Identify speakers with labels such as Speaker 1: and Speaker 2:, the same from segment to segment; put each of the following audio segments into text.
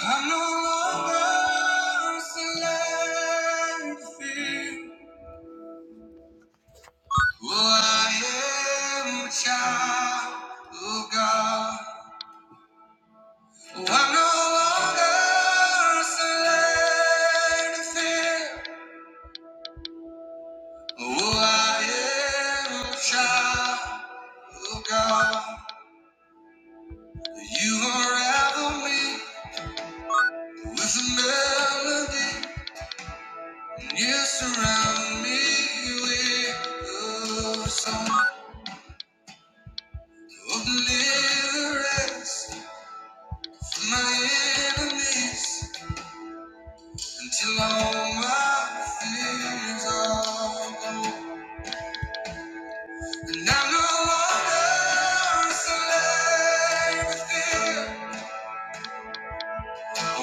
Speaker 1: I'm no longer a slave to fear. Oh, I am a child of God. Oh, I'm no longer a slave to fear. Oh, I am a child of God. You unravel me with a melody. And you surround me with a song. no Oh,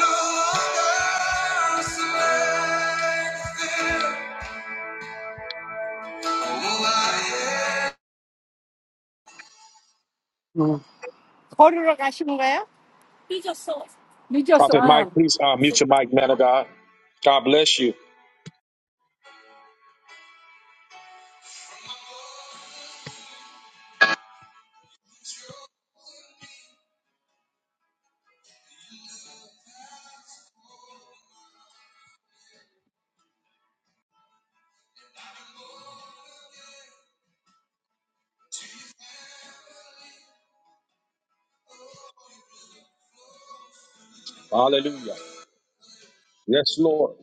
Speaker 1: no Oh,
Speaker 2: 음, 허리로 가신 거예요? 늦었어. 늦었어.
Speaker 1: Prophet Mike,
Speaker 2: 아.
Speaker 1: please uh, mute your mic, man of God. God bless you. Hallelujah. Yes, Lord.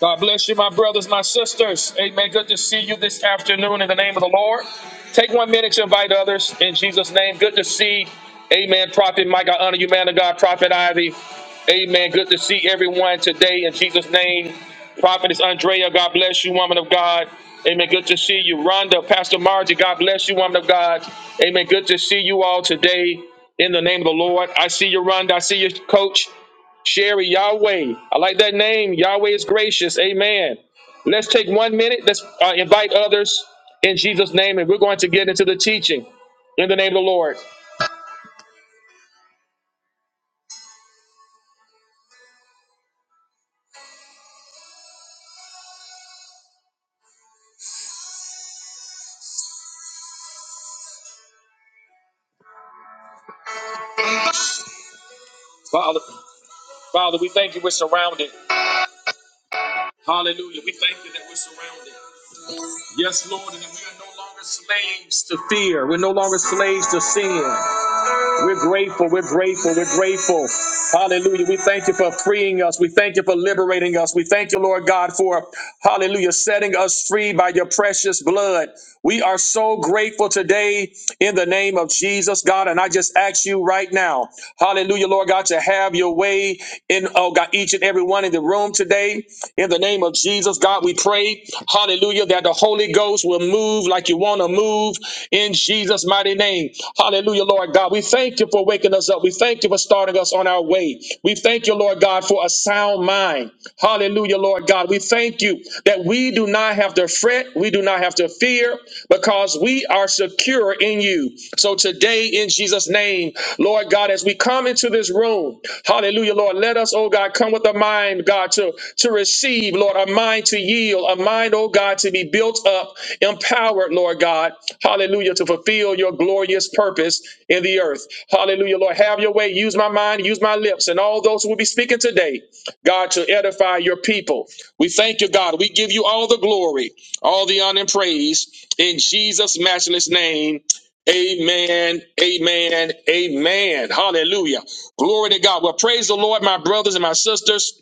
Speaker 1: God bless you, my brothers, my sisters. Amen. Good to see you this afternoon in the name of the Lord. Take one minute to invite others in Jesus' name. Good to see, amen. Prophet Mike, I honor you, man of God. Prophet Ivy, amen. Good to see everyone today in Jesus' name. Prophetess Andrea, God bless you, woman of God. Amen. Good to see you. Rhonda, Pastor Margie, God bless you, woman of God. Amen. Good to see you all today in the name of the Lord. I see you, Rhonda. I see you, coach. Sherry, Yahweh. I like that name. Yahweh is gracious. Amen. Let's take one minute. Let's uh, invite others in Jesus' name, and we're going to get into the teaching in the name of the Lord. Father, Father, we thank you. We're surrounded. Hallelujah. We thank you that we're surrounded. Yes, Lord, and that we are no longer slaves to fear. We're no longer slaves to sin. We're grateful. We're grateful. We're grateful. Hallelujah. We thank you for freeing us. We thank you for liberating us. We thank you, Lord God, for hallelujah, setting us free by your precious blood. We are so grateful today in the name of Jesus, God. And I just ask you right now, hallelujah, Lord God, to have your way in, oh God, each and every one in the room today. in the. In the name of Jesus, God, we pray, hallelujah, that the Holy Ghost will move like you want to move in Jesus' mighty name. Hallelujah, Lord God. We thank you for waking us up. We thank you for starting us on our way. We thank you, Lord God, for a sound mind. Hallelujah, Lord God. We thank you that we do not have to fret, we do not have to fear, because we are secure in you you. So today, in Jesus' name, Lord God, as we come into this room, hallelujah, Lord, let us, oh God, come with a mind, God, to, to receive, Lord, a mind to yield, a mind, oh God, to be built up, empowered, Lord God, hallelujah, to fulfill your glorious purpose in the earth. Hallelujah, Lord, have your way. Use my mind, use my lips, and all those who will be speaking today, God, to edify your people. We thank you, God. We give you all the glory, all the honor and praise in Jesus' matchless name. Amen. Amen. Amen. Hallelujah. Glory to God. Well, praise the Lord, my brothers and my sisters.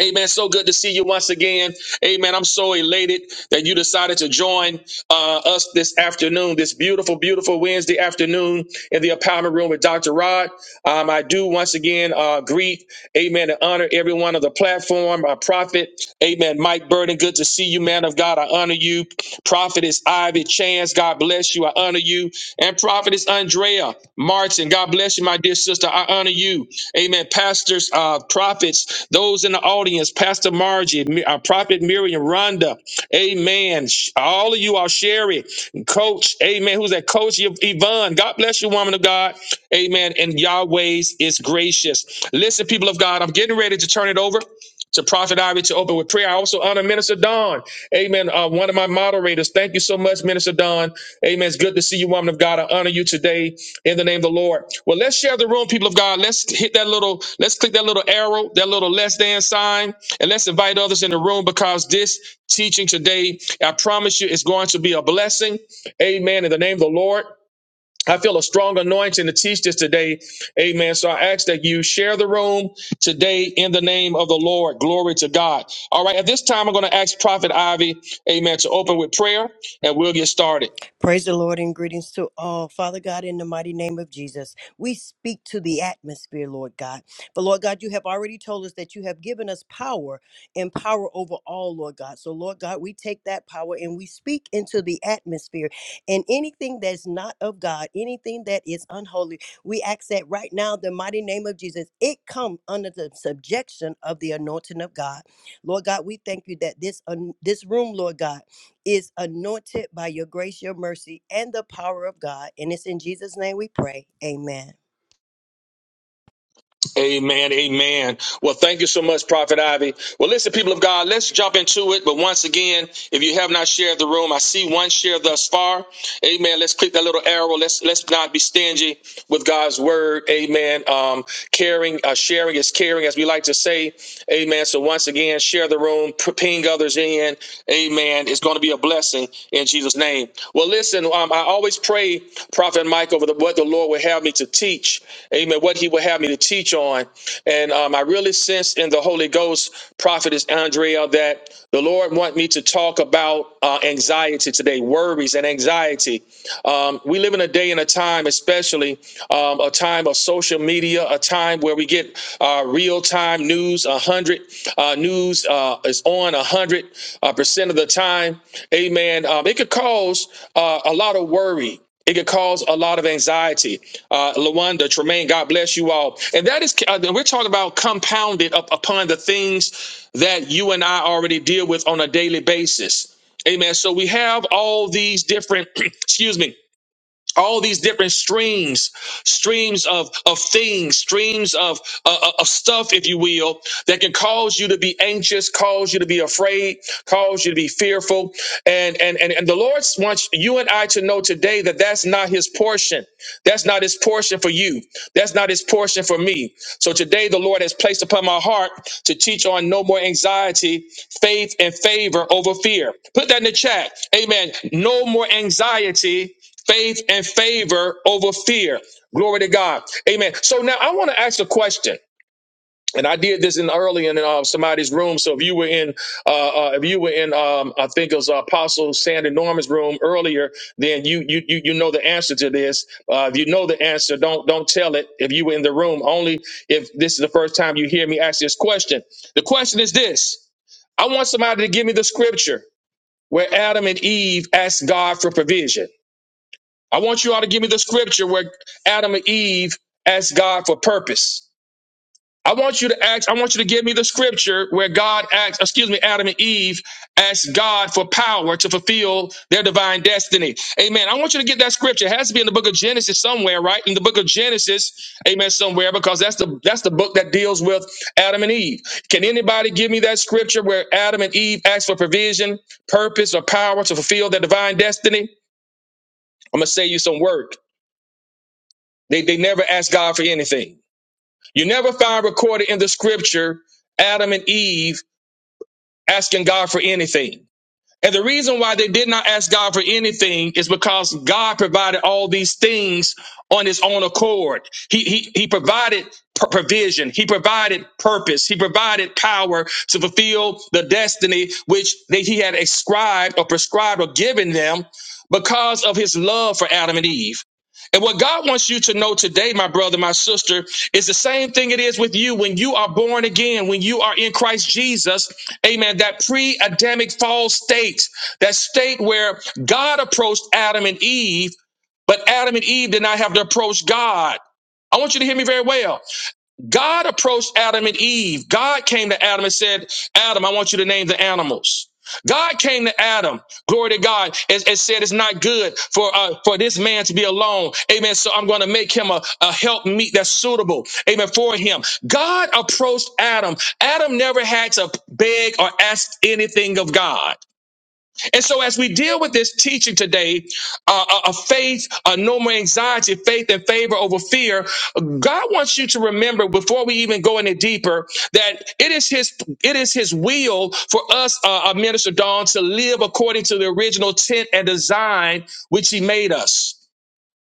Speaker 1: Amen. So good to see you once again. Amen. I'm so elated that you decided to join uh, us this afternoon, this beautiful, beautiful Wednesday afternoon in the empowerment room with Dr. Rod. Um, I do once again uh, greet, amen, and honor everyone on the platform. Our prophet, amen, Mike Burden. Good to see you, man of God. I honor you. Prophet is Ivy Chance. God bless you. I honor you you. And Prophetess Andrea Martin, God bless you, my dear sister. I honor you. Amen. Pastors, uh, prophets, those in the audience, Pastor Margie, Mi- uh, Prophet Miriam, Rhonda, amen. Sh- All of you are Sherry, Coach, amen. Who's that? Coach Yv- Yvonne. God bless you, woman of God. Amen. And Yahweh's is gracious. Listen, people of God, I'm getting ready to turn it over to Prophet Ivy to open with prayer. I also honor Minister Don. Amen. Uh, one of my moderators. Thank you so much, Minister Don. Amen. It's good to see you, woman of God. I honor you today in the name of the Lord. Well, let's share the room, people of God. Let's hit that little, let's click that little arrow, that little less than sign, and let's invite others in the room because this teaching today, I promise you, is going to be a blessing. Amen. In the name of the Lord. I feel a strong anointing to teach this today. Amen. So I ask that you share the room today in the name of the Lord. Glory to God. All right. At this time, I'm going to ask Prophet Ivy, amen, to open with prayer and we'll get started.
Speaker 3: Praise the Lord and greetings to all. Father God, in the mighty name of Jesus, we speak to the atmosphere, Lord God. But Lord God, you have already told us that you have given us power and power over all, Lord God. So, Lord God, we take that power and we speak into the atmosphere. And anything that's not of God, anything that is unholy, we ask that right now, the mighty name of Jesus, it come under the subjection of the anointing of God. Lord God, we thank you that this, un- this room, Lord God, is anointed by your grace, your mercy, and the power of God. And it's in Jesus' name we pray. Amen.
Speaker 1: Amen. Amen. Well, thank you so much, Prophet Ivy. Well, listen, people of God, let's jump into it. But once again, if you have not shared the room, I see one share thus far. Amen. Let's click that little arrow. Let's let's not be stingy with God's word. Amen. Um, caring, uh, sharing is caring, as we like to say. Amen. So once again, share the room, p- ping others in. Amen. It's going to be a blessing blessing in Jesus' name. Well, listen, um, I always pray, Prophet Mike, over the, what the Lord would have me to teach. Amen. What He would have me to teach on, and um, I really sense in the Holy Ghost, Prophetess Andrea, that the Lord want me to talk about uh, anxiety today, worries and anxiety. Um, we live in a day and a time, especially um, a time of social media media, a time where we get uh, real time news. A hundred uh, news uh, is on a hundred uh, percent of the time. Amen. Um, it could cause uh, a lot of worry. It could cause a lot of anxiety. Uh, Lawanda, Tremaine, God bless you all. And that is, uh, we're talking about compounded up upon the things that you and I already deal with on a daily basis. Amen. So we have all these different, excuse me, all these different streams streams of of things streams of uh, uh, of stuff if you will that can cause you to be anxious cause you to be afraid cause you to be fearful and and and, and the lord wants you and i to know today that that's not his portion that's not his portion for you that's not his portion for me so today the lord has placed upon my heart to teach on no more anxiety faith and favor over fear put that in the chat amen no more anxiety faith and favor over fear. Glory to God. Amen. So now I want to ask a question. And I did this in early in uh, somebody's room. So if you were in, uh, uh, if you were in, um, I think it was Apostle Sandy Norman's room earlier, then you you you, you know the answer to this. Uh, if you know the answer, don't don't tell it. If you were in the room, only if this is the first time you hear me ask this question. The question is this: I want somebody to give me the scripture where Adam and Eve asked God for provision. I want you all to give me the scripture where Adam and Eve asked God for purpose. I want you to ask, I want you to give me the scripture where God asked, excuse me, Adam and Eve asked God for power to fulfill their divine destiny. Amen. I want you to get that scripture. It has to be in the book of Genesis somewhere, right? In the book of Genesis, amen, somewhere, because that's the that's the book that deals with Adam and Eve. Can anybody give me that scripture where Adam and Eve asked for provision, purpose, or power to fulfill their divine destiny? I'm gonna say you some work. They, they never asked God for anything. You never find recorded in the scripture Adam and Eve asking God for anything. And the reason why they did not ask God for anything is because God provided all these things on his own accord. He, he, he provided pr- provision. He provided purpose. He provided power to fulfill the destiny which they, he had ascribed or prescribed or given them because of his love for Adam and Eve. And what God wants you to know today, my brother, my sister, is the same thing it is with you when you are born again, when you are in Christ Jesus. Amen. That pre Adamic fall state, that state where God approached Adam and Eve, but Adam and Eve did not have to approach God. I want you to hear me very well. God approached Adam and Eve. God came to Adam and said, Adam, I want you to name the animals. God came to Adam, glory to God, and, and said, It's not good for uh, for this man to be alone. Amen. So I'm going to make him a, a help meet that's suitable. Amen. For him. God approached Adam. Adam never had to beg or ask anything of God. And so, as we deal with this teaching today, uh, a, a faith, a no more anxiety, faith and favor over fear, God wants you to remember before we even go any deeper that it is His it is His will for us, uh, uh, Minister Dawn, to live according to the original intent and design which He made us.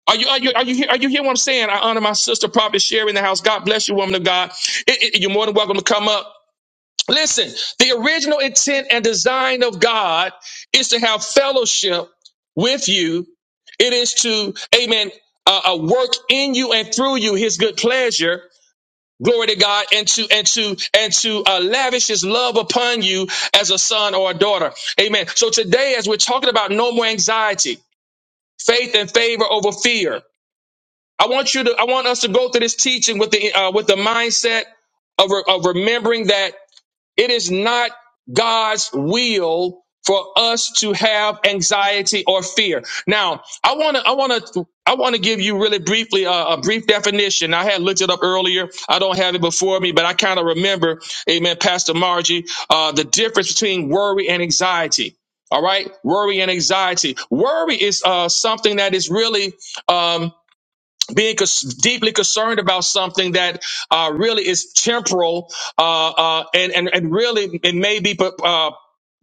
Speaker 1: Are you are you are you hear, are you hearing what I'm saying? I honor my sister, Prophet Sherry in the house. God bless you, woman of God. It- it- you're more than welcome to come up. Listen, the original intent and design of God is to have fellowship with you. It is to, amen, uh, uh, work in you and through you his good pleasure. Glory to God and to, and to, and to uh, lavish his love upon you as a son or a daughter. Amen. So today, as we're talking about no more anxiety, faith and favor over fear, I want you to, I want us to go through this teaching with the, uh, with the mindset of, re- of remembering that it is not God's will for us to have anxiety or fear. Now, I want to, I want to, I want to give you really briefly a, a brief definition. I had looked it up earlier. I don't have it before me, but I kind of remember, Amen, Pastor Margie, uh, the difference between worry and anxiety. All right, worry and anxiety. Worry is uh, something that is really um, being cons- deeply concerned about something that uh, really is temporal uh, uh, and, and, and really it may be uh,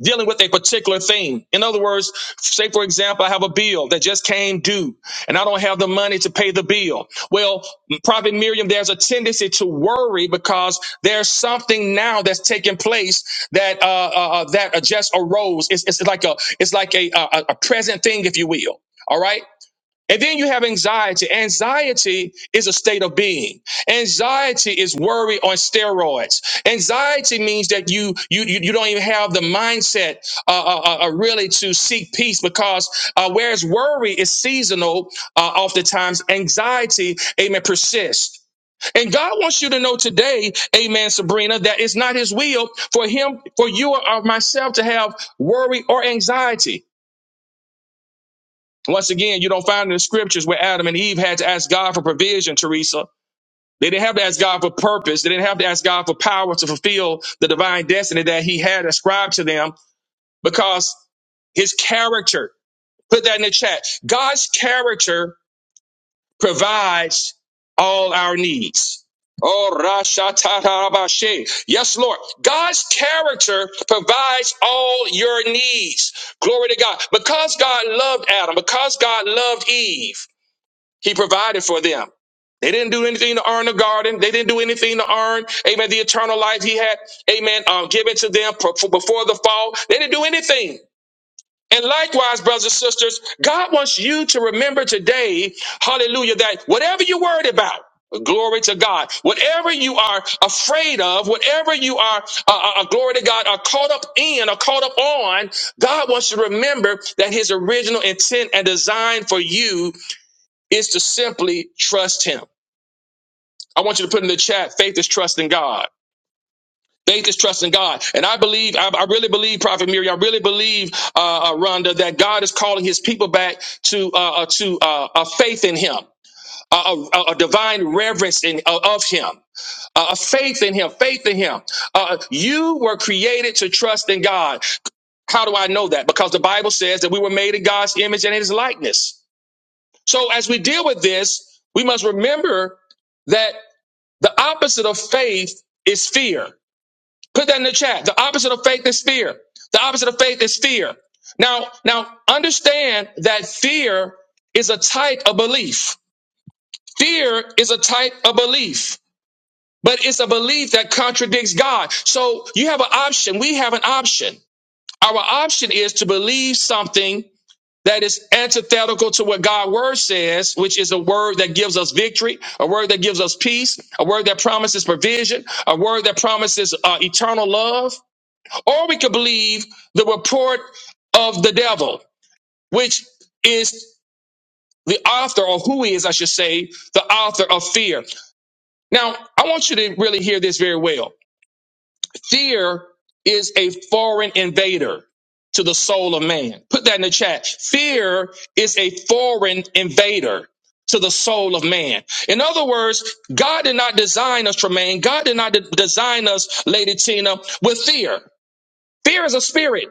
Speaker 1: dealing with a particular thing. In other words, say, for example, I have a bill that just came due and I don't have the money to pay the bill. Well, Prophet Miriam, there's a tendency to worry because there's something now that's taking place that uh, uh, uh, that just arose. It's, it's like a it's like a, a, a present thing, if you will. All right. And then you have anxiety. Anxiety is a state of being. Anxiety is worry on steroids. Anxiety means that you you you, you don't even have the mindset uh, uh, uh, uh, really to seek peace because uh, whereas worry is seasonal, uh, oftentimes anxiety, amen, persists. And God wants you to know today, amen, Sabrina, that it's not his will for him, for you or myself to have worry or anxiety. Once again, you don't find in the scriptures where Adam and Eve had to ask God for provision, Teresa. They didn't have to ask God for purpose. They didn't have to ask God for power to fulfill the divine destiny that he had ascribed to them because his character, put that in the chat. God's character provides all our needs. Oh, Rasha Tatarabashe. Yes, Lord. God's character provides all your needs. Glory to God. Because God loved Adam, because God loved Eve, he provided for them. They didn't do anything to earn the garden. They didn't do anything to earn, amen, the eternal life he had, amen, um, given to them before before the fall. They didn't do anything. And likewise, brothers and sisters, God wants you to remember today, hallelujah, that whatever you're worried about, glory to God, whatever you are afraid of, whatever you are, uh, uh, uh, glory to God, are caught up in or caught up on, God wants you to remember that his original intent and design for you is to simply trust him. I want you to put in the chat, faith is trusting God. Faith is trusting God. And I believe, I, I really believe, Prophet Miri, I really believe, uh, uh, Rhonda, that God is calling his people back to, uh, uh, to uh, a faith in him, a, a, a divine reverence in, uh, of him, uh, a faith in him, faith in him. Uh, you were created to trust in God. How do I know that? Because the Bible says that we were made in God's image and in his likeness. So as we deal with this, we must remember that The opposite of faith is fear. Put that in the chat. The opposite of faith is fear. The opposite of faith is fear. Now, now understand that fear is a type of belief. Fear is a type of belief, but it's a belief that contradicts God. So you have an option. We have an option. Our option is to believe something that is antithetical to what God's word says, which is a word that gives us victory, a word that gives us peace, a word that promises provision, a word that promises uh, eternal love. Or we could believe the report of the devil, which is the author, or who is, I should say, the author of fear. Now, I want you to really hear this very well. Fear is a foreign invader to the soul of man. Put that in the chat. Fear is a foreign invader to the soul of man. In other words, God did not design us, Tremaine. God did not de- design us, Lady Tina, with fear. Fear is a spirit.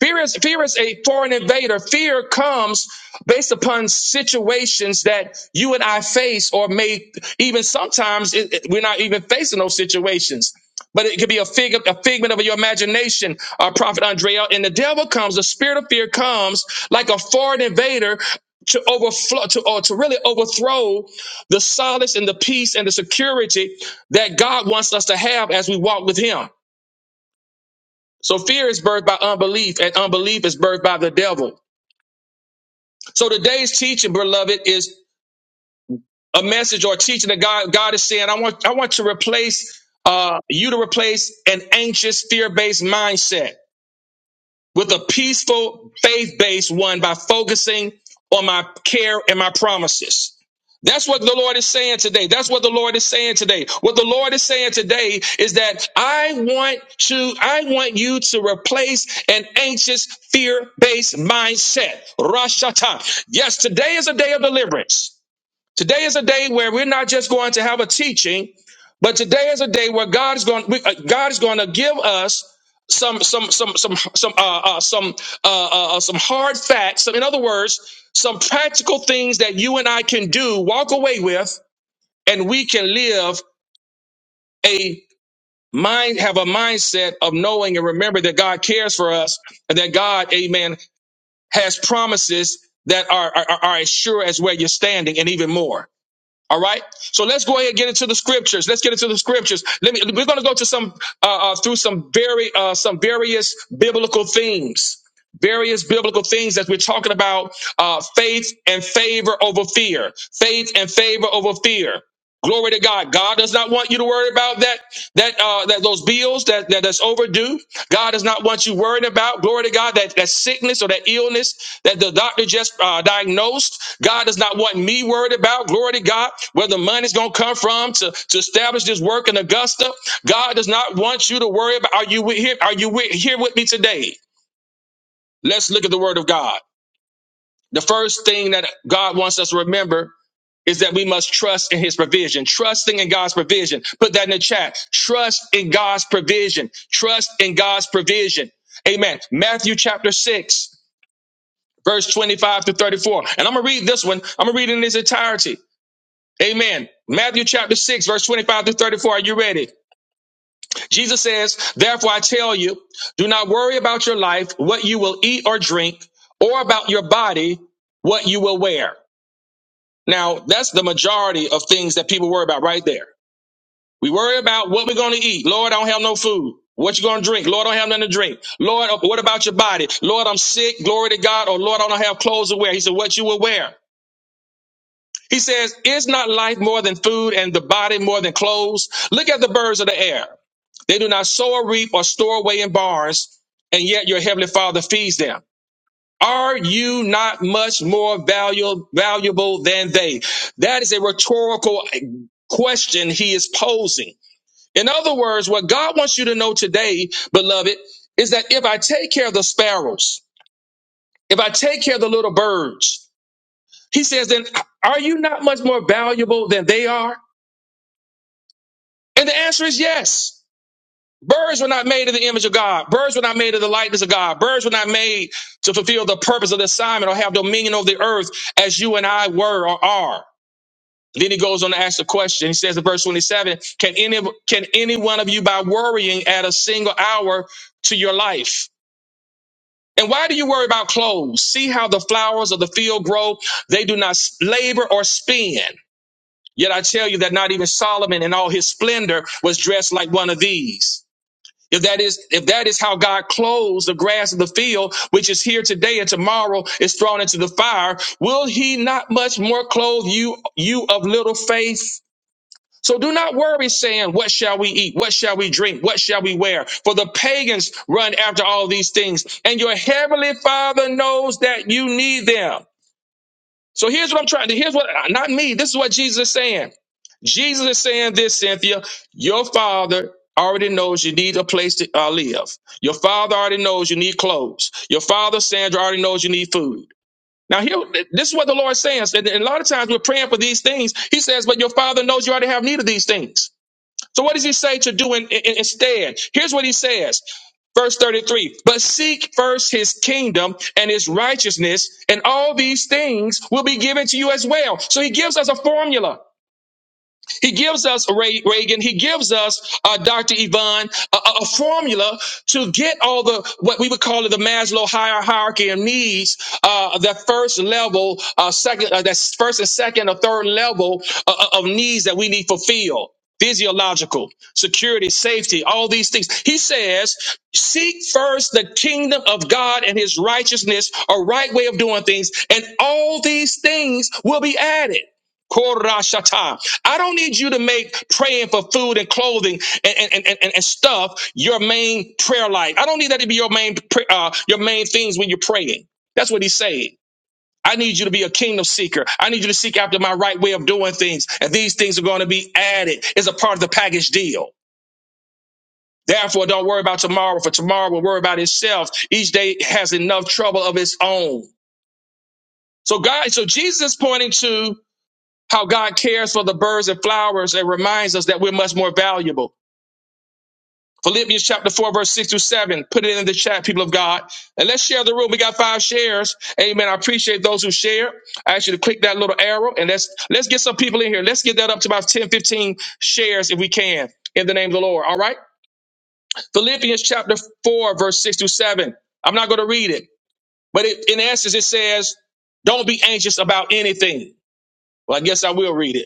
Speaker 1: Fear is fear is a foreign invader. Fear comes based upon situations that you and I face, or may even sometimes it, it- we're not even facing those situations. But it could be a fig, a figment of your imagination, uh, Prophet Andrea. And the devil comes, the spirit of fear comes like a foreign invader to overflow, to or to really overthrow the solace and the peace and the security that God wants us to have as we walk with Him. So fear is birthed by unbelief, and unbelief is birthed by the devil. So today's teaching, beloved, is a message or teaching that God God is saying, I want I want to replace uh you to replace an anxious, fear-based mindset. with a peaceful, faith based one by focusing on my care and my promises. That's what the Lord is saying today. That's what the Lord is saying today. What the Lord is saying today is that I want to, I want you to replace an anxious, fear-based mindset. Rosh Hashanah. Yes, today is a day of deliverance. Today is a day where we're not just going to have a teaching, but today is a day where God is going. we- uh, God is going to give us some some some some some uh, uh, some uh, uh, uh, some hard facts. Some, in other words, some practical things that you and I can do, walk away with, and we can live a mind have a mindset of knowing and remember that God cares for us and that God, Amen, has promises that are are, are as sure as where you're standing and even more. All right. So let's go ahead and get into the scriptures. Let's get into the scriptures. Let me. We're going to go to some uh, uh, through some very uh, some various biblical themes, various biblical things that we're talking about: uh, faith and favor over fear, faith and favor over fear. Glory to God. God does not want you to worry about that, that, uh, that those bills that, that that's overdue. God does not want you worried about, glory to God, that, that sickness or that illness that the doctor just uh, diagnosed. God does not want me worried about, glory to God, where the money's going to come from to, to establish this work in Augusta. God does not want you to worry about, are you with here? Are you with, here with me today? Let's look at the word of God. The first thing that God wants us to remember is that we must trust in his provision. Trusting in God's provision. Put that in the chat. Trust in God's provision. Trust in God's provision. Amen. Matthew chapter 6, verse 25 to 34. And I'm going to read this one. I'm going to read it in its entirety. Amen. Matthew chapter 6, verse 25 to 34. Are you ready? Jesus says, Therefore I tell you, do not worry about your life, what you will eat or drink, or about your body, what you will wear. Now, that's the majority of things that people worry about right there. We worry about what we're going to eat. Lord, I don't have no food. What you going to drink? Lord, I don't have nothing to drink. Lord, uh, what about your body? Lord, I'm sick. Glory to God. Or Lord, I don't have clothes to wear. He said, what you will wear. He says, is not life more than food and the body more than clothes? Look at the birds of the air. They do not sow or reap or store away in barns, and yet your heavenly father feeds them. Are you not much more valuable, valuable than they? That is a rhetorical question he is posing. In other words, what God wants you to know today, beloved, is that if I take care of the sparrows, if I take care of the little birds, he says, then are you not much more valuable than they are? And the answer is yes. Birds were not made in the image of God. Birds were not made in the likeness of God. Birds were not made to fulfill the purpose of the assignment or have dominion over the earth as you and I were or are. Then he goes on to ask the question. He says in verse 27, can any, can any one of you by worrying add a single hour to your life? And why do you worry about clothes? See how the flowers of the field grow? They do not labor or spin. Yet I tell you that not even Solomon in all his splendor was dressed like one of these. If that is if that is how God clothes the grass of the field, which is here today and tomorrow is thrown into the fire, will he not much more clothe you, you of little faith? So do not worry saying, what shall we eat? What shall we drink? What shall we wear? For the pagans run after all these things and your heavenly father knows that you need them. So here's what I'm trying to, here's what, not me. This is what Jesus is saying. Jesus is saying this, Cynthia, your father already knows you need a place to uh, live. Your father already knows you need clothes. Your father, Sandra, already knows you need food. Now, here, this is what the Lord says. And and a lot of times we're praying for these things. He says, but your father knows you already have need of these things. So what does he say to do in, in- instead? Here's what he says. Verse 33, but seek first his kingdom and his righteousness, and all these things will be given to you as well. So he gives us a formula. He gives us, Ray, Reagan, he gives us, uh, Dr. Yvonne, a, a a formula to get all the, what we would call it, the Maslow hier- hierarchy of needs, uh, the first level, uh, second, uh, that's first and second or third level uh, uh, of needs that we need fulfilled. Physiological, security, safety, all these things. He says, seek first the kingdom of God and his righteousness, a right way of doing things, and all these things will be added. Korashata. I don't need you to make praying for food and clothing and, and, and, and, and stuff your main prayer life. I don't need that to be your main pr- uh, your main things when you're praying. That's what he's saying. I need you to be a kingdom seeker. I need you to seek after my right way of doing things. And these things are going to be added as a part of the package deal. Therefore, don't worry about tomorrow, for tomorrow will worry about itself. Each day has enough trouble of its own. So God, so Jesus is pointing to how God cares for the birds and flowers and reminds us that we're much more valuable. Philippians chapter 4, verse 6 through 7. Put it in the chat, people of God. And let's share the room. We got five shares. Amen. I appreciate those who share. I ask you to click that little arrow and let's let's get some people in here. Let's get that up to about 10, 15 shares if we can. In the name of the Lord. All right. Philippians chapter 4, verse 6 through 7. I'm not going to read it, but it, in essence, it says, Don't be anxious about anything. Well, I guess I will read it.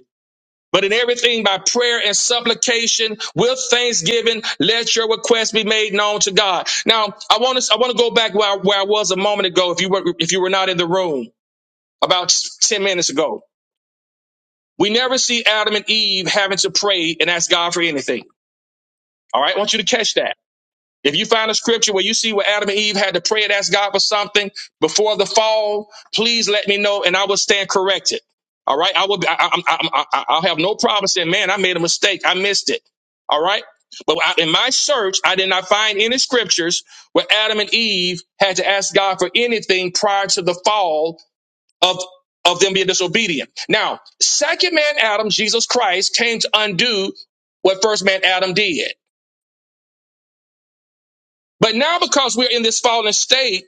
Speaker 1: But in everything by prayer and supplication with thanksgiving, let your request be made known to God. Now, I want to I want to go back where I, where I was a moment ago. If you were if you were not in the room about ten minutes ago, we never see Adam and Eve having to pray and ask God for anything. All right, I want you to catch that. If you find a scripture where you see where Adam and Eve had to pray and ask God for something before the fall, please let me know and I will stand corrected. All right. I will, I, I, I, I, I'll have no problem saying, man, I made a mistake. I missed it. All right. But I, in my search, I did not find any scriptures where Adam and Eve had to ask God for anything prior to the fall of, of them being disobedient. Now, second man Adam, Jesus Christ, came to undo what first man Adam did. But now, because we're in this fallen state,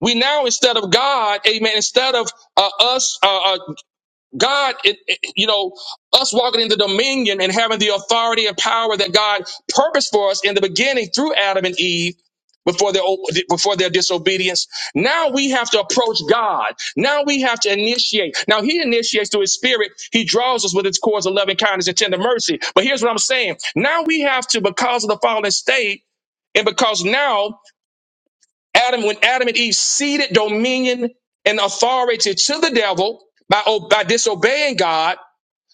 Speaker 1: we now, instead of God, amen, instead of uh, us, uh, uh, God, it, it- you know, us walking in the dominion and having the authority and power that God purposed for us in the beginning through Adam and Eve. Before their o- before their disobedience, now we have to approach God. Now we have to initiate. Now He initiates through His Spirit. He draws us with His cords of loving kindness and tender mercy. But here's what I'm saying: Now we have to, because of the fallen state, and because now Adam, when Adam and Eve ceded dominion and authority to the devil by, o- by disobeying God,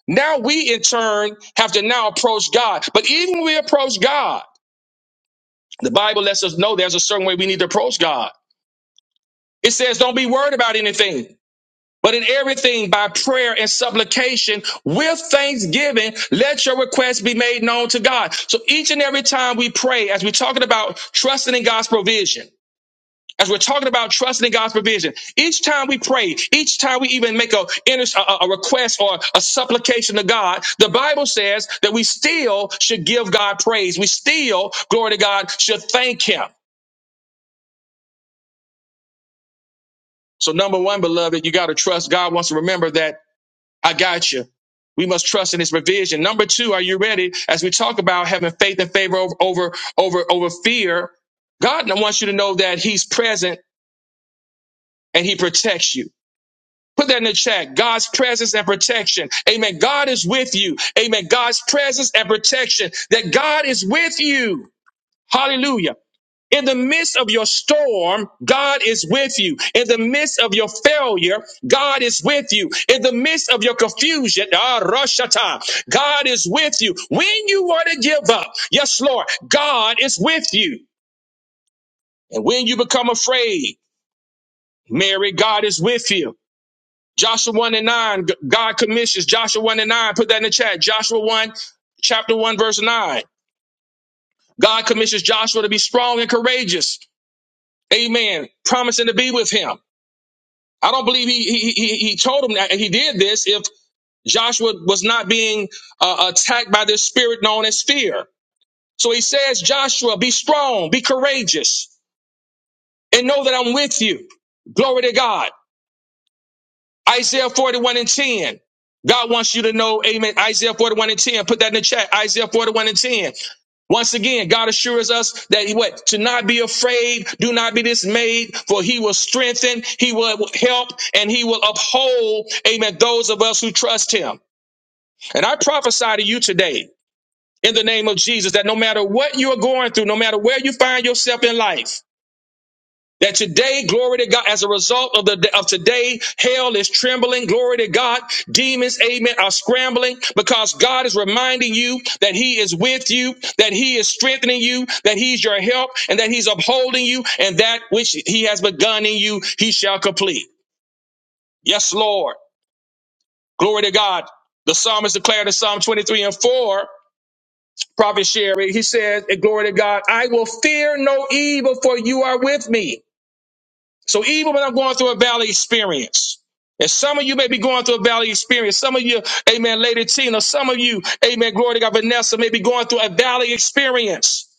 Speaker 1: now we in turn have to now approach God. But even when we approach God, the Bible lets us know there's a certain way we need to approach God. It says, don't be worried about anything, but in everything by prayer and supplication with thanksgiving, let your requests be made known to God. So each and every time we pray, as we're talking about trusting in God's provision, As we're talking about trusting in God's provision, each time we pray, each time we even make a, a a request or a supplication to God, the Bible says that we still should give God praise. We still, glory to God, should thank Him. So, number one, beloved, you got to trust. God wants to remember that I got you. We must trust in His provision. Number two, are you ready? As we talk about having faith and favor over over over, over fear, God wants you to know that He's present and He protects you. Put that in the chat. God's presence and protection. Amen. God is with you. Amen. God's presence and protection. That God is with you. Hallelujah. In the midst of your storm, God is with you. In the midst of your failure, God is with you. In the midst of your confusion, ah, Roshata, God is with you. When you want to give up, yes, Lord, God is with you. And when you become afraid, Mary, God is with you. Joshua 1 and 9, God commissions Joshua 1 and 9. Put that in the chat. Joshua 1, chapter 1, verse 9. God commissions Joshua to be strong and courageous. Amen. Promising to be with him. I don't believe he he he, he told him that he did this if Joshua was not being uh, attacked by this spirit known as fear. So he says, Joshua, be strong, be courageous, and know that I'm with you. Glory to God. Isaiah 41 and 10. God wants you to know, amen. Isaiah 41 and 10. Put that in the chat. Isaiah 41 and 10. Once again, God assures us that he what to not be afraid, do not be dismayed, for he will strengthen, he will help, and he will uphold, amen, those of us who trust him. And I prophesy to you today in the name of Jesus that no matter what you are going through, no matter where you find yourself in life, that today, glory to God, as a result of the of today, hell is trembling, glory to God. Demons, amen, are scrambling because God is reminding you that He is with you, that He is strengthening you, that He's your help, and that He's upholding you, and that which He has begun in you, He shall complete. Yes, Lord. Glory to God. The psalmist declared in Psalm 23 and 4, Prophet Sherry, he says, Glory to God, I will fear no evil, for you are with me. So even when I'm going through a valley experience, and some of you may be going through a valley experience. Some of you, amen, Lady Tina, some of you, amen, glory to God, Vanessa, may be going through a valley experience.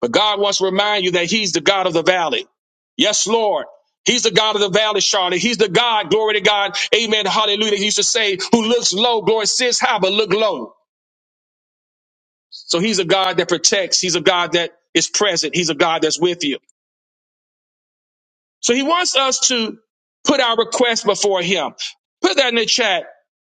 Speaker 1: But God wants to remind you that He's the God of the valley. Yes, Lord. He's the God of the valley, Charlotte. He's the God, glory to God, amen, hallelujah. He used to say, who looks low, glory, sits high, but look low. So He's a God that protects. He's a God that is present. He's a God that's with you. So he wants us to put our request before him. Put that in the chat.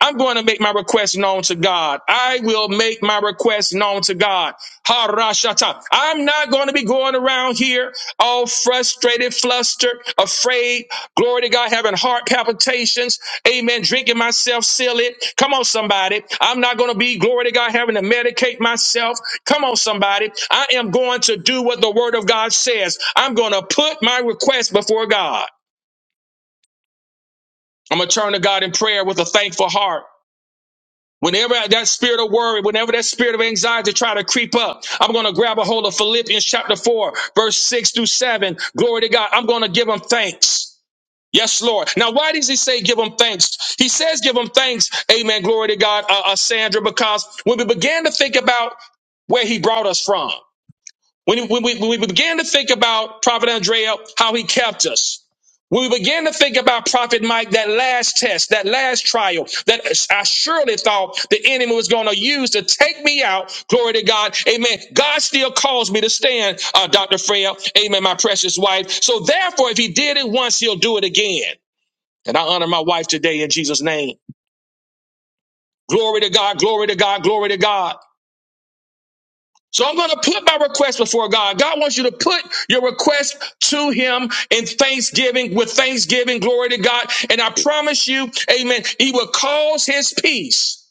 Speaker 1: I'm going to make my request known to God. I will make my request known to God. Harashata. I'm not going to be going around here all frustrated, flustered, afraid. Glory to God, having heart palpitations. Amen. Drinking myself, seal it. Come on, somebody. I'm not going to be, glory to God, having to medicate myself. Come on, somebody. I am going to do what the word of God says. I'm going to put my request before God. I'm going to turn to God in prayer with a thankful heart. Whenever that spirit of worry, whenever that spirit of anxiety try to creep up, I'm going to grab a hold of Philippians chapter 4, verse 6 through 7. Glory to God. I'm going to give him thanks. Yes, Lord. Now, why does he say give him thanks? He says give him thanks. Amen. Glory to God, uh, uh, Sandra, because when we began to think about where he brought us from, when, when, we, when we began to think about Prophet Andrea, how he kept us, when we began to think about Prophet Mike, that last test, that last trial, that I surely thought the enemy was going to use to take me out. Glory to God. Amen. God still calls me to stand, uh, Dr. Freya. Amen, my precious wife. So therefore, if he did it once, he'll do it again. And I honor my wife today in Jesus' name. Glory to God, glory to God, glory to God. So I'm going to put my request before God. God wants you to put your request to Him in thanksgiving, with thanksgiving, glory to God. And I promise you, amen, He will cause His peace.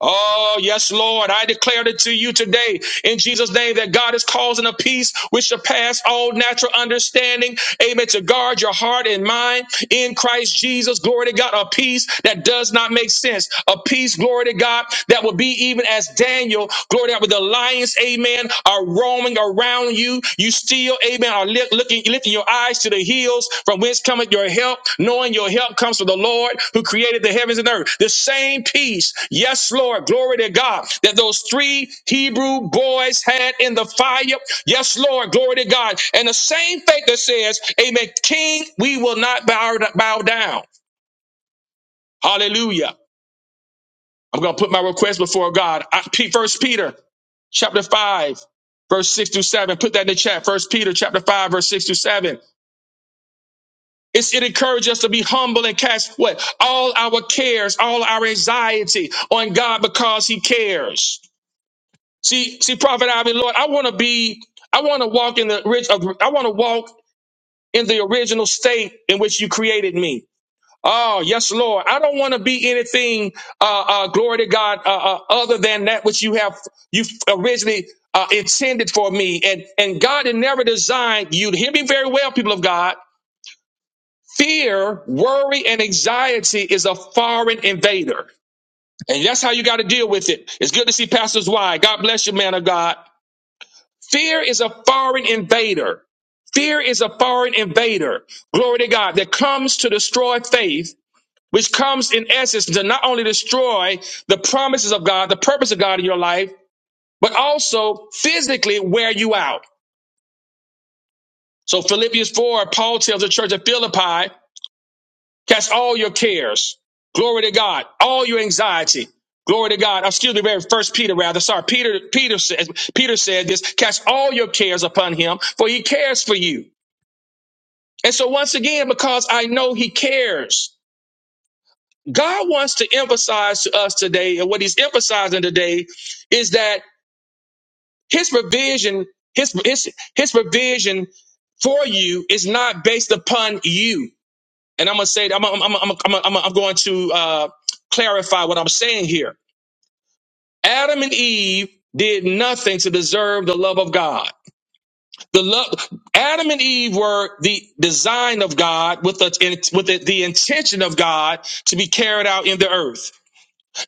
Speaker 1: Oh, yes, Lord. I declare it to you today in Jesus' name that God is causing a peace which surpass all natural understanding. Amen. To guard your heart and mind in Christ Jesus. Glory to God. A peace that does not make sense. A peace, glory to God, that will be even as Daniel, glory to God, with the lions, amen, are roaming around you. You still, amen, are li- looking, lifting your eyes to the hills from whence cometh your help, knowing your help comes from the Lord who created the heavens and earth. The same peace, yes, Lord, glory to God, that those three Hebrew boys had in the fire, yes, Lord, glory to God. And the same faith that says, amen, King, we will not bow, bow down. Hallelujah. I'm going to put my request before God. I, P- First Peter chapter 5, verse 6 through 7. Put that in the chat. First Peter chapter 5, verse 6 through 7. It's, it encourages us to be humble and cast what? All our cares, all our anxiety on God because he cares. See, see, Prophet Ivy, Lord, I want to be, I want to walk in the rich, I want to walk in the original state in which you created me. Oh, yes, Lord. I don't want to be anything, uh, uh, glory to God, uh, uh, other than that which you have, you originally uh, intended for me. And, and God had never designed you to hear me very well, people of God. Fear, worry, and anxiety is a foreign invader. And that's how you got to deal with it. It's good to see Pastors Why. God bless you, man of God. Fear is a foreign invader. Fear is a foreign invader. Glory to God that comes to destroy faith, which comes in essence to not only destroy the promises of God, the purpose of God in your life, but also physically wear you out. So Philippians 4, Paul tells the church at Philippi, Cast all your cares. Glory to God. All your anxiety. Glory to God. Excuse me, very first Peter rather. Sorry, Peter, Peter says, Peter said this, cast all your cares upon him, for he cares for you. And so once again, because I know he cares, God wants to emphasize to us today, and what he's emphasizing today is that his provision, his his his provision for you is not based upon you. And I'm gonna say I'm I'm I'm I'm, I'm, I'm, going to uh, clarify what I'm saying here. Adam and Eve did nothing to deserve the love of God. The love Adam and Eve were the design of God with the with the, the intention of God to be carried out in the earth.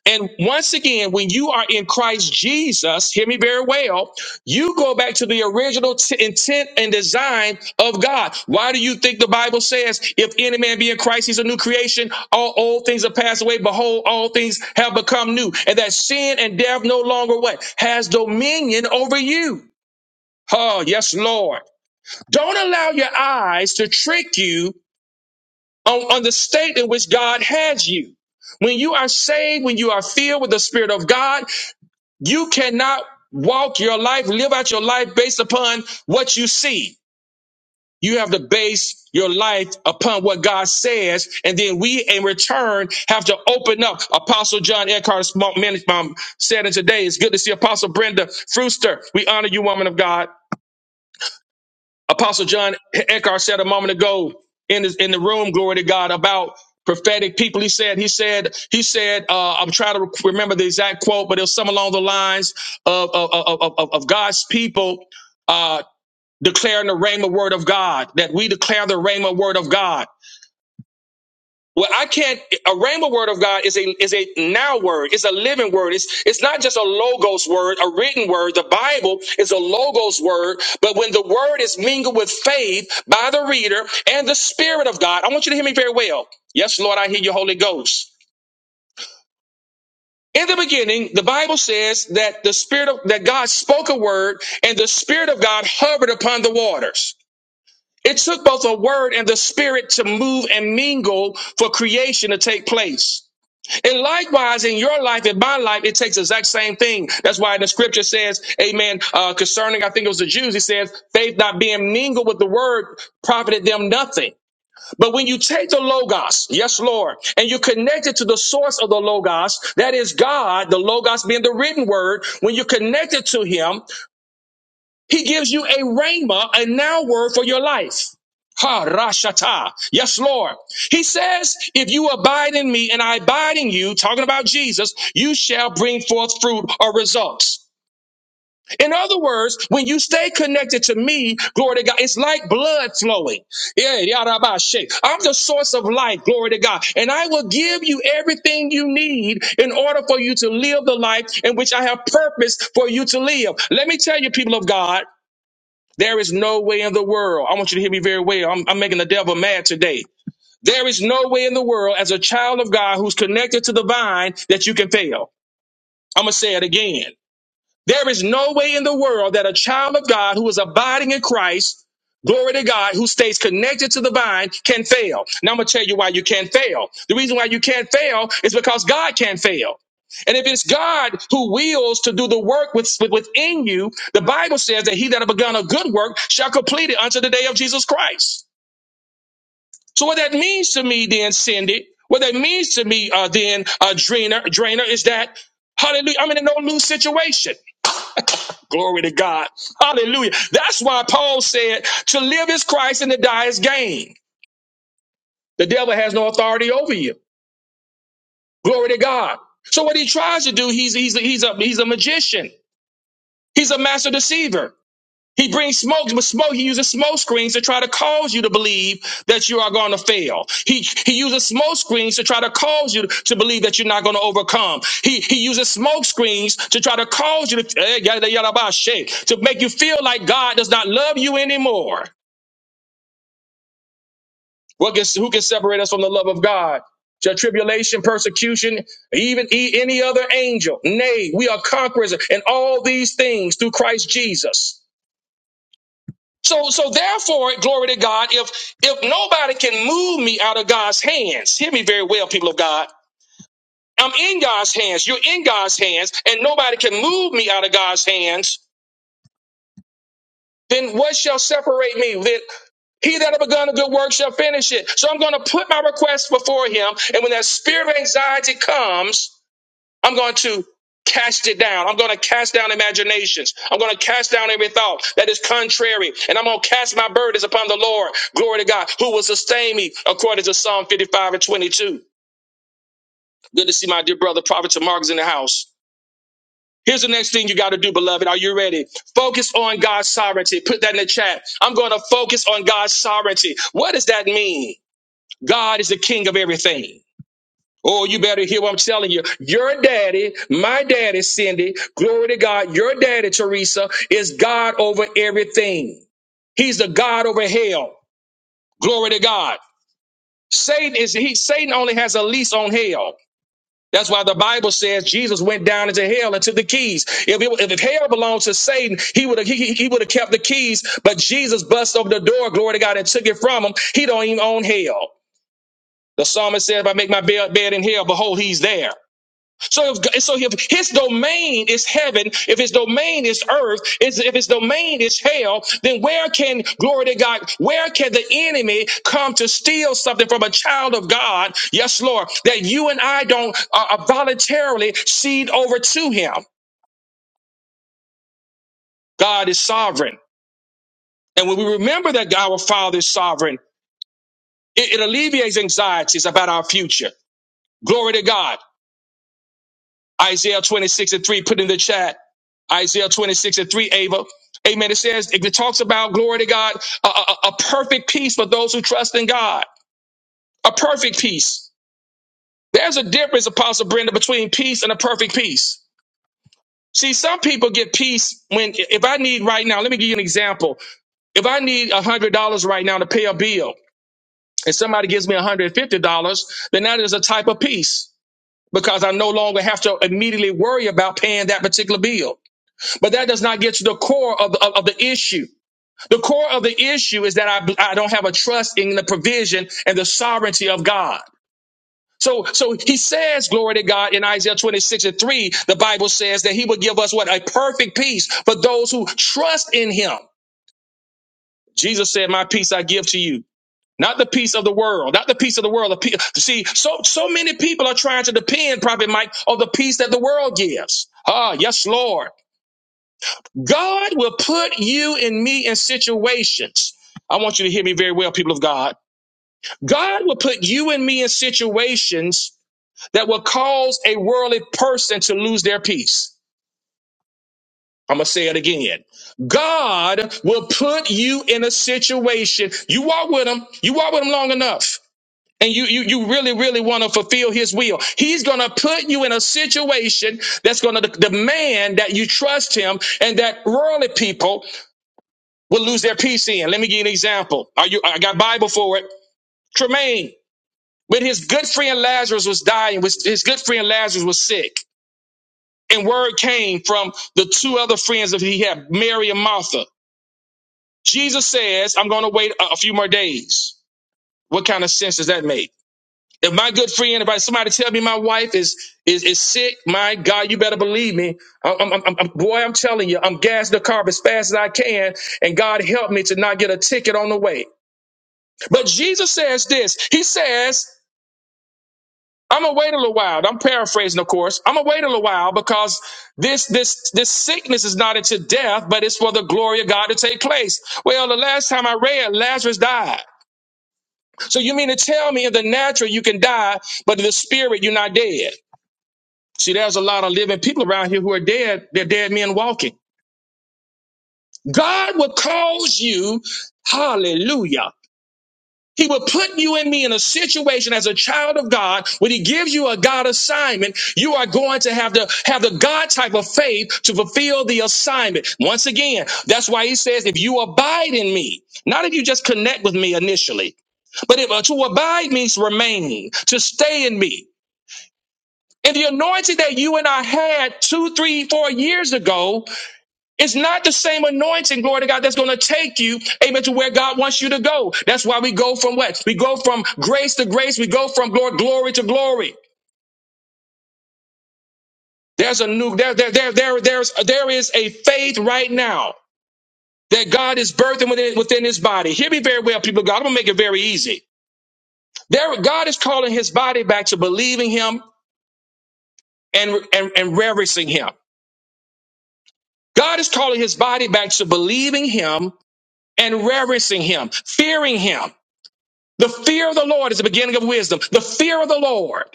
Speaker 1: And once again, when you are in Christ Jesus, hear me very well, you go back to the original t- intent and design of God. Why do you think the Bible says, if any man be in Christ, he's a new creation? All old things have passed away. Behold, all things have become new. And that sin and death no longer what? Has dominion over you. Oh, yes, Lord. Don't allow your eyes to trick you on, on the state in which God has you. When you are saved, when you are filled with the Spirit of God, you cannot walk your life, live out your life based upon what you see. You have to base your life upon what God says, and then we, in return, have to open up. Apostle John Eckhart Small- Man- um, said, "And today it's good to see Apostle Brenda Fruster. We honor you, woman of God. Apostle John Eckhart said a moment ago in his, in the room, glory to God, about prophetic people. He said, he said, he said, uh, I'm trying to remember the exact quote, but it was some along the lines of of, of, of, of- God's people uh, declaring the rhema word of God, that we declare the rhema word of God. Well, I can't. A rhema word of God is a is a now word. It's a living word. It's it's not just a logos word, a written word. The Bible is a logos word. But when the word is mingled with faith by the reader and the Spirit of God, I want you to hear me very well. Yes, Lord, I hear you, Holy Ghost. In the beginning, the Bible says that the Spirit of that God spoke a word, and the Spirit of God hovered upon the waters. It took both a word and the Spirit to move and mingle for creation to take place. And likewise, in your life, in my life, it takes the exact same thing. That's why the scripture says, amen, uh, concerning, I think it was the Jews, he says, faith not being mingled with the word profited them nothing. But when you take the Logos, yes, Lord, and you connect it to the source of the Logos, that is God, the Logos being the written word, when you connect it to him, he gives you a rhema, a now word for your life. Ha Rashata. Yes, Lord. He says, if you abide in me and I abide in you, talking about Jesus, you shall bring forth fruit or results. In other words, when you stay connected to me, glory to God, it's like blood flowing. Yeah, yarabashe. I'm the source of life, glory to God. And I will give you everything you need in order for you to live the life in which I have purpose for you to live. Let me tell you, people of God. There is no way in the world. I want you to hear me very well. I'm, I'm making the devil mad today. There is no way in the world, as a child of God who's connected to the vine, that you can fail. I'm going to say it again. There is no way in the world that a child of God who is abiding in Christ, glory to God, who stays connected to the vine, can fail. Now I'm going to tell you why you can't fail. The reason why you can't fail is because God can't fail. And if it's God who wills to do the work with, with- within you, the Bible says that he that have begun a good work shall complete it unto the day of Jesus Christ. So what that means to me then, Cindy, what that means to me uh, then, uh, Drina, Drainer, is that, hallelujah, I'm in a no-lose situation. Glory to God. Hallelujah. That's why Paul said to live is Christ and to die is gain. The devil has no authority over you. Glory to God. So what he tries to do, he's he's he's a he's a magician. He's a master deceiver. He brings smoke, but smoke. He uses smoke screens to try to cause you to believe that you are going to fail. He he uses smoke screens to try to cause you to, to believe that you're not going to overcome. He he uses smoke screens to try to cause you to eh, yada, yada, ba, shake, to make you feel like God does not love you anymore. What can, who can separate us from the love of God? Shall tribulation, persecution, even e- any other angel? Nay, we are conquerors in all these things through Christ Jesus. So, so therefore, glory to God, if if nobody can move me out of God's hands, hear me very well, people of God. I'm in God's hands, you're in God's hands, and nobody can move me out of God's hands, then what shall separate me? Then he that have begun a good work shall finish it. So I'm going to put my request before him. And when that spirit of anxiety comes, I'm going to cast it down. I'm going to cast down imaginations. I'm going to cast down every thought that is contrary. And I'm going to cast my burdens upon the Lord. Glory to God, who will sustain me according to Psalm 55 and 22. Good to see my dear brother, Prophet Tamarcus in the house. Here's the next thing you got to do, beloved. Are you ready? Focus on God's sovereignty. Put that in the chat. I'm going to focus on God's sovereignty. What does that mean? God is the king of everything. Oh, you better hear what I'm telling you. Your daddy, my daddy, Cindy, glory to God, your daddy, Teresa, is God over everything. He's the God over hell. Glory to God. Satan is he Satan only has a lease on hell. That's why the Bible says Jesus went down into hell and took the keys. If, it, if hell belonged to Satan, he would have he, he would have kept the keys. But Jesus bust over the door, glory to God, and took it from him. He don't even own hell. The psalmist said, "If I make my bed, bed in hell, behold, he's there." So if so if his domain is heaven, if his domain is earth, is if his domain is hell, then where can glory to God, where can the enemy come to steal something from a child of God? Yes, Lord, that you and I don't uh, uh, voluntarily cede over to him. God is sovereign. And when we remember that our Father is sovereign, it, it alleviates anxieties about our future. Glory to God. Isaiah 26 and 3, put in the chat. Isaiah 26 and 3, Ava. Amen. It says, it talks about, glory to God, a, a, a perfect peace for those who trust in God. A perfect peace. There's a difference, Apostle Brenda, between peace and a perfect peace. See, some people get peace when, if I need right now, let me give you an example. If I need $100 right now to pay a bill and somebody gives me $150, then that is a type of peace because I no longer have to immediately worry about paying that particular bill. But that does not get to the core of the, of, of the issue. The core of the issue is that I, I don't have a trust in the provision and the sovereignty of God. So, so he says, glory to God, in Isaiah 26 and 3, the Bible says that he will give us what? A perfect peace for those who trust in him. Jesus said, my peace I give to you. Not the peace of the world, not the peace of the world. the pe- See, so, so many people are trying to depend, Prophet Mike, on the peace that the world gives. Ah, yes, Lord. God will put you and me in situations. I want you to hear me very well, people of God. God will put you and me in situations that will cause a worldly person to lose their peace. I'm going to say it again. God will put you in a situation. You walk with him. You walk with him long enough. And you, you, you really, really want to fulfill his will. He's going to put you in a situation that's going to de- demand that you trust him and that worldly people will lose their peace in. Let me give you an example. Are you? I got Bible for it. Tremaine, when his good friend Lazarus was dying, was his good friend Lazarus was sick, and word came from the two other friends that he had, Mary and Martha. Jesus says, "I'm going to wait a, a few more days." What kind of sense does that make? If my good friend, if somebody tell me my wife is is is sick, my God, you better believe me. I'm, I'm, I'm- boy, I'm telling you, I'm gassing the car up as fast as I can, and God help me to not get a ticket on the way. But Jesus says this. He says, I'm gonna wait a little while. I'm paraphrasing, of course. I'm gonna wait a little while because this this this sickness is not unto death, but it's for the glory of God to take place. Well, the last time I read, Lazarus died. So you mean to tell me in the natural you can die, but in the spirit you're not dead? See, there's a lot of living people around here who are dead. They're dead men walking. God will cause you, hallelujah. He will put you and me in a situation as a child of God when he gives you a God assignment, you are going to have to have the God type of faith to fulfill the assignment. Once again, that's why he says, if you abide in me, not if you just connect with me initially, but if, uh, to abide means remain, to stay in me. And the anointing that you and I had two, three, four years ago it's not the same anointing, glory to God, that's going to take you, amen, to where God wants you to go. That's why we go from what? We go from grace to grace. We go from glory, glory to glory. There's a new, there, there, there, there, there's, there is a faith right now that God is birthing within, within his body. Hear me very well, people of God. I'm going to make it very easy. There, God is calling his body back to believing him and, and, and reverencing him. God is calling his body back to believing him and reverencing him, fearing him. The fear of the Lord is the beginning of wisdom. The fear of the Lord.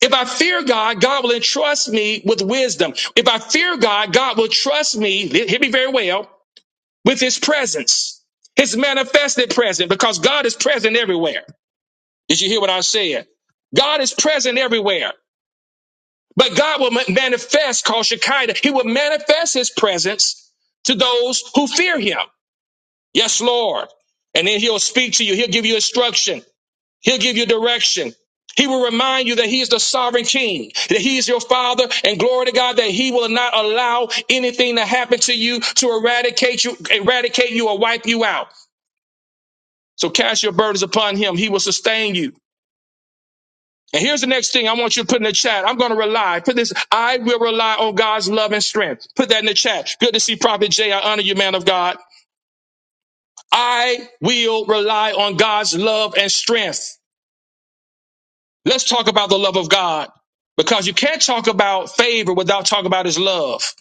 Speaker 1: If I fear God, God will entrust me with wisdom. If I fear God, God will trust me, hear me very well, with his presence, his manifested presence, because God is present everywhere. Did you hear what I said? God is present everywhere, but God will ma- manifest, called Shekinah, he will manifest his presence to those who fear him. Yes, Lord. And then he'll speak to you. He'll give you instruction. He'll give you direction. He will remind you that He is the sovereign King, that He is your Father, and glory to God that He will not allow anything to happen to you to eradicate you, eradicate you, or wipe you out. So cast your burdens upon Him; He will sustain you. And here's the next thing I want you to put in the chat. I'm going to rely. Put this. I will rely on God's love and strength. Put that in the chat. Good to see Prophet Jay. I honor you, man of God. I will rely on God's love and strength. Let's talk about the love of God because you can't talk about favor without talking about his love.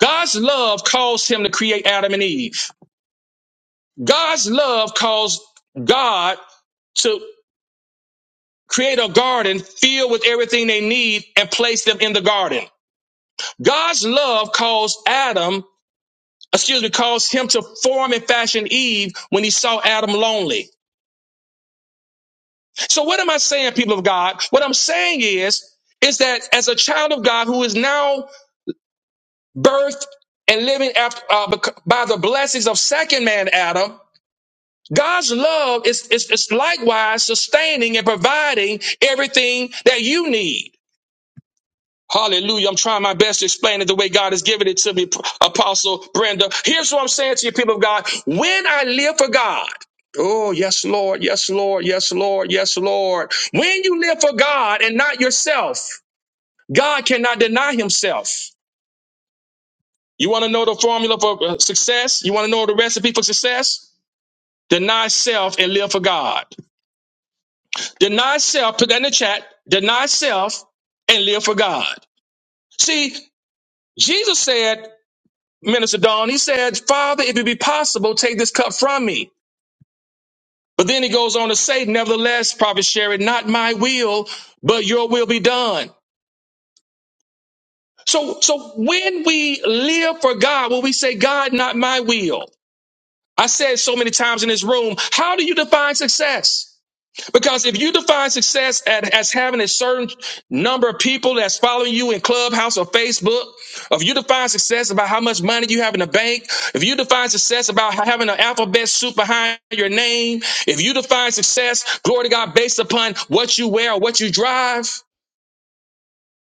Speaker 1: God's love caused him to create Adam and Eve. God's love caused God to create a garden filled with everything they need and place them in the garden. God's love caused Adam, excuse me, caused him to form and fashion Eve when he saw Adam lonely. So what am I saying, people of God? What I'm saying is, is that as a child of God who is now birthed and living after, uh, bec- by the blessings of second man Adam, God's love is, is, is likewise sustaining and providing everything that you need. Hallelujah. I'm trying my best to explain it the way God has given it to me, P- Apostle Brenda. Here's what I'm saying to you, people of God. When I live for God, oh, yes, Lord, yes, Lord, yes, Lord, yes, Lord. When you live for God and not yourself, God cannot deny himself. You want to know the formula for uh, success? You want to know the recipe for success? Deny self and live for God. Deny self, put that in the chat. Deny self and live for God. See, Jesus said, Minister Dawn, he said, Father, if it be possible, take this cup from me. But then he goes on to say, Nevertheless, Prophet Sherry, not my will, but your will be done. So, so when we live for God, when we say, God, not my will, I said so many times in this room, how do you define success? Because if you define success at, as having a certain number of people that's following you in Clubhouse or Facebook, if you define success about how much money you have in the bank, if you define success about ha- having an alphabet soup behind your name, if you define success, glory to God, based upon what you wear or what you drive,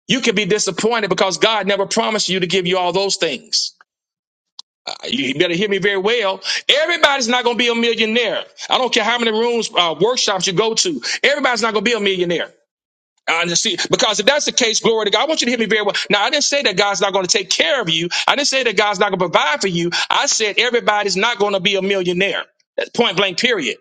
Speaker 1: you can be disappointed because God never promised you to give you all those things you better hear me very well. Everybody's not going to be a millionaire. I don't care how many rooms, uh, workshops you go to. Everybody's not going to be a millionaire. Uh, see, because if that's the case, glory to God. I want you to hear me very well. Now, I didn't say that God's not going to take care of you. I didn't say that God's not going to provide for you. I said everybody's not going to be a millionaire. That's point blank. Period.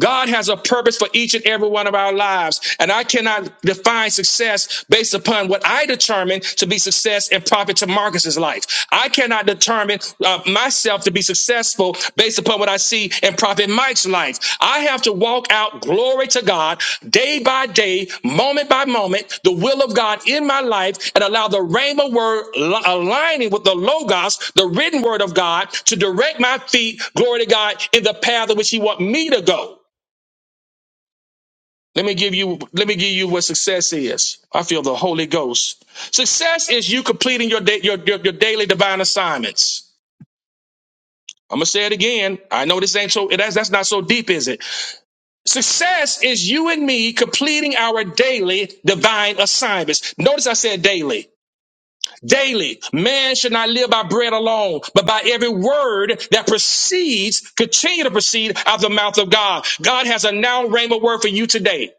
Speaker 1: God has a purpose for each and every one of our lives. And I cannot define success based upon what I determine to be success and profit to Marcus's life. I cannot determine uh, myself to be successful based upon what I see in Prophet Mike's life. I have to walk out glory to God day by day, moment by moment, the will of God in my life and allow the rhema word li- aligning with the logos, the written word of God to direct my feet, glory to God, in the path in which he wants me to go. Let me give you let me give you what success is. I feel the Holy Ghost. Success is you completing your da- your, your your daily divine assignments. I'm gonna say it again. I know this ain't so that's that's not so deep, is it? Success is you and me completing our daily divine assignments. Notice I said daily. Daily, man should not live by bread alone, but by every word that proceeds, continue to proceed out of the mouth of God. God has a now rhema word for you today.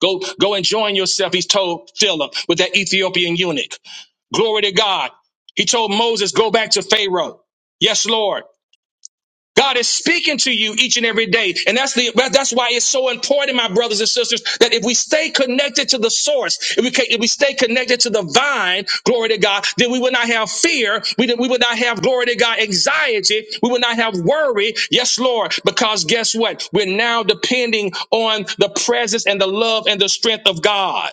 Speaker 1: Go, go and join yourself, he told Philip, with that Ethiopian eunuch. Glory to God. He told Moses, go back to Pharaoh. Yes, Lord. God is speaking to you each and every day. And that's the that's why it's so important, my brothers and sisters, that if we stay connected to the source, if we ca- if we stay connected to the vine, glory to God, then we will not have fear. We, we will not have glory to God anxiety. We will not have worry. Yes, Lord, because guess what? We're now depending on the presence and the love and the strength of God.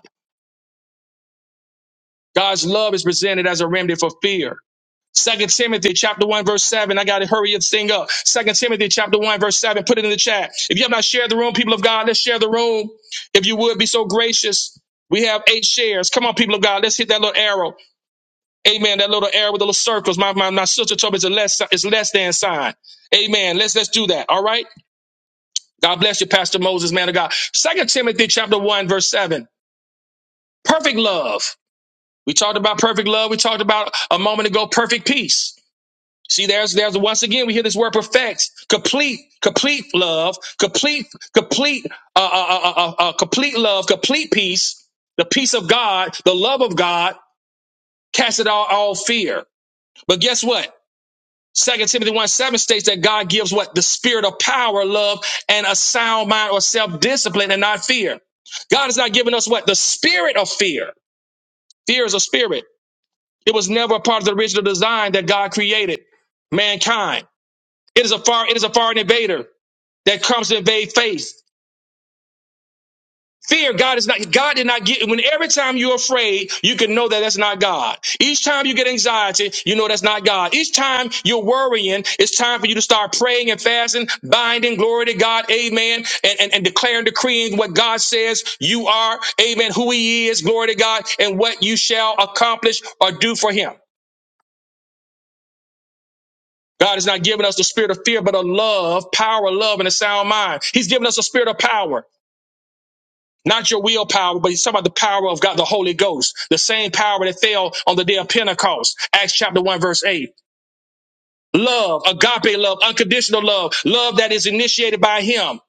Speaker 1: God's love is presented as a remedy for fear. Second Timothy chapter one verse seven. I gotta hurry this thing up. Second Timothy chapter one verse seven. Put it in the chat. If you have not shared the room, people of God, let's share the room. If you would be so gracious, we have eight shares. Come on, people of God, let's hit that little arrow. Amen. That little arrow with the little circles. My my, my sister told me it's a less it's less than sign. Amen. Let's let's do that. All right. God bless you, Pastor Moses, man of God. Second Timothy chapter one verse seven. Perfect love. We talked about perfect love. We talked about a moment ago. Perfect peace. See, there's there's once again we hear this word perfect, complete, complete love, complete, complete, uh, uh, uh, uh, uh, uh, complete love, complete peace, the peace of God, the love of God, cast it all, all fear. But guess what? Second Timothy 1 7 states that God gives what? The spirit of power, love, and a sound mind or self-discipline and not fear. God has not given us what? The spirit of fear. Fear is a spirit. It was never a part of the original design that God created mankind. It is a far, it is a foreign invader that comes to invade faith. Fear, God is not, God did not get, when every time you're afraid, you can know that that's not God. Each time you get anxiety, you know that's not God. Each time you're worrying, it's time for you to start praying and fasting, binding, glory to God, amen, and, and, and declaring, decreeing what God says you are, amen, who he is, glory to God, and what you shall accomplish or do for him. God has not given us the spirit of fear, but of love, power, love, and a sound mind. He's given us a spirit of power. Not your willpower, but he's talking about the power of God, the Holy Ghost, the same power that fell on the day of Pentecost. Acts chapter 1, verse 8. Love, agape love, unconditional love, love that is initiated by him.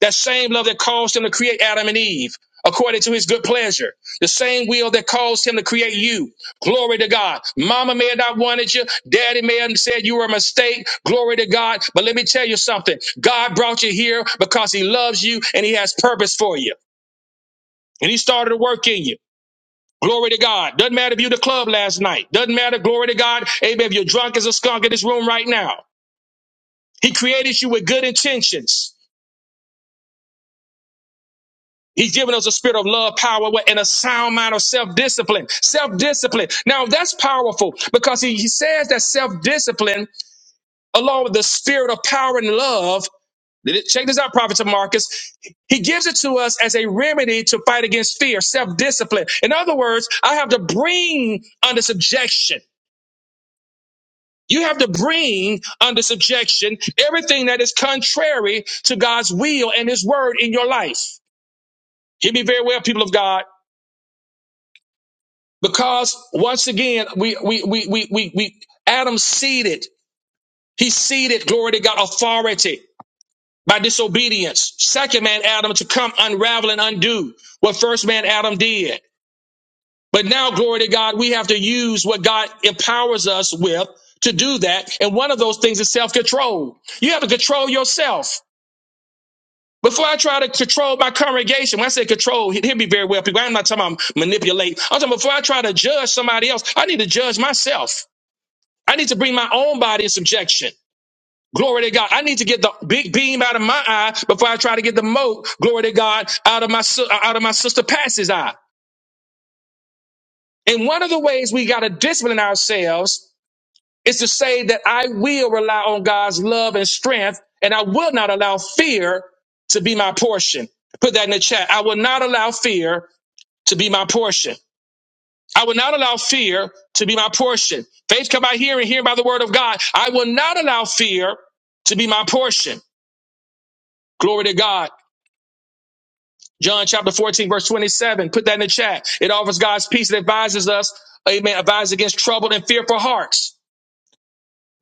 Speaker 1: That same love that caused him to create Adam and Eve according to his good pleasure. The same will that caused him to create you. Glory to God. Mama may have not wanted you. Daddy may have said you were a mistake. Glory to God. But let me tell you something. God brought you here because he loves you and he has purpose for you and he started to work in you. Glory to God. Doesn't matter if you were at the club last night. Doesn't matter. Glory to God. Amen. If you're drunk as a skunk in this room right now, he created you with good intentions. He's given us a spirit of love, power, and a sound mind of self-discipline. Self-discipline. Now that's powerful because he, he says that self-discipline, along with the spirit of power and love, check this out, Prophet Marcus. He gives it to us as a remedy to fight against fear, self-discipline. In other words, I have to bring under subjection. You have to bring under subjection everything that is contrary to God's will and his word in your life. Hear me very well, people of God, because once again, we, we, we, we, we, we Adam seeded, he seeded, glory to God, authority by disobedience. Second man, Adam, to come unravel and undo what first man, Adam did. But now, glory to God, we have to use what God empowers us with to do that. And one of those things is self control. You have to control yourself. Before I try to control my congregation, when I say control, hear me very well, people. I'm not talking about manipulate. I'm talking before I try to judge somebody else, I need to judge myself. I need to bring my own body in subjection. Glory to God. I need to get the big beam out of my eye before I try to get the mote, glory to God, out of my si- out of my sister Patsy's eye. And one of the ways we got to discipline ourselves is to say that I will rely on God's love and strength, and I will not allow fear to be my portion. Put that in the chat. I will not allow fear to be my portion. I will not allow fear to be my portion. Faith come by hearing, hearing by the word of God. I will not allow fear to be my portion. Glory to God. John chapter 14, verse 27. Put that in the chat. It offers God's peace and advises us, amen, advises against troubled and fearful hearts.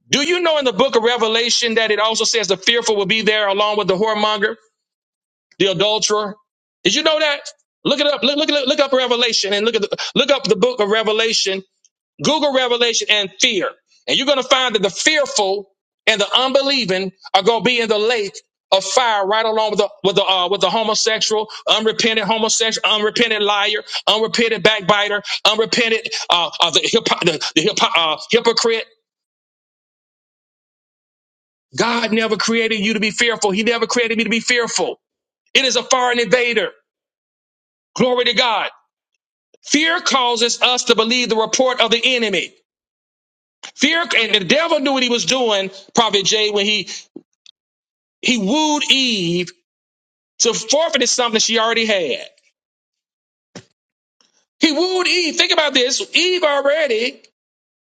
Speaker 1: Do you know in the book of Revelation that it also says the fearful will be there along with the whoremonger, the adulterer? Did you know that? Look it up. Look, look, look up Revelation and look at the, look up the book of Revelation. Google Revelation and fear, and you're going to find that the fearful and the unbelieving are going to be in the lake of fire right along with the with the uh, with the homosexual, unrepentant homosexual, unrepentant liar, unrepentant backbiter, unrepentant uh, uh the, hypo- the, the hypo- uh, hypocrite God never created you to be fearful. He never created me to be fearful. It is a foreign invader. Glory to God. Fear causes us to believe the report of the enemy. Fear and the devil knew what he was doing, Prophet Jay, when he he wooed Eve to forfeit something she already had. He wooed Eve. Think about this. Eve already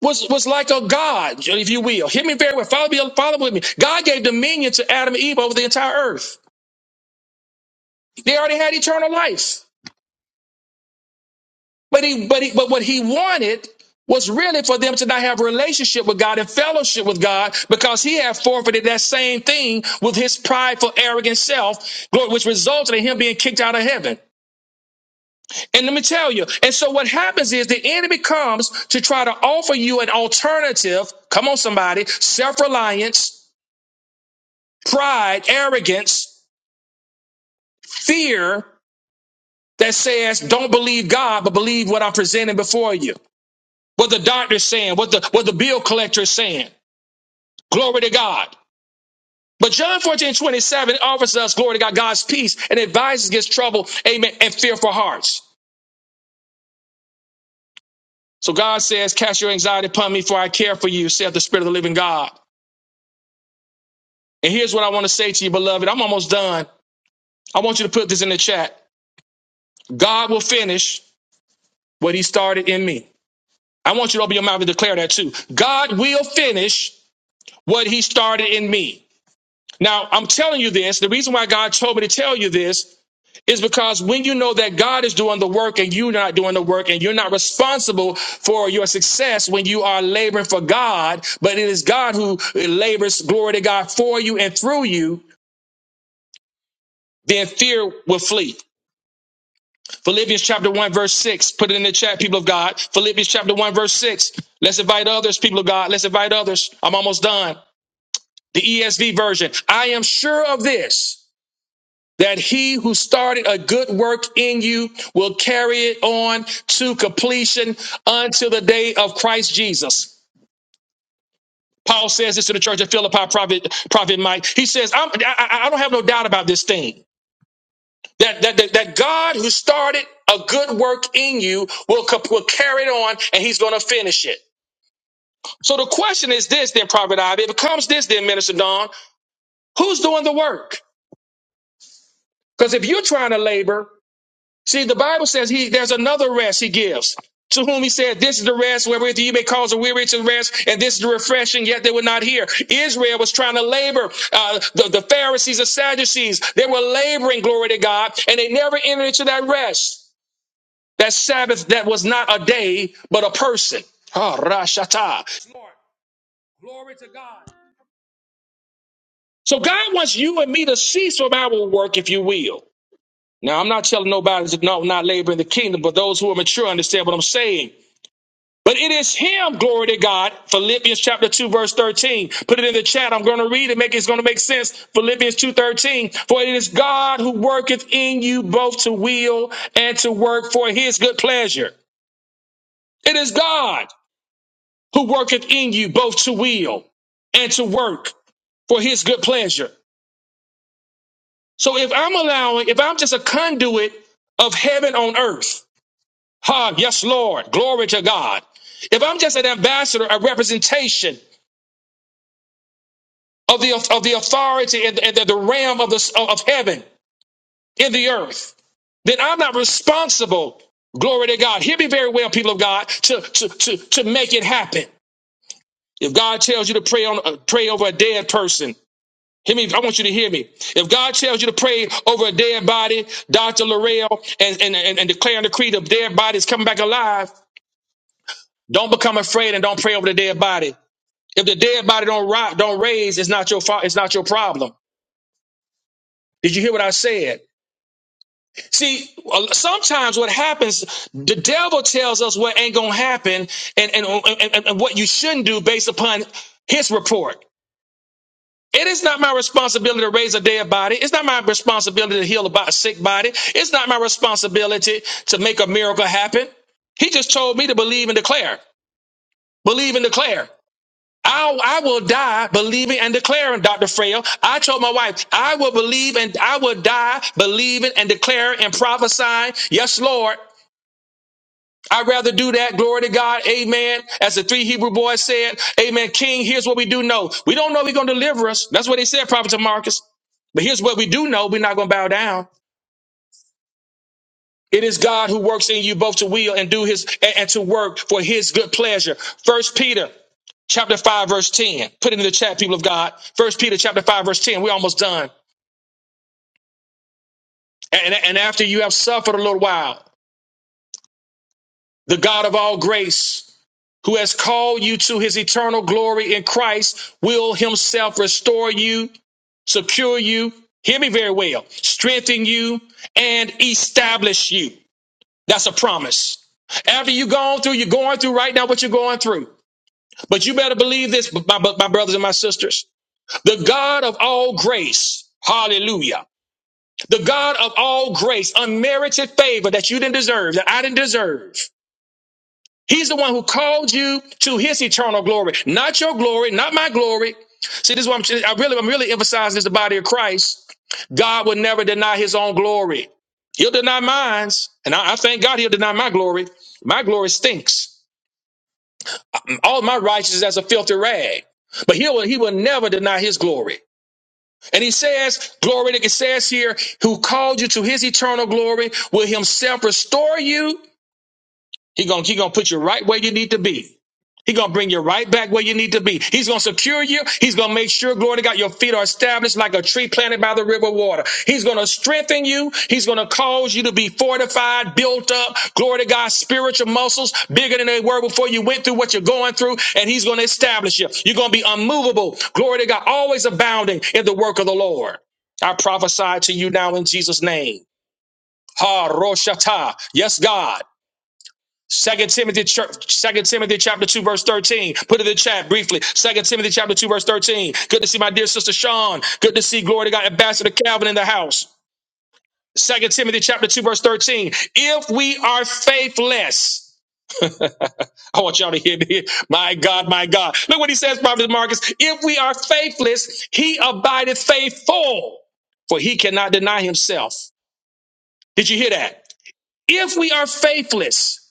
Speaker 1: was was like a god, if you will. Hear me very well. Follow me, follow with me. God gave dominion to Adam and Eve over the entire earth. They already had eternal life. But he, but he, but what he wanted was really for them to not have a relationship with God and fellowship with God because he had forfeited that same thing with his prideful, arrogant self, glory, which resulted in him being kicked out of heaven. And let me tell you, and so what happens is the enemy comes to try to offer you an alternative. Come on, somebody, self-reliance, pride, arrogance, fear that says, don't believe God, but believe what I'm presenting before you. What the doctor's saying, what the, what the bill collector is saying. Glory to God. But John 14 27 offers us, glory to God, God's peace and advises against trouble, amen, and fearful hearts. So God says, Cast your anxiety upon me, for I care for you, saith the Spirit of the living God. And here's what I want to say to you, beloved. I'm almost done. I want you to put this in the chat. God will finish what he started in me. I want you to open your mouth and declare that too. God will finish what he started in me. Now, I'm telling you this. The reason why God told me to tell you this is because when you know that God is doing the work and you're not doing the work and you're not responsible for your success when you are laboring for God, but it is God who labors glory to God for you and through you, then fear will flee. Philippians chapter 1, verse 6. Put it in the chat, people of God. Philippians chapter 1, verse 6. Let's invite others, people of God. Let's invite others. I'm almost done. The ESV version. I am sure of this that he who started a good work in you will carry it on to completion until the day of Christ Jesus. Paul says this to the church of Philippi, prophet, prophet Mike. He says, I'm, I, I don't have no doubt about this thing. That, that, that, that God who started a good work in you will, co- will carry it on and he's going to finish it. So the question is this then, Prophet Ivy, it becomes this then, Minister Don, who's doing the work? Because if you're trying to labor See, the Bible says he there's another rest he gives. To whom he said, This is the rest wherewith you may cause a weary to rest, and this is the refreshing, yet they would not hear. Israel was trying to labor. Uh, the, the Pharisees, the Sadducees, they were laboring, glory to God, and they never entered into that rest. That Sabbath that was not a day, but a person. Ah, Rashata. Lord, glory to God. So God wants you and me to cease from our work, if you will. Now, I'm not telling nobody to no, not labor in the kingdom, but those who are mature understand what I'm saying. But it is him, glory to God. Philippians chapter 2, verse 13. Put it in the chat. I'm going to read it. Make it's going to make sense. Philippians 2 13. For it is God who worketh in you both to will and to work for his good pleasure. It is God who worketh in you both to will and to work for his good pleasure. So if I'm allowing, if I'm just a conduit of heaven on earth, ha, yes, Lord, glory to God. If I'm just an ambassador, a representation of the of the authority and, and the, the realm of the of heaven in the earth, then I'm not responsible. Glory to God. Hear me very well, people of God, to to to to make it happen. If God tells you to pray on uh, pray over a dead person, hear me. I want you to hear me. If God tells you to pray over a dead body, Doctor Laurel, and and and, and declare and decree the dead body is coming back alive, don't become afraid and don't pray over the dead body. If the dead body don't ri- don't raise, it's not your fault. It's not your problem. Did you hear what I said? See, sometimes what happens, the devil tells us what ain't gonna happen and, and, and, and what you shouldn't do based upon his report. It is not my responsibility to raise a dead body. It's not my responsibility to heal a sick body. It's not my responsibility to make a miracle happen. He just told me to believe and declare. Believe and declare. I'll, I will die believing and declaring, Dr. Frail. I told my wife, I will believe and I will die believing and declaring and prophesying. Yes, Lord. I'd rather do that. Glory to God. Amen. As the three Hebrew boys said, Amen. King, here's what we do know. We don't know if He's going to deliver us. That's what they said, Prophet to Marcus. But here's what we do know. We're not going to bow down. It is God who works in you both to will and do his and, and to work for his good pleasure. First Peter chapter 5, verse 10. Put it in the chat, people of God. First Peter chapter 5, verse 10. We're almost done. And, and after you have suffered a little while, the God of all grace who has called you to his eternal glory in Christ, will himself restore you, secure you, hear me very well, strengthen you, and establish you. That's a promise. After you gone through, you're going through right now what you're going through. But you better believe this, my my brothers and my sisters. The God of all grace, hallelujah. The God of all grace, unmerited favor that you didn't deserve, that I didn't deserve He's the one who called you to his eternal glory, not your glory, not my glory. See, this is what I'm, I really, I'm really emphasizing this, the body of Christ. God will never deny his own glory. He'll deny mine. And I, I thank God he'll deny my glory. My glory stinks. All my righteousness as a filthy rag. But he will, he will never deny his glory. And he says, glory, it says here, who called you to his eternal glory will himself restore you he gonna, he gonna put you right where you need to be. He gonna bring you right back where you need to be. He's gonna secure you. He's gonna make sure, glory to God, your feet are established like a tree planted by the river water. He's gonna strengthen you. He's gonna cause you to be fortified, built up, glory to God, spiritual muscles bigger than they were before you went through what you're going through, and he's gonna establish you. You're gonna be unmovable, glory to God, always abounding in the work of the Lord. I prophesy to you now in Jesus' name. Ha Roshata. Yes, God. Second Timothy, Second Timothy chapter 2, verse 13. Put it in the chat briefly. Second Timothy chapter 2, verse 13. Good to see my dear sister Sean. Good to see glory to God, Ambassador Calvin in the house. Second Timothy chapter 2, verse 13. If we are faithless, I want y'all to hear me. My God, my God. Look what he says, Prophet Marcus. If we are faithless, he abideth faithful, for he cannot deny himself. Did you hear that? If we are faithless,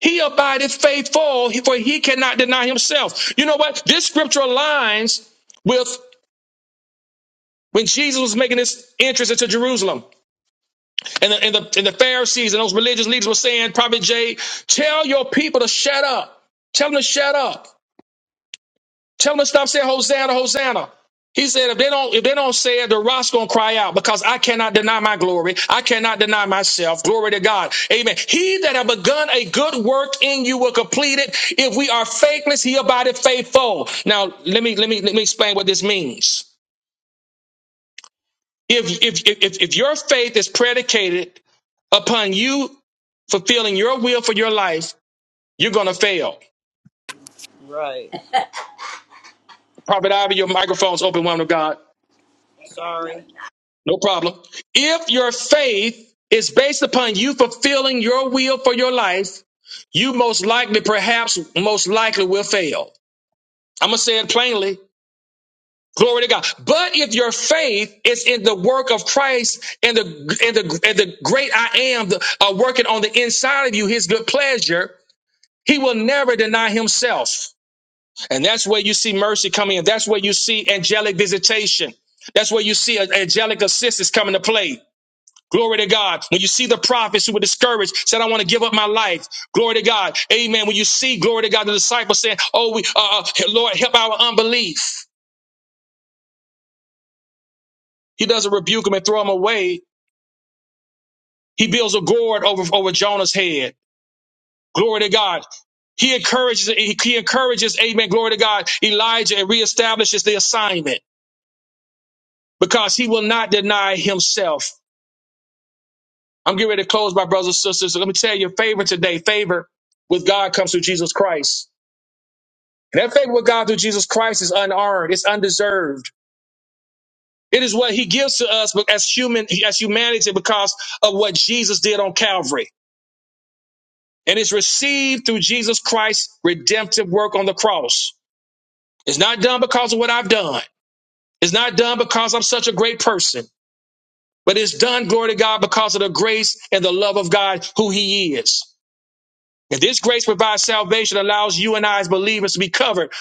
Speaker 1: He abideth faithful, for he cannot deny himself. You know what? This scripture aligns with when Jesus was making his entrance into Jerusalem. And the, and the, and the Pharisees and those religious leaders were saying, Prophet J, tell your people to shut up. Tell them to shut up. Tell them to stop saying Hosanna, Hosanna. He said, if they don't, if they don't say it, the rock's gonna cry out because I cannot deny my glory. I cannot deny myself. Glory to God. Amen. He that have begun a good work in you will complete it. If we are faithless, he abideth faithful. Now, let me let me let me explain what this means. If if if if your faith is predicated upon you fulfilling your will for your life, you're gonna fail.
Speaker 3: Right.
Speaker 1: Prophet Ivy, your microphone's open, woman of God.
Speaker 3: Sorry.
Speaker 1: No problem. If your faith is based upon you fulfilling your will for your life, you most likely, perhaps most likely will fail. I'm going to say it plainly. Glory to God. But if your faith is in the work of Christ and the, and the, and the great I am the, uh, working on the inside of you, his good pleasure, he will never deny himself. And that's where you see mercy coming in. That's where you see angelic visitation. That's where you see a- angelic assistance coming to play. Glory to God. When you see the prophets who were discouraged, said, I want to give up my life. Glory to God. Amen. When you see, glory to God, the disciples saying, Oh, we, uh, uh, Lord, help our unbelief. He doesn't rebuke them and throw them away. He builds a gourd over, over Jonah's head. Glory to God. He encourages, he, he encourages, amen, glory to God, Elijah and reestablishes the assignment because he will not deny himself. I'm getting ready to close, my brothers and sisters. So Let me tell you, favor today, favor with God comes through Jesus Christ. That favor with God through Jesus Christ is unearned. It's undeserved. It is what he gives to us but as human, as humanity because of what Jesus did on Calvary. And it's received through Jesus Christ's redemptive work on the cross. It's not done because of what I've done. It's not done because I'm such a great person, but it's done, glory to God, because of the grace and the love of God who he is. And this grace provides salvation, allows you and I as believers to be covered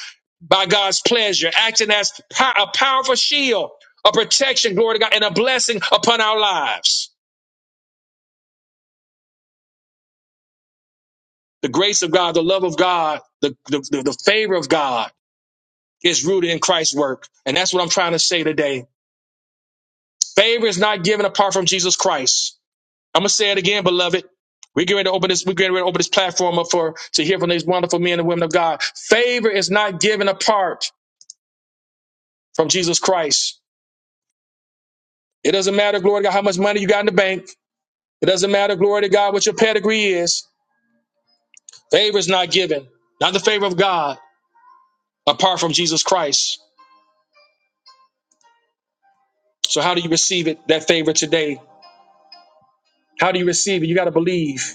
Speaker 1: by God's pleasure, acting as po- a powerful shield, a protection, glory to God, and a blessing upon our lives. The grace of God, the love of God, the, the, the, the favor of God is rooted in Christ's work. And that's what I'm trying to say today. Favor is not given apart from Jesus Christ. I'm going to say it again, beloved. We're getting ready to open this, we're getting ready to open this platform up for to hear from these wonderful men and women of God. Favor is not given apart from Jesus Christ. It doesn't matter, glory to God, how much money you got in the bank. It doesn't matter, glory to God, what your pedigree is. Favor is not given, not the favor of God, apart from Jesus Christ. So, how do you receive it, that favor today? How do you receive it? You got to believe.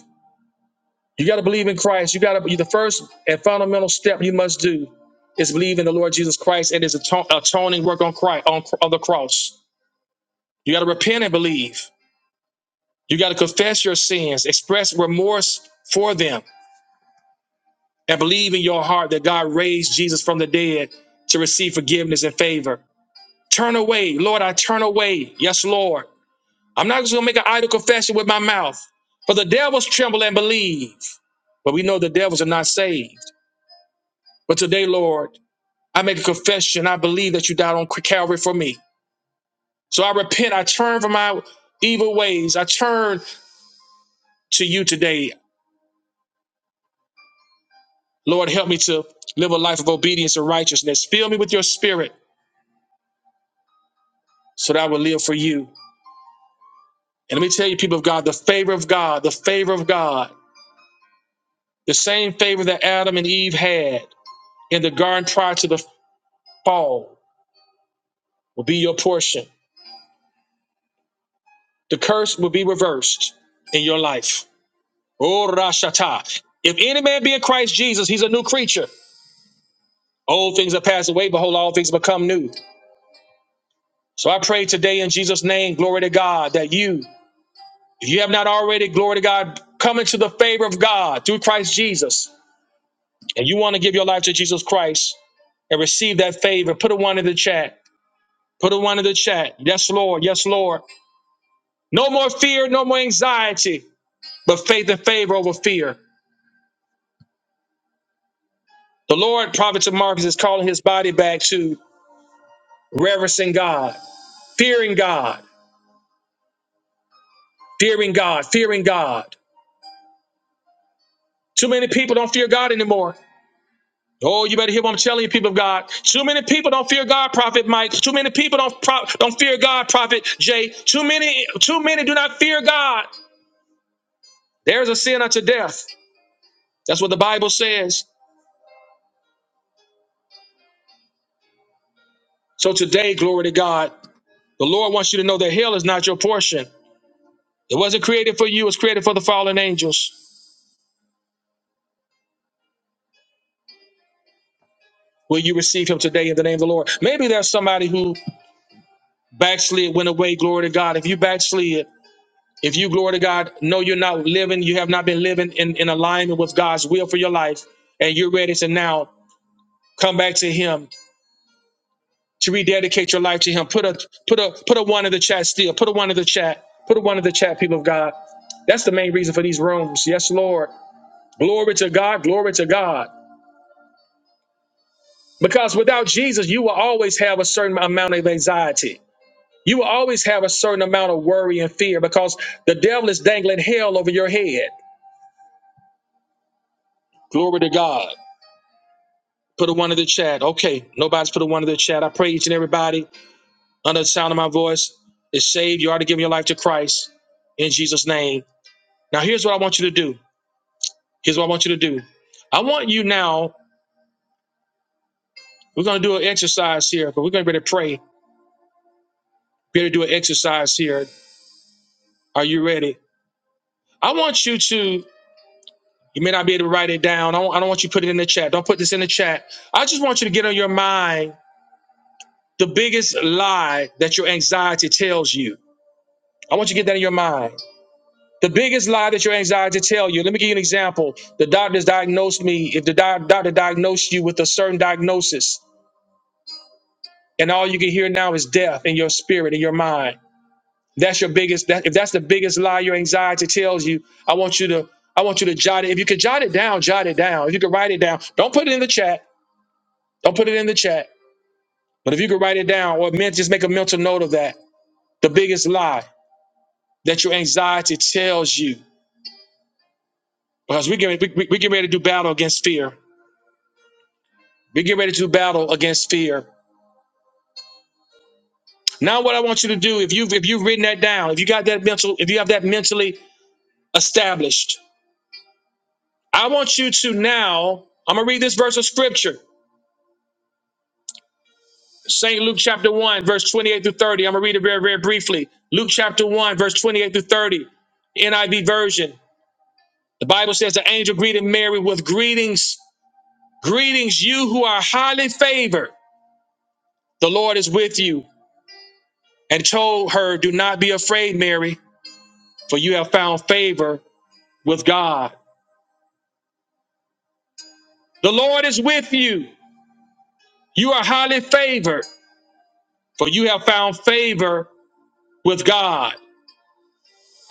Speaker 1: You got to believe in Christ. You got to, the first and fundamental step you must do is believe in the Lord Jesus Christ and his aton- atoning work on, Christ, on, on the cross. You got to repent and believe. You got to confess your sins, express remorse for them, and believe in your heart that God raised Jesus from the dead to receive forgiveness and favor. Turn away, Lord, I turn away. Yes, Lord. I'm not just gonna make an idle confession with my mouth. For the devils tremble and believe. But we know the devils are not saved. But today, Lord, I make a confession. I believe that you died on Calvary for me. So I repent. I turn from my evil ways. I turn to you today. Lord, help me to live a life of obedience and righteousness. Fill me with your spirit so that I will live for you. And let me tell you, people of God, the favor of God, the favor of God, the same favor that Adam and Eve had. and the garden prior to the fall will be your portion. The curse will be reversed in your life. Oh, Rashata. If any man be in Christ Jesus, he's a new creature. Old things have passed away, behold, all things become new. So I pray today in Jesus' name, glory to God, that you, if you have not already, glory to God, come into the favor of God through Christ Jesus, and you want to give your life to Jesus Christ and receive that favor, put a one in the chat. Put a one in the chat. Yes, Lord. Yes, Lord. No more fear, no more anxiety, but faith and favor over fear. The Lord, Prophet to Marcus, is calling his body back to reverencing God, fearing God, fearing God, fearing God. Too many people don't fear God anymore. Oh, you better hear what I'm telling you, people of God. Too many people don't fear God, Prophet Mike. Too many people don't pro- don't fear God, Prophet Jay. Too many, too many do not fear God. There's a sin unto death. That's what the Bible says. So today, glory to God, the Lord wants you to know that hell is not your portion. It wasn't created for you, it was created for the fallen angels. Will you receive him today in the name of the Lord? Maybe there's somebody who backslid, went away, glory to God. If you backslid, if you, glory to God, know you're not living, you have not been living in, in alignment with God's will for your life, and you're ready to now come back to him, to rededicate your life to him. Put a put a put a one in the chat still. Put a one in the chat. Put a one in the chat, people of God. That's the main reason for these rooms. Yes, Lord. Glory to God, glory to God. Because without Jesus, you will always have a certain amount of anxiety. You will always have a certain amount of worry and fear because the devil is dangling hell over your head. Glory to God. Put a one in the chat. Okay, nobody's put a one in the chat. I pray each and everybody under the sound of my voice is saved. You already given your life to Christ in Jesus' name. Now, here's what I want you to do. Here's what I want you to do. I want you now, we're going to do an exercise here, but we're going to be ready to pray. Be ready to do an exercise here. Are you ready? I want you to You may not be able to write it down. I don't, I don't want you to put it in the chat. Don't put this in the chat. I just want you to get on your mind the biggest lie that your anxiety tells you. I want you to get that in your mind. The biggest lie that your anxiety tell you. Let me give you an example. The doctors diagnosed me. If the doc- doctor diagnosed you with a certain diagnosis, and all you can hear now is death in your spirit, in your mind. That's your biggest. That, if that's the biggest lie your anxiety tells you, I want you to. I want you to jot it. If you can jot it down, jot it down. If you can write it down, don't put it in the chat. Don't put it in the chat, but if you could write it down or men- just make a mental note of that. The biggest lie that your anxiety tells you, because we get we, we, we get ready to do battle against fear. We get ready to do battle against fear. Now, what I want you to do, if you have if you've written that down, if you got that mental, if you have that mentally established, I want you to now. I'm gonna read this verse of scripture. St. Luke chapter 1, verse 28 through 30. I'm going to read it very, very briefly. Luke chapter 1, verse 28 through 30, NIV version. The Bible says the angel greeted Mary with greetings, greetings, you who are highly favored. The Lord is with you, and told her, Do not be afraid, Mary, for you have found favor with God. The Lord is with you. You are highly favored, for you have found favor with God.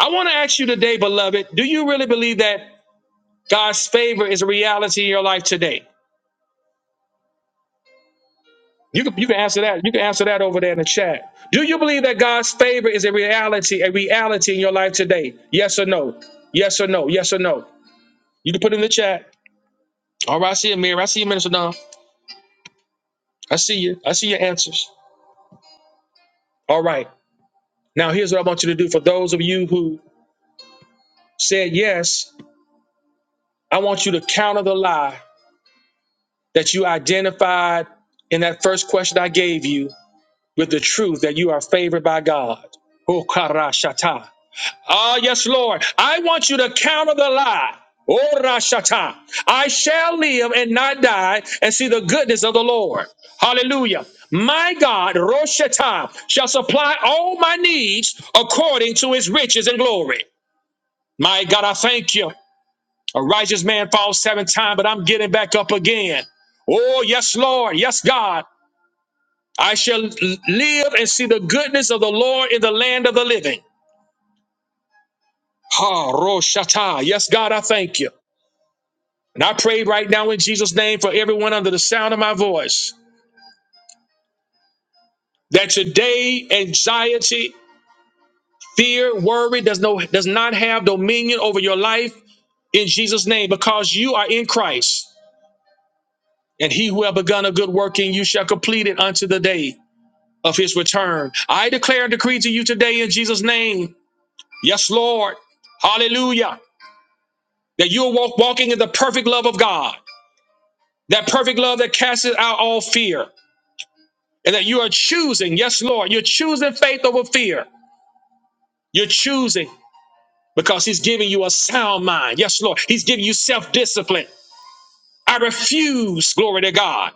Speaker 1: I want to ask you today, beloved, do you really believe that God's favor is a reality in your life today? You can you can answer that. You can answer that over there in the chat. Do you believe that God's favor is a reality, a reality in your life today? Yes or no? Yes or no? Yes or no? You can put it in the chat. All right, I see you, Amir. I see you, Minister Don. I see you. I see your answers. All right. Now here's what I want you to do for those of you who said yes. I want you to counter the lie that you identified in that first question I gave you with the truth that you are favored by God. Oh, karashata. Ah, yes, Lord. I want you to counter the lie. Oh, Rashata. I shall live and not die and see the goodness of the Lord. Hallelujah. My God, Roshata, shall supply all my needs according to his riches and glory. My God, I thank you. A righteous man falls seven times, but I'm getting back up again. Oh, yes, Lord. Yes, God. I shall l- live and see the goodness of the Lord in the land of the living. Ha, Roshata. Yes, God, I thank you. And I pray right now in Jesus' name for everyone under the sound of my voice that today anxiety, fear, worry does no does not have dominion over your life in Jesus' name because you are in Christ. And he who have begun a good work in you shall complete it unto the day of his return. I declare and decree to you today in Jesus' name. Yes, Lord. Hallelujah. That you are walk, walking in the perfect love of God, that perfect love that casts out all fear. and that you are choosing, yes, Lord, you're choosing faith over fear. You're choosing because He's giving you a sound mind. Yes, Lord, He's giving you self discipline. I refuse, glory to God,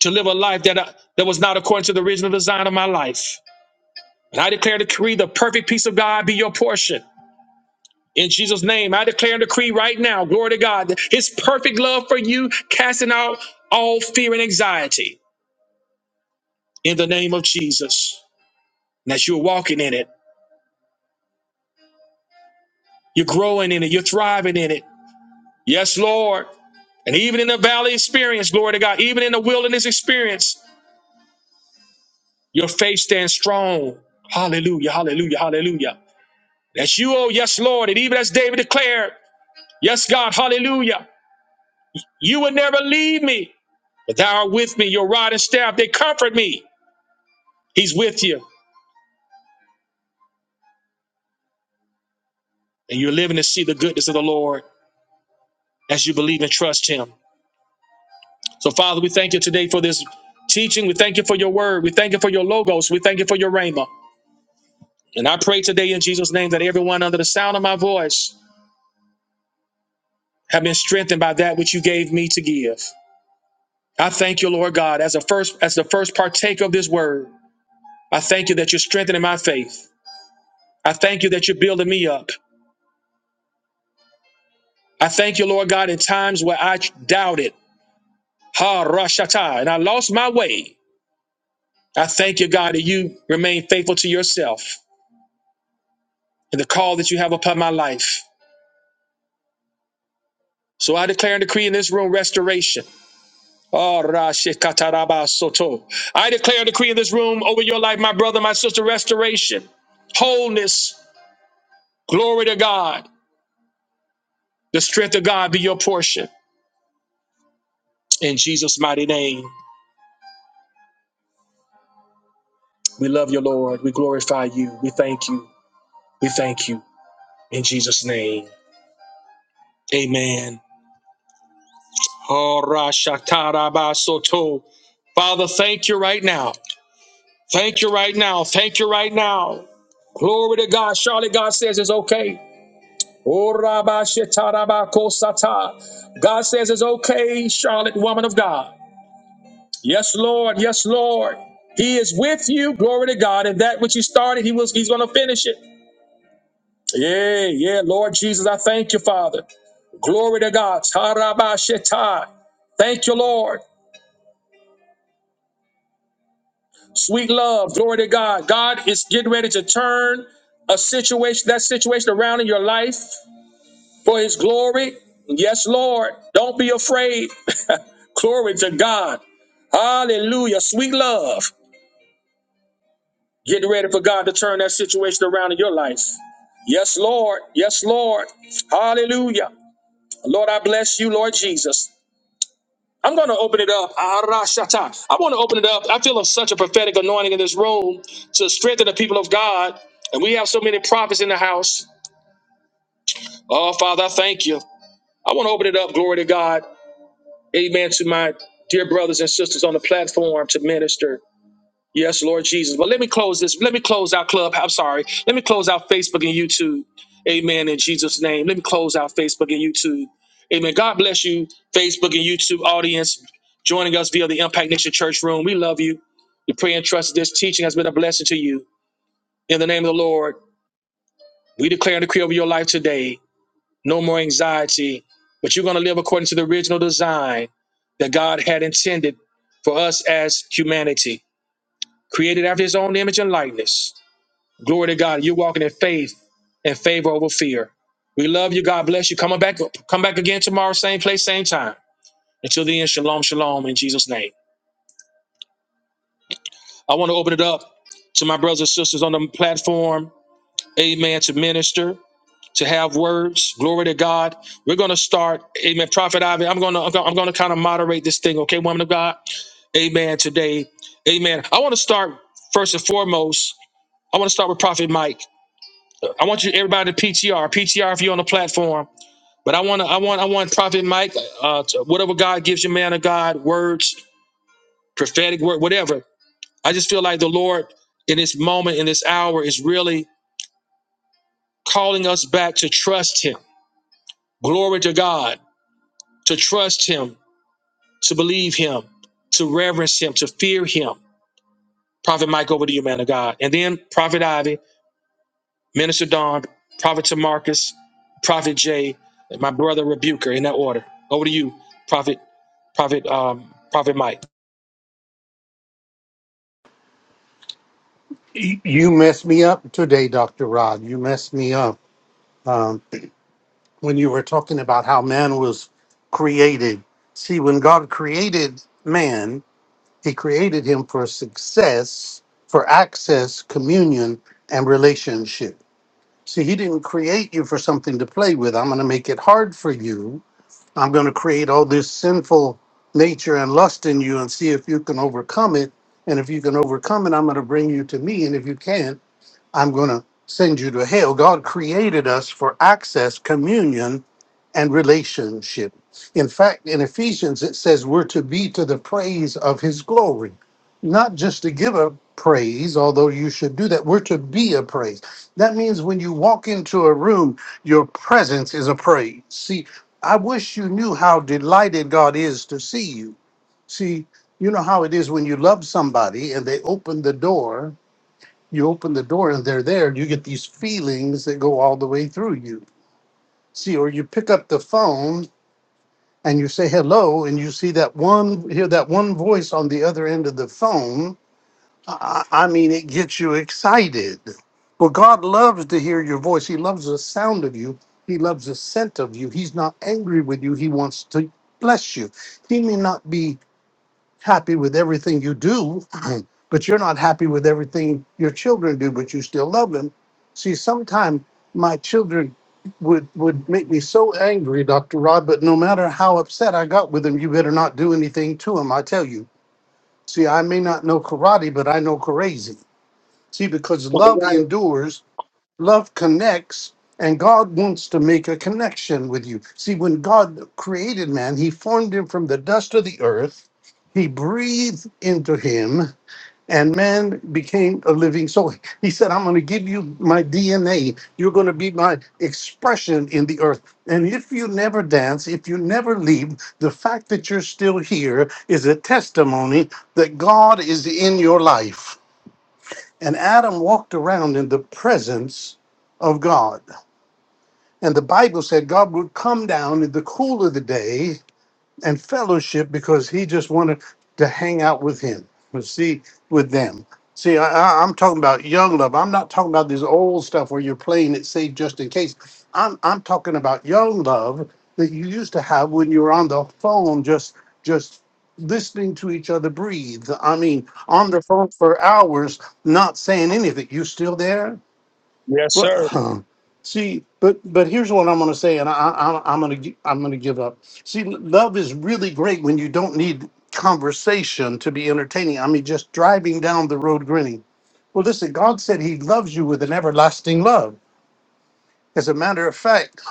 Speaker 1: to live a life that, uh, that was not according to the original design of my life. And I declare and decree the perfect peace of God be your portion. In Jesus' name, I declare and decree right now, glory to God, that His perfect love for you, casting out all fear and anxiety in the name of Jesus. And that you're walking in it, you're growing in it, you're thriving in it. Yes, Lord. And even in the valley experience, glory to God, even in the wilderness experience, your faith stands strong. Hallelujah, hallelujah, hallelujah. That's you, oh yes, Lord. And even as David declared, yes, God, hallelujah. You will never leave me, but thou art with me. Your rod and staff, they comfort me. He's with you. And you're living to see the goodness of the Lord as you believe and trust him. So, Father, we thank you today for this teaching. We thank you for your word. We thank you for your logos. We thank you for your rhema. And I pray today in Jesus' name that everyone under the sound of my voice have been strengthened by that which you gave me to give. I thank you, Lord God, as a first as the first partaker of this word. I thank you that you're strengthening my faith. I thank you that you're building me up. I thank you, Lord God, in times where I doubted, ha rashata, and I lost my way. I thank you, God, that you remain faithful to yourself and the call that you have upon my life. So I declare and decree in this room restoration. Oh, Rashikataraba Soto. I declare and decree in this room over your life, my brother, my sister, restoration, wholeness, glory to God. The strength of God be your portion. In Jesus' mighty name, we love you, Lord. We glorify you. We thank you. We thank you. In Jesus' name, amen. Oh, Rashataraba Soto. Father, thank you right now. Thank you right now. Thank you right now. Glory to God. Charlotte, God says it's okay. Oh, Rabba Shetaraba Kosata. God says it's okay, Charlotte, woman of God. Yes, Lord. Yes, Lord. He is with you. Glory to God. And that which He started, He was He's going to finish it. Yeah, yeah, Lord Jesus, I thank you, Father. Glory to God. Taraba Sheta. Thank you, Lord. Sweet love. Glory to God. God is getting ready to turn a situation, that situation around in your life. for his glory. Yes, Lord. Don't be afraid. glory to God. Hallelujah. Sweet love. Get ready for God to turn that situation around in your life. Yes, Lord. Yes, Lord. Hallelujah. Lord, I bless you, Lord Jesus. I'm going to open it up. Arashata. I want to open it up. I feel of such a prophetic anointing in this room to strengthen the people of God. And we have so many prophets in the house. Oh, Father, I thank you. I want to open it up. Glory to God. Amen to my dear brothers and sisters on the platform to minister. Yes, Lord Jesus. But let me close this. Let me close our Club. I'm sorry. Let me close out Facebook and YouTube. Amen. In Jesus' name. Let me close out Facebook and YouTube. Amen. God bless you, Facebook and YouTube audience joining us via the Impact Nation Church Room. We love you. We pray and trust this teaching has been a blessing to you. In the name of the Lord, we declare and decree over your life today no more anxiety, but you're going to live according to the original design that God had intended for us as humanity, created after his own image and likeness. Glory to God. You're walking in faith and favor over fear. We love you. God bless you. Come on back. Come back again tomorrow, same place, same time. Until then, shalom, shalom in Jesus' name. I want to open it up to my brothers and sisters on the platform. Amen. To minister. to have words. Glory to God. We're going to start. Amen. Prophet Ivy, I'm going to I'm going to kind of moderate this thing, okay, woman of God. Amen. Today, Amen. I want to start first and foremost. I want to start with Prophet Mike. I want you everybody to PTR, PTR if you're on the platform. But I want to I want I want Prophet Mike. Uh, to- whatever God gives you, man of God, words, prophetic word, whatever. I just feel like the Lord in this moment, in this hour, is really calling us back to trust Him. Glory to God to trust him to believe him, to reverence him, to fear him. Prophet Mike, over to you, man of God. And then Prophet Ivy, Minister Don, Prophet Tamarcus, Prophet Jay, and my brother Rebuker, in that order. Over to you, Prophet, Prophet, um, Prophet Mike.
Speaker 2: Y- You messed me up today, Dr. Rod. You messed me up um, when you were talking about how man was created. See, when God created man, he created him for success, for access, communion, and relationship. See, he didn't create you for something to play with. I'm going to make it hard for you I'm going to create all this sinful nature and lust in you and see if you can overcome it. And if you can overcome it, I'm going to bring you to me. And if you can't, I'm going to send you to hell. God created us for access, communion, and relationship. In fact, in Ephesians, it says we're to be to the praise of his glory, not just to give a praise, although you should do that. We're to be a praise. That means when you walk into a room, your presence is a praise. See, I wish you knew how delighted God is to see you. See, you know how it is when you love somebody and they open the door you open the door and they're there you get these feelings that go all the way through you see or you pick up the phone and you say hello and you see that one hear that one voice on the other end of the phone i, I mean it gets you excited well god loves to hear your voice he loves the sound of you he loves the scent of you he's not angry with you he wants to bless you he may not be happy with everything you do, but you're not happy with everything your children do, but you still love them. See, sometimes my children would would make me so angry, Dr. Rod, but no matter how upset I got with them, you better not do anything to them, I tell you. See, I may not know karate, but I know crazy. See, because love endures Love connects, and God wants to make a connection with you. See, when God created man, he formed him from the dust of the earth, he breathed into him, and man became a living soul. He said, I'm going to give you my DNA. You're going to be my expression in the earth. And if you never dance, if you never leave, the fact that you're still here is a testimony that God is in your life. And Adam walked around in the presence of God. And the Bible said God would come down in the cool of the day and fellowship because he just wanted to hang out with him and see with them. See, I, I, I'm talking about young love. I'm not talking about this old stuff where you're playing it safe just in case. I'm I'm talking about young love that you used to have when you were on the phone, just just listening to each other breathe. I mean, on the phone for hours, not saying anything. You still there?
Speaker 1: Yes, sir.
Speaker 2: Well, see, but but here's what I'm going to say, and I, I, I'm going to I'm going to give up. See, love is really great when you don't need conversation to be entertaining. I mean, just driving down the road grinning. Well, listen, God said He loves you with an everlasting love. As a matter of fact,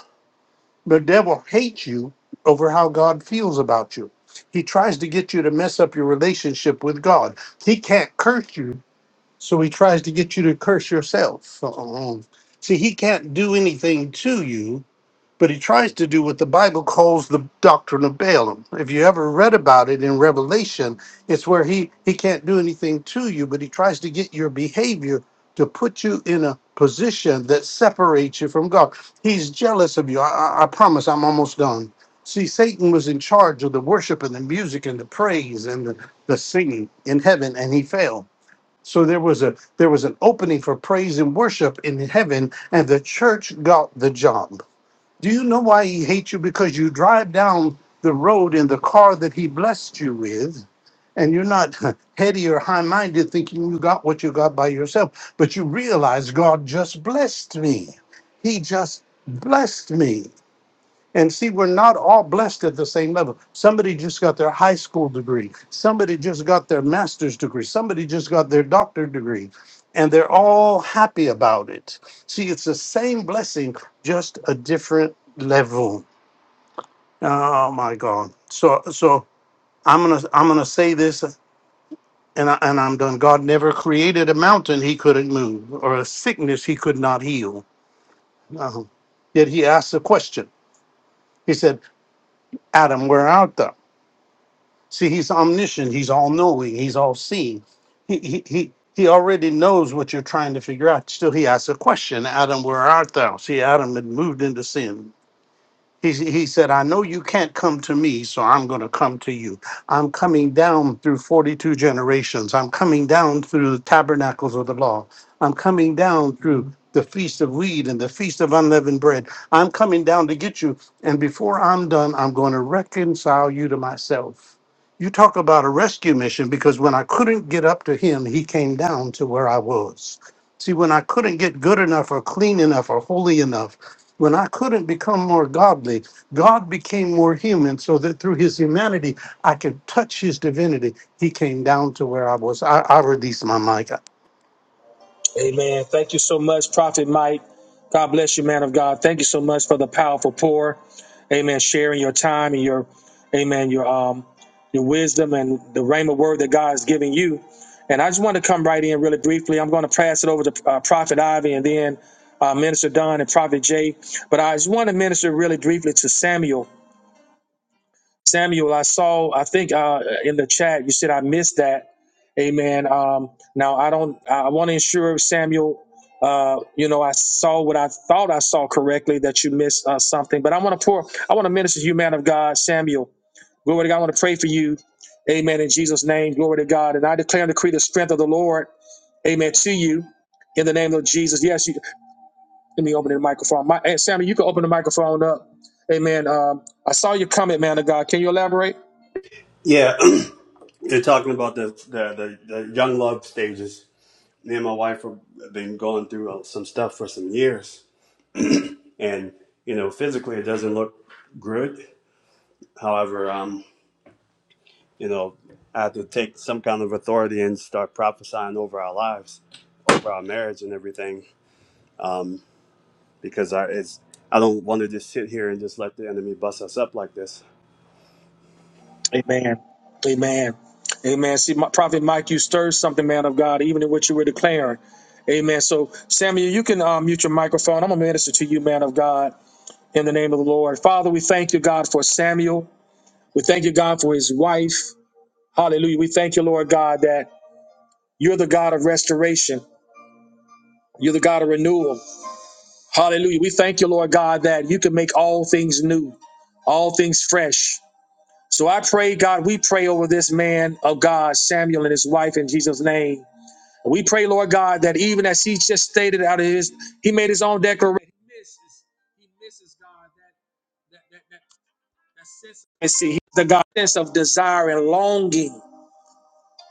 Speaker 2: the devil hates you over how God feels about you. He tries to get you to mess up your relationship with God. He can't curse you so he tries to get you to curse yourself. Um, see, he can't do anything to you, but he tries to do what the Bible calls the doctrine of Balaam. If you ever read about it in Revelation, it's where he, he can't do anything to you, but he tries to get your behavior to put you in a position that separates you from God. He's jealous of you. I, I, I promise I'm almost done. See, Satan was in charge of the worship and the music and the praise and the, the singing in heaven, and he failed so there was a there was an opening for praise and worship in heaven, and the church got the job. Do you know why he hates you? Because you drive down the road in the car that he blessed you with, and you're not heady or high minded, thinking you got what you got by yourself, but you realize God just blessed me. He just blessed me. And see, we're not all blessed at the same level. Somebody just got their high school degree. Somebody just got their master's degree. Somebody just got their doctorate degree. And they're all happy about it. See, it's the same blessing, just a different level. Oh my God. So so I'm gonna I'm gonna say this and I, and I'm done. God never created a mountain he couldn't move or a sickness he could not heal. Uh-huh. Yet he asked a question. He said, Adam, where art thou? See, he's omniscient. He's all knowing. He's all seeing. He, he, he, he already knows what you're trying to figure out. Still, he asks a question Adam, where art thou? See, Adam had moved into sin. He, he said, I know you can't come to me, so I'm going to come to you. I'm coming down through 42 generations. I'm coming down through the tabernacles of the law. I'm coming down through the feast of wheat and the feast of unleavened bread. I'm coming down to get you. And before I'm done, I'm going to reconcile you to myself. You talk about a rescue mission because when I couldn't get up to him, he came down to where I was. See, when I couldn't get good enough or clean enough or holy enough, when I couldn't become more godly, God became more human so that through his humanity, I could touch his divinity. He came down to where I was. I, I released my mic.
Speaker 1: Amen. Thank you so much, Prophet Mike. God bless you, man of God. Thank you so much for the powerful pour. Amen. Sharing your time and your, amen, your um, your wisdom and the rhema word that God is giving you. And I just want to come right in really briefly. I'm going to pass it over to uh, Prophet Ivy and then uh, Minister Don and Prophet Jay. But I just want to minister really briefly to Samuel Samuel, I saw, I think uh, in the chat, you said I missed that. Amen. Um, now, I don't, I want to ensure, Samuel, uh, you know, I saw what I thought I saw correctly that you missed uh, something, but I want to pour, I want to minister to you, man of God, Samuel. Glory to God. I want to pray for you. Amen. In Jesus' name, glory to God. And I declare and decree the strength of the Lord. Amen. To you in the name of Jesus. Yes, you, let me open the microphone. My, hey, Samuel, you can open the microphone up. Amen. Um, I saw your comment, man of God. Can you elaborate?
Speaker 4: Yeah, they're talking about the, the the the young love stages. Me and my wife have been going through uh, some stuff for some years, and you know, physically it doesn't look good. However, um, you know, I have to take some kind of authority and start prophesying over our lives, over our marriage and everything, um, because I it's I don't want to just sit here and just let the enemy bust us up like this.
Speaker 1: Amen. Amen. Amen. See, my, Prophet Mike, you stirred something, man of God, even in what you were declaring. Amen. So, Samuel, you can um, mute your microphone. I'm going to minister to you, man of God, in the name of the Lord. Father, we thank you, God, for Samuel. We thank you, God, for his wife. Hallelujah. We thank you, Lord God, that you're the God of restoration. You're the God of renewal. Hallelujah. We thank you, Lord God, that you can make all things new, all things fresh. So I pray, God, we pray over this man of God, Samuel and his wife in Jesus' name. We pray, Lord God, that even as he just stated out of his, he made his own declaration. He misses, he misses God, that, that, that, that, that sense of see, the God sense of desire and longing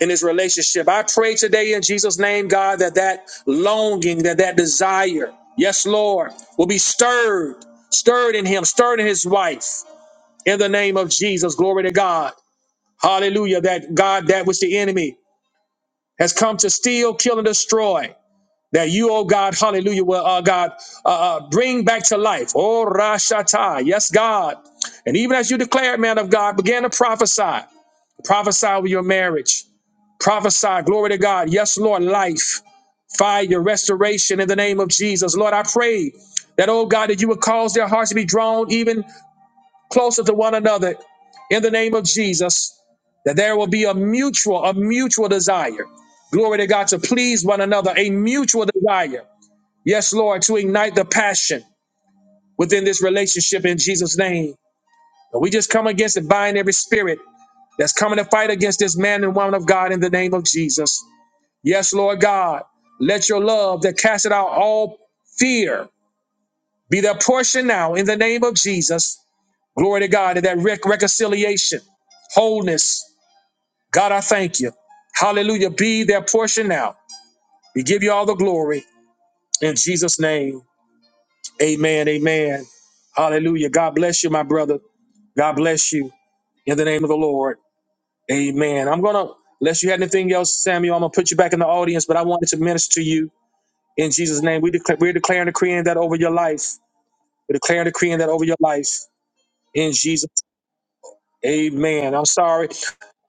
Speaker 1: in his relationship. I pray today in Jesus' name, God, that that longing, that that desire, yes, Lord, will be stirred, stirred in him, stirred in his wife. In the name of Jesus, glory to God. Hallelujah. That God, that which the enemy has come to steal, kill, and destroy. That you, oh God, hallelujah, will, uh, God, uh, uh, bring back to life. Oh, Rashata. Yes, God. And even as you declared, man of God, began to prophesy. Prophesy over your marriage. Prophesy. Glory to God. Yes, Lord, life, fire, restoration in the name of Jesus. Lord, I pray that, oh God, that you would cause their hearts to be drawn even closer to one another in the name of Jesus, that there will be a mutual, a mutual desire. Glory to God to please one another, a mutual desire. Yes, Lord, to ignite the passion within this relationship in Jesus' name. And we just come against and bind every spirit that's coming to fight against this man and woman of God in the name of Jesus. Yes, Lord God, let your love that casteth out all fear be their portion now in the name of Jesus. Glory to God and that rec- reconciliation, wholeness. God, I thank you. Hallelujah. Be their portion now. We give you all the glory in Jesus' name. Amen. Amen. Hallelujah. God bless you, my brother. God bless you in the name of the Lord. Amen. I'm going to, unless you had anything else, Samuel, I'm going to put you back in the audience, but I wanted to minister to you in Jesus' name. We declare, we're declaring, decreeing that over your life. We're declaring, decreeing that over your life in Jesus' Amen. I'm sorry.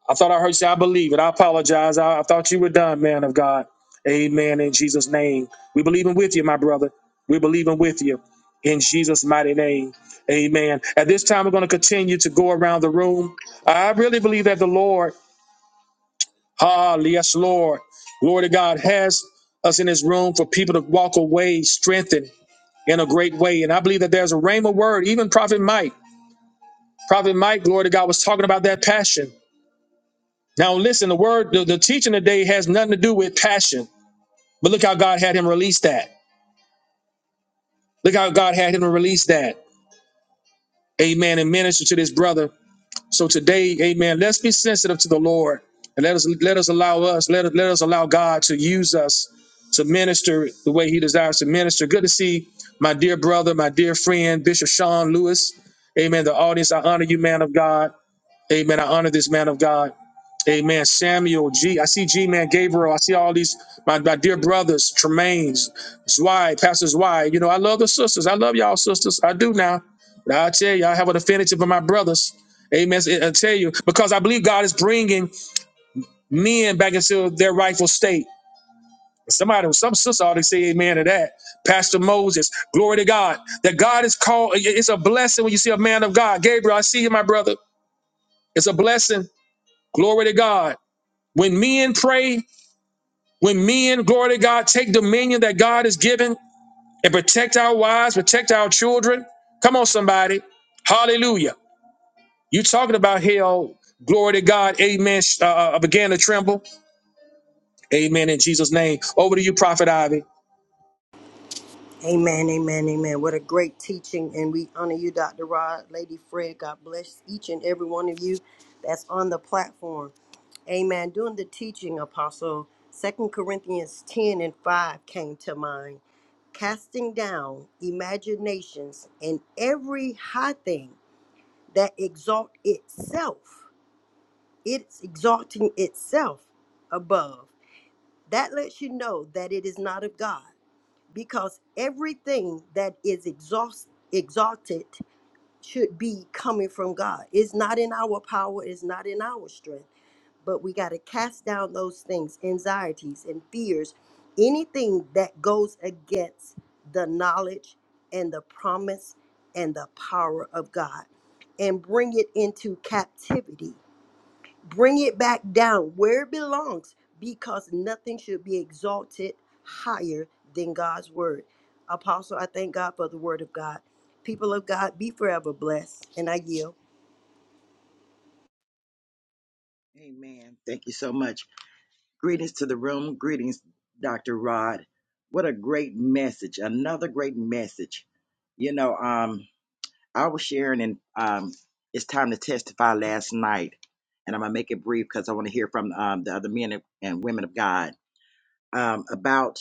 Speaker 1: I thought I heard you say, I believe it. I apologize. I, I thought you were done, man of God. Amen. In Jesus' name. We believe in with you, my brother. We believe in with you. In Jesus' mighty name. Amen. At this time, we're going to continue to go around the room. I really believe that the Lord, ah, yes, Lord, glory to God, has us in this room for people to walk away strengthened in a great way. And I believe that there's a rhema word, even Prophet Mike. Prophet Mike, glory to God, was talking about that passion. Now, listen, the word, the, the teaching today has nothing to do with passion, but look how God had him release that. Look how God had him release that. Amen. And minister to this brother. So today, amen, let's be sensitive to the Lord and let us let us allow us, let, us let us allow God to use us to minister the way he desires to minister. Good to see my dear brother, my dear friend, Bishop Sean Lewis. Amen. The audience, I honor you, man of God. Amen. I honor this man of God. Amen. Samuel G. I see G man Gabriel. I see all these my, my dear brothers, Tremaines, Zwei, Pastor Zwei. You know, I love the sisters. I love y'all sisters. I do now. But I tell you, I have an affinity for my brothers. Amen. I I tell you, because I believe God is bringing men back into their rightful state. Somebody, some sister ought to say amen to that. Pastor Moses, glory to God. That God is called, it's a blessing when you see a man of God. Gabriel, I see you, my brother. It's a blessing. Glory to God. When men pray, when men, glory to God, take dominion that God has given and protect our wives, protect our children. Come on, somebody. Hallelujah. You talking about hell. Glory to God. Amen. Uh, uh, began to tremble. Amen. In Jesus' name. Over to you, Prophet Ivy.
Speaker 3: Amen, amen, amen. What a great teaching. And we honor you, Dr. Rod, Lady Fred. God bless each and every one of you that's on the platform. Amen. During the teaching, Apostle, Second Corinthians 10 and 5 came to mind. Casting down imaginations and every high thing that exalt itself it's exalting itself above. That lets you know that it is not of God, because everything that is exhaust, exalted should be coming from God. It's not in our power, it's not in our strength, but we got to cast down those things, anxieties and fears, anything that goes against the knowledge and the promise and the power of God, and bring it into captivity bring it back down where it belongs because nothing should be exalted higher than God's word. Apostle, I thank God for the word of God. People of God, be forever blessed. And I yield.
Speaker 5: Amen. Thank you so much. Greetings to the room. Greetings, Dr. Rod. What a great message. Another great message. You know, um, I was sharing and um, it's time to testify last night. And I'm going to make it brief because I want to hear from um, the other men and and women of God um, about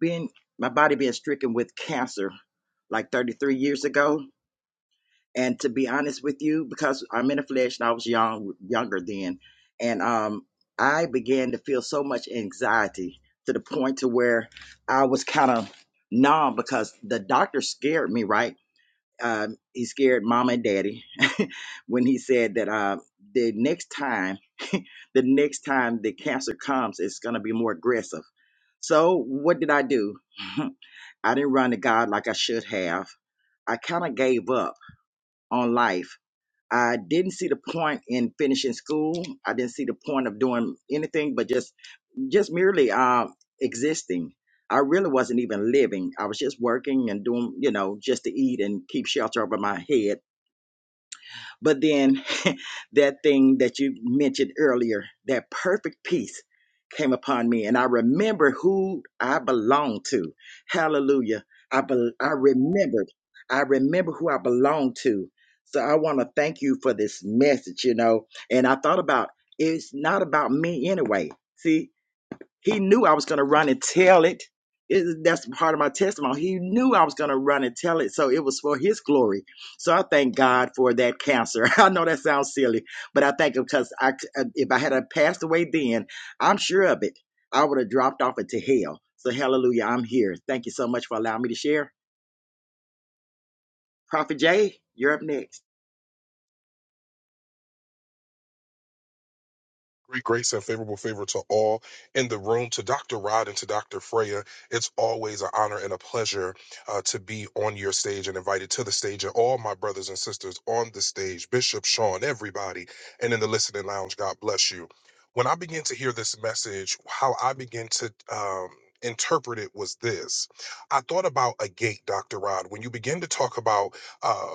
Speaker 5: being my body being stricken with cancer like 33 years ago. And to be honest with you, because I'm in the flesh and I was young, younger then, and um, I began to feel so much anxiety to the point to where I was kind of numb because the doctor scared me. Right? Um, he scared mom and daddy when he said that uh, the next time, the next time the cancer comes, it's going to be more aggressive. So what did I do? I didn't run to God like I should have. I kind of gave up on life I didn't see the point in finishing school. I didn't see the point of doing anything but just just merely uh, existing. I really wasn't even living. I was just working and doing, you know, just to eat and keep shelter over my head but then that thing that you mentioned earlier, that perfect peace came upon me and I remember who I belong to. Hallelujah. I bel I remembered. I remember who I belong to. So I want to thank you for this message, you know. And I thought about it's not about me anyway. See, he knew I was going to run and tell it. It- That's part of my testimony. He knew I was going to run and tell it, so it was for his glory. So I thank God for that cancer. I know that sounds silly, but I thank Him because I, if I had a passed away then, I'm sure of it. I would have dropped off into hell. So hallelujah, I'm here. Thank you so much for allowing me to share. Prophet Jay, you're up next.
Speaker 6: Great grace and favorable favor to all in the room, to Dr. Rod and to Dr. Freya. It's always an honor and a pleasure uh, to be on your stage and invited to the stage, and all my brothers and sisters on the stage, Bishop Sean, everybody, and in the listening lounge. God bless you. When I began to hear this message, how I began to um, interpret it was this I thought about a gate, Dr. Rod, when you begin to talk about uh,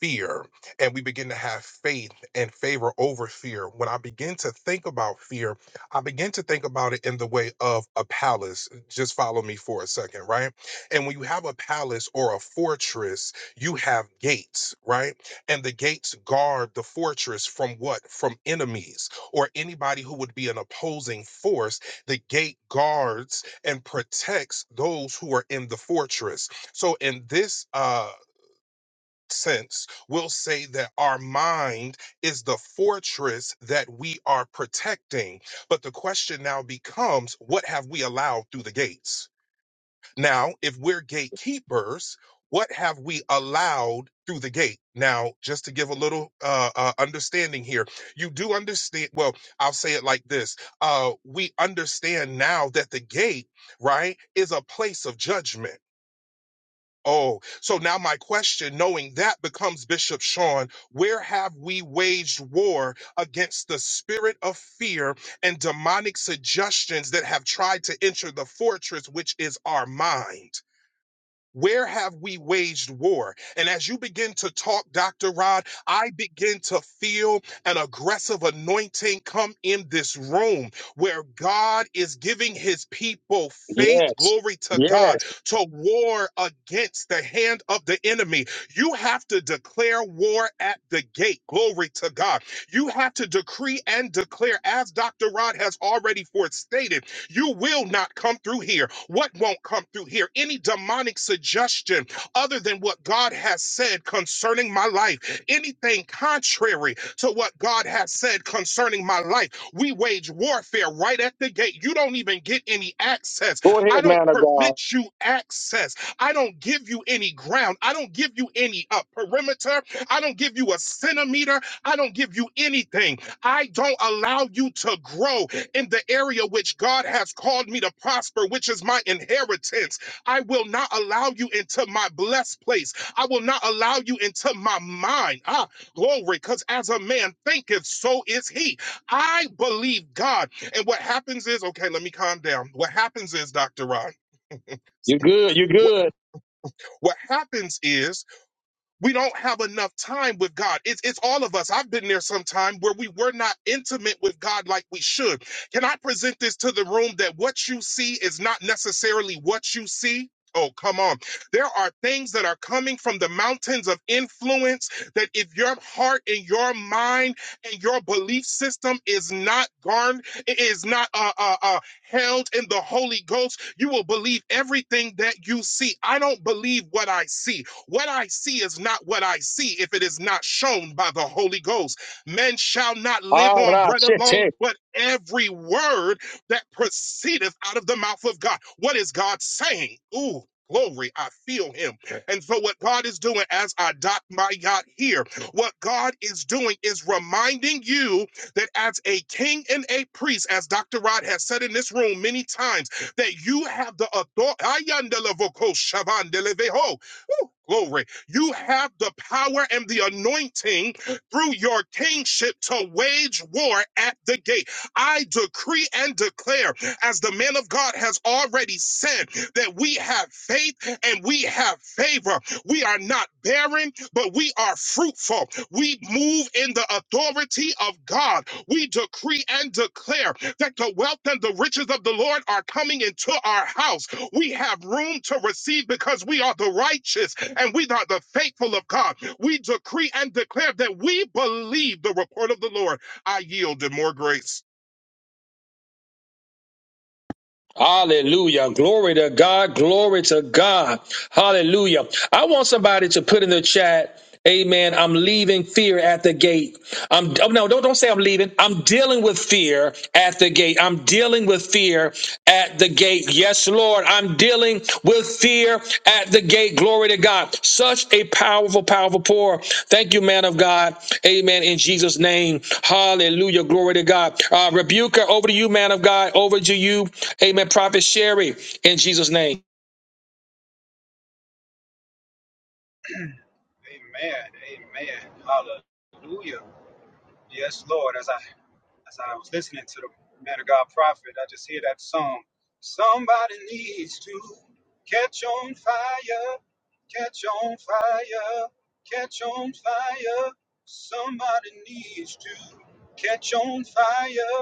Speaker 6: fear and we begin to have faith and favor over fear. When I begin to think about fear, I begin to think about it in the way of a palace. Just follow me for a second, right? And when you have a palace or a fortress, you have gates, right? And the gates guard the fortress from what? From enemies or anybody who would be an opposing force. The gate guards and protects those who are in the fortress. So in this uh sense will say that our mind is the fortress that we are protecting. But the question now becomes what have we allowed through the gates? Now, if we're gatekeepers, what have we allowed through the gate? Now, just to give a little uh, uh, understanding here, you do understand. Well, I'll say it like this uh, We understand now that the gate, right, is a place of judgment Oh, so now my question, knowing that, becomes Bishop Sean, where have we waged war against the spirit of fear and demonic suggestions that have tried to enter the fortress, which is our mind? Where have we waged war? And as you begin to talk, Dr. Rod, I begin to feel an aggressive anointing come in this room where God is giving his people faith,
Speaker 1: Yes.
Speaker 6: glory to
Speaker 1: Yes.
Speaker 6: God, to war against the hand of the enemy. You have to declare war at the gate, glory to God. You have to decree and declare, as Dr. Rod has already forestated you will not come through here. What won't come through here? Any demonic suggestion other than what God has said concerning my life, anything contrary to what God has said concerning my life, we wage warfare right at the gate. You don't even get any access.
Speaker 1: Go ahead,
Speaker 6: I don't
Speaker 1: man of God.
Speaker 6: permit you access. I don't give you any ground. I don't give you any uh, perimeter. I don't give you a centimeter. I don't give you anything. I don't allow you to grow in the area which God has called me to prosper, which is my inheritance. I will not allow you into my blessed place. I will not allow you into my mind. Ah, glory, because as a man thinketh, so is he. I believe God. And what happens is, okay, let me calm down. What happens is, Dr. Ron,
Speaker 1: you good. you
Speaker 6: wh-
Speaker 1: good.
Speaker 6: what happens is we don't have enough time with God. It's, it's all of us. I've been there sometime where we were not intimate with God like we should. Can I present this to the room that what you see is not necessarily what you see? Oh, come on. There are things that are coming from the mountains of influence that if your heart and your mind and your belief system is not garned, is not uh, uh, uh, held in the Holy Ghost, you will believe everything that you see. I don't believe what I see. What I see is not what I see if it is not shown by the Holy Ghost. Men shall not live
Speaker 1: All
Speaker 6: on bread
Speaker 1: right.
Speaker 6: alone, but every word that proceedeth out of the mouth of God. What is God saying? Ooh. Glory, I feel him. And so, what God is doing as I dot my yacht here, what God is doing is reminding you that as a king and a priest, as Dr. Rod has said in this room many times, that you have the authority Woo, Glory. You have the power and the anointing through your kingship to wage war at the gate. I decree and declare, as the man of God has already said, that we have faith and we have favor. We are not barren, but we are fruitful. We move in the authority of God. We decree and declare that the wealth and the riches of the Lord are coming into our house. We have room to receive because we are the righteous and we are the faithful of God. We decree and declare that we believe the report of the Lord. I yield in more grace.
Speaker 1: Hallelujah. Glory to God. Glory to God. Hallelujah. I want somebody to put in the chat, Amen. I'm leaving fear at the gate. I'm oh, no, don't, don't say I'm leaving. I'm dealing with fear at the gate. I'm dealing with fear at the gate. Yes, Yes, Lord, I'm dealing with fear at the gate. Glory to God. Such a powerful, powerful pour. Thank you, man of God. Amen. In Jesus' name. Hallelujah. Glory to God. Uh, rebuker, over to you, man of God. Over to you. Amen. Prophet Sherry, in Jesus' name.
Speaker 7: Amen. Amen. Hallelujah. Yes, Lord. As I as I was listening to the man of God prophet, I just hear that song. Somebody needs to catch on fire, catch on fire, catch on fire. Somebody needs to catch on fire,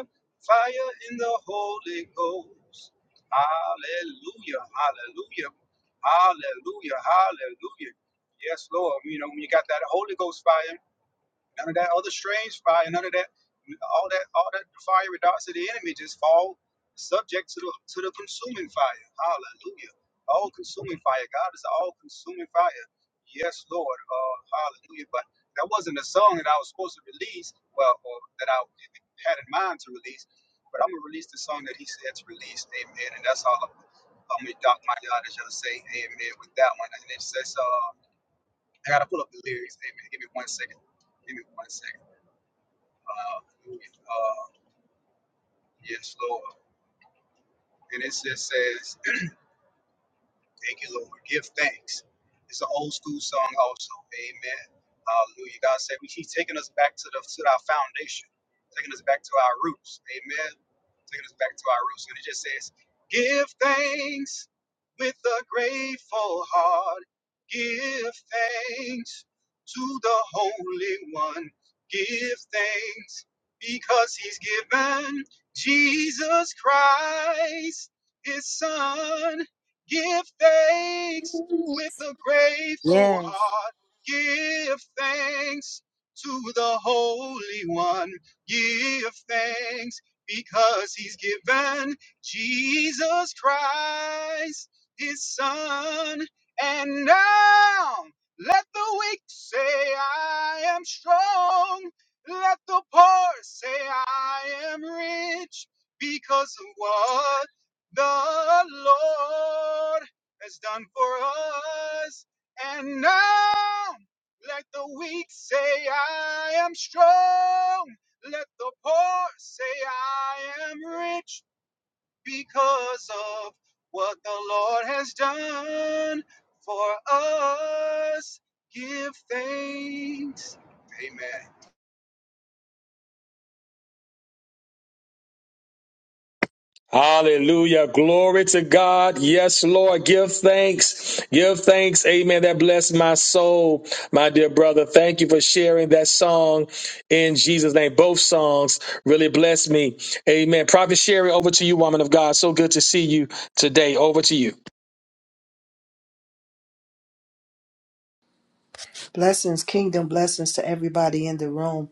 Speaker 7: fire in the Holy Ghost. Hallelujah, hallelujah, hallelujah, hallelujah. Yes, Lord, you know, when you got that Holy Ghost fire, None of that other strange fire, none of that, all that, all that fiery darts of the enemy just fall subject to the to the consuming fire. Hallelujah! All consuming fire. God is all consuming fire. Yes, Lord. Uh, hallelujah. But that wasn't a song that I was supposed to release. Well, or that I had in mind to release. But I'm gonna release the song that He said to release. Amen. And that's all. I'm, I'm gonna dock my yard, as y'all say. Amen. With that one, and it says, uh, I gotta pull up the lyrics. Amen. Give me one second. Give me one second. Uh, uh, yes, Lord. And it just says, Thank you, Lord. Give thanks. It's an old school song, also. Amen. Hallelujah. God said we- He's taking us back to the to our foundation, taking us back to our roots. Amen. Taking us back to our roots. And it just says, Give thanks with a grateful heart. Give thanks to the Holy One. Give thanks because He's given Jesus Christ, His Son. Give thanks with a grateful
Speaker 3: Yes.
Speaker 7: heart. Give thanks to the Holy One. Give thanks because He's given Jesus Christ, His Son. And now let the weak say, I am strong. Let the poor say, I am rich because of what the Lord has done for us. And now let the weak say, I am strong. Let the poor say, I am rich because of what the Lord has done for us. Give thanks. Amen.
Speaker 1: Hallelujah. Glory to God. Yes, Lord. Give thanks. Give thanks. Amen. That blessed my soul, my dear brother. Thank you for sharing that song in Jesus' name. Both songs really blessed me. Amen. Prophet Sherry, over to you, woman of God. So good to see you today. Over to you.
Speaker 8: Blessings, kingdom blessings to everybody in the room.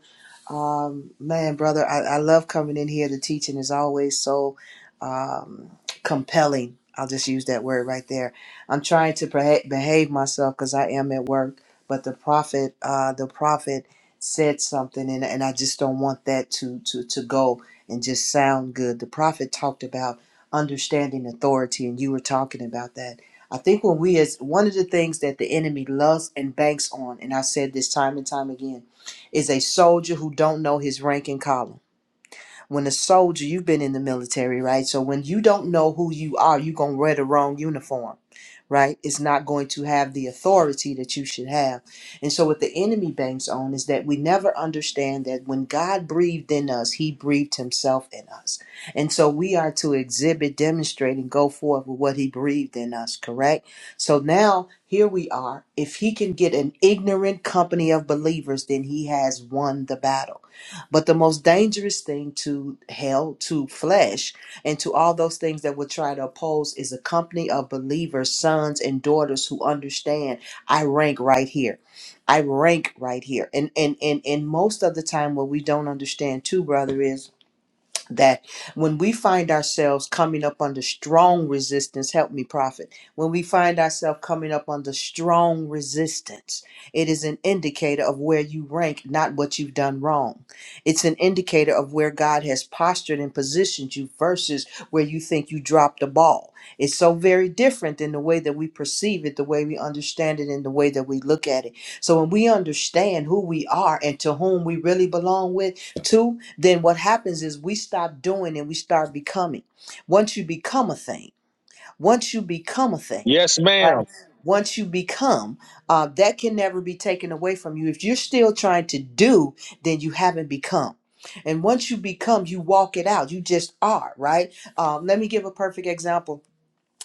Speaker 8: Um, man, brother, I, I love coming in here. The teaching is always so um, compelling. I'll just use that word right there. I'm trying to beha- behave myself because I am at work, but the prophet, uh, the prophet said something, and, and I just don't want that to, to to go and just sound good. The prophet talked about understanding authority, and you were talking about that. I think when we as one of the things that the enemy loves and banks on, and I've said this time and time again is a soldier who don't know his rank and column. When a soldier, you've been in the military, right? So when you don't know who you are, you gonna wear the wrong uniform right, is not going to have the authority that you should have. And so, what the enemy banks on is that we never understand that when God breathed in us, he breathed himself in us. And so, we are to exhibit, demonstrate, and go forth with what he breathed in us, correct? So, now here we are. If he can get an ignorant company of believers, then he has won the battle. But the most dangerous thing to hell, to flesh, and to all those things that would try to oppose is a company of believers, sons and daughters who understand I rank right here. I rank right here. And and and and most of the time what we don't understand too, brother, is that when we find ourselves coming up under strong resistance, help me, prophet, when we find ourselves coming up under strong resistance, it is an indicator of where you rank, not what you've done wrong. It's an indicator of where God has postured and positioned you versus where you think you dropped the ball. It's so very different in the way that we perceive it, the way we understand it, and the way that we look at it. So when we understand who we are and to whom we really belong with, Two, then what happens is we stop doing and we start becoming. Once you become a thing, once you become a thing,
Speaker 1: Yes,
Speaker 8: right?
Speaker 1: ma'am.
Speaker 8: Once you become, uh, that can never be taken away from you. If you're still trying to do, then you haven't become. And once you become, you walk it out. You just are, right? Um, let me give a perfect example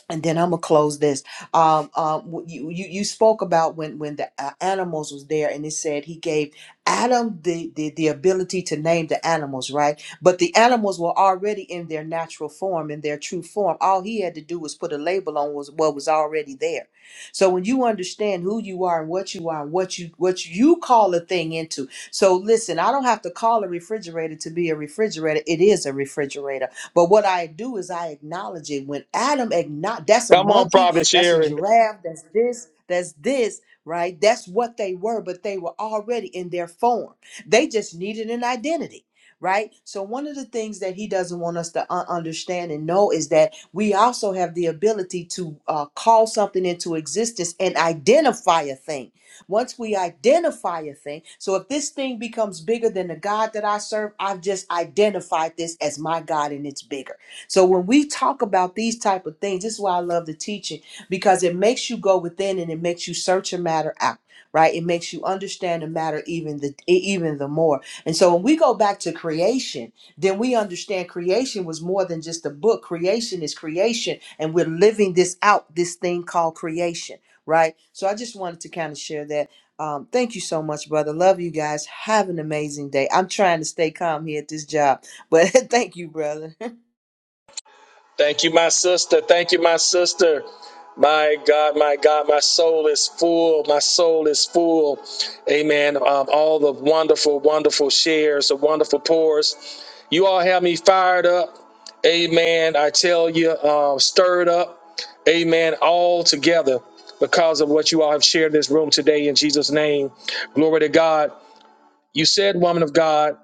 Speaker 8: and then I'm gonna close this. Um, um, w- you, you you spoke about when when the uh, animals was there, and it said he gave Adam the, the the ability to name the animals, right? But the animals were already in their natural form, in their true form. All he had to do was put a label on was what was already there. So when you understand who you are and what you are and what you what you call a thing into, so listen, I don't have to call a refrigerator to be a refrigerator. It is a refrigerator. But what I do is I acknowledge it. When Adam acknowledge, that's a
Speaker 1: Come on,
Speaker 8: monkey,
Speaker 1: Prophet
Speaker 8: that's a
Speaker 1: Sherry.
Speaker 8: giraffe, that's this, that's this, right? That's what they were, but they were already in their form. They just needed an identity. Right. So, one of the things that he doesn't want us to un- understand and know is that we also have the ability to uh, call something into existence and identify a thing once we identify a thing, so if this thing becomes bigger than the God that I serve, I've just identified this as my God and it's bigger. So when we talk about these type of things, this is why I love the teaching because it makes you go within and it makes you search a matter out. Right, it makes you understand the matter even the e, even the more. And so when we go back to creation, then we understand creation was more than just a book. Creation is creation, and we're living this out. This thing called creation right? So I just wanted to kind of share that. Um, thank you so much, brother. Love you guys. Have an amazing day. I'm trying to stay calm here at this job, but thank you, brother.
Speaker 1: Thank you, my sister. Thank you, my sister. My God, my God, my soul is full. My soul is full. Amen. Um, all the wonderful, wonderful shares, the wonderful pours. You all have me fired up. Amen. I tell you, um, stirred up. Amen. All together because of what you all have shared in this room today in Jesus' name. Glory to God. You said, woman of God,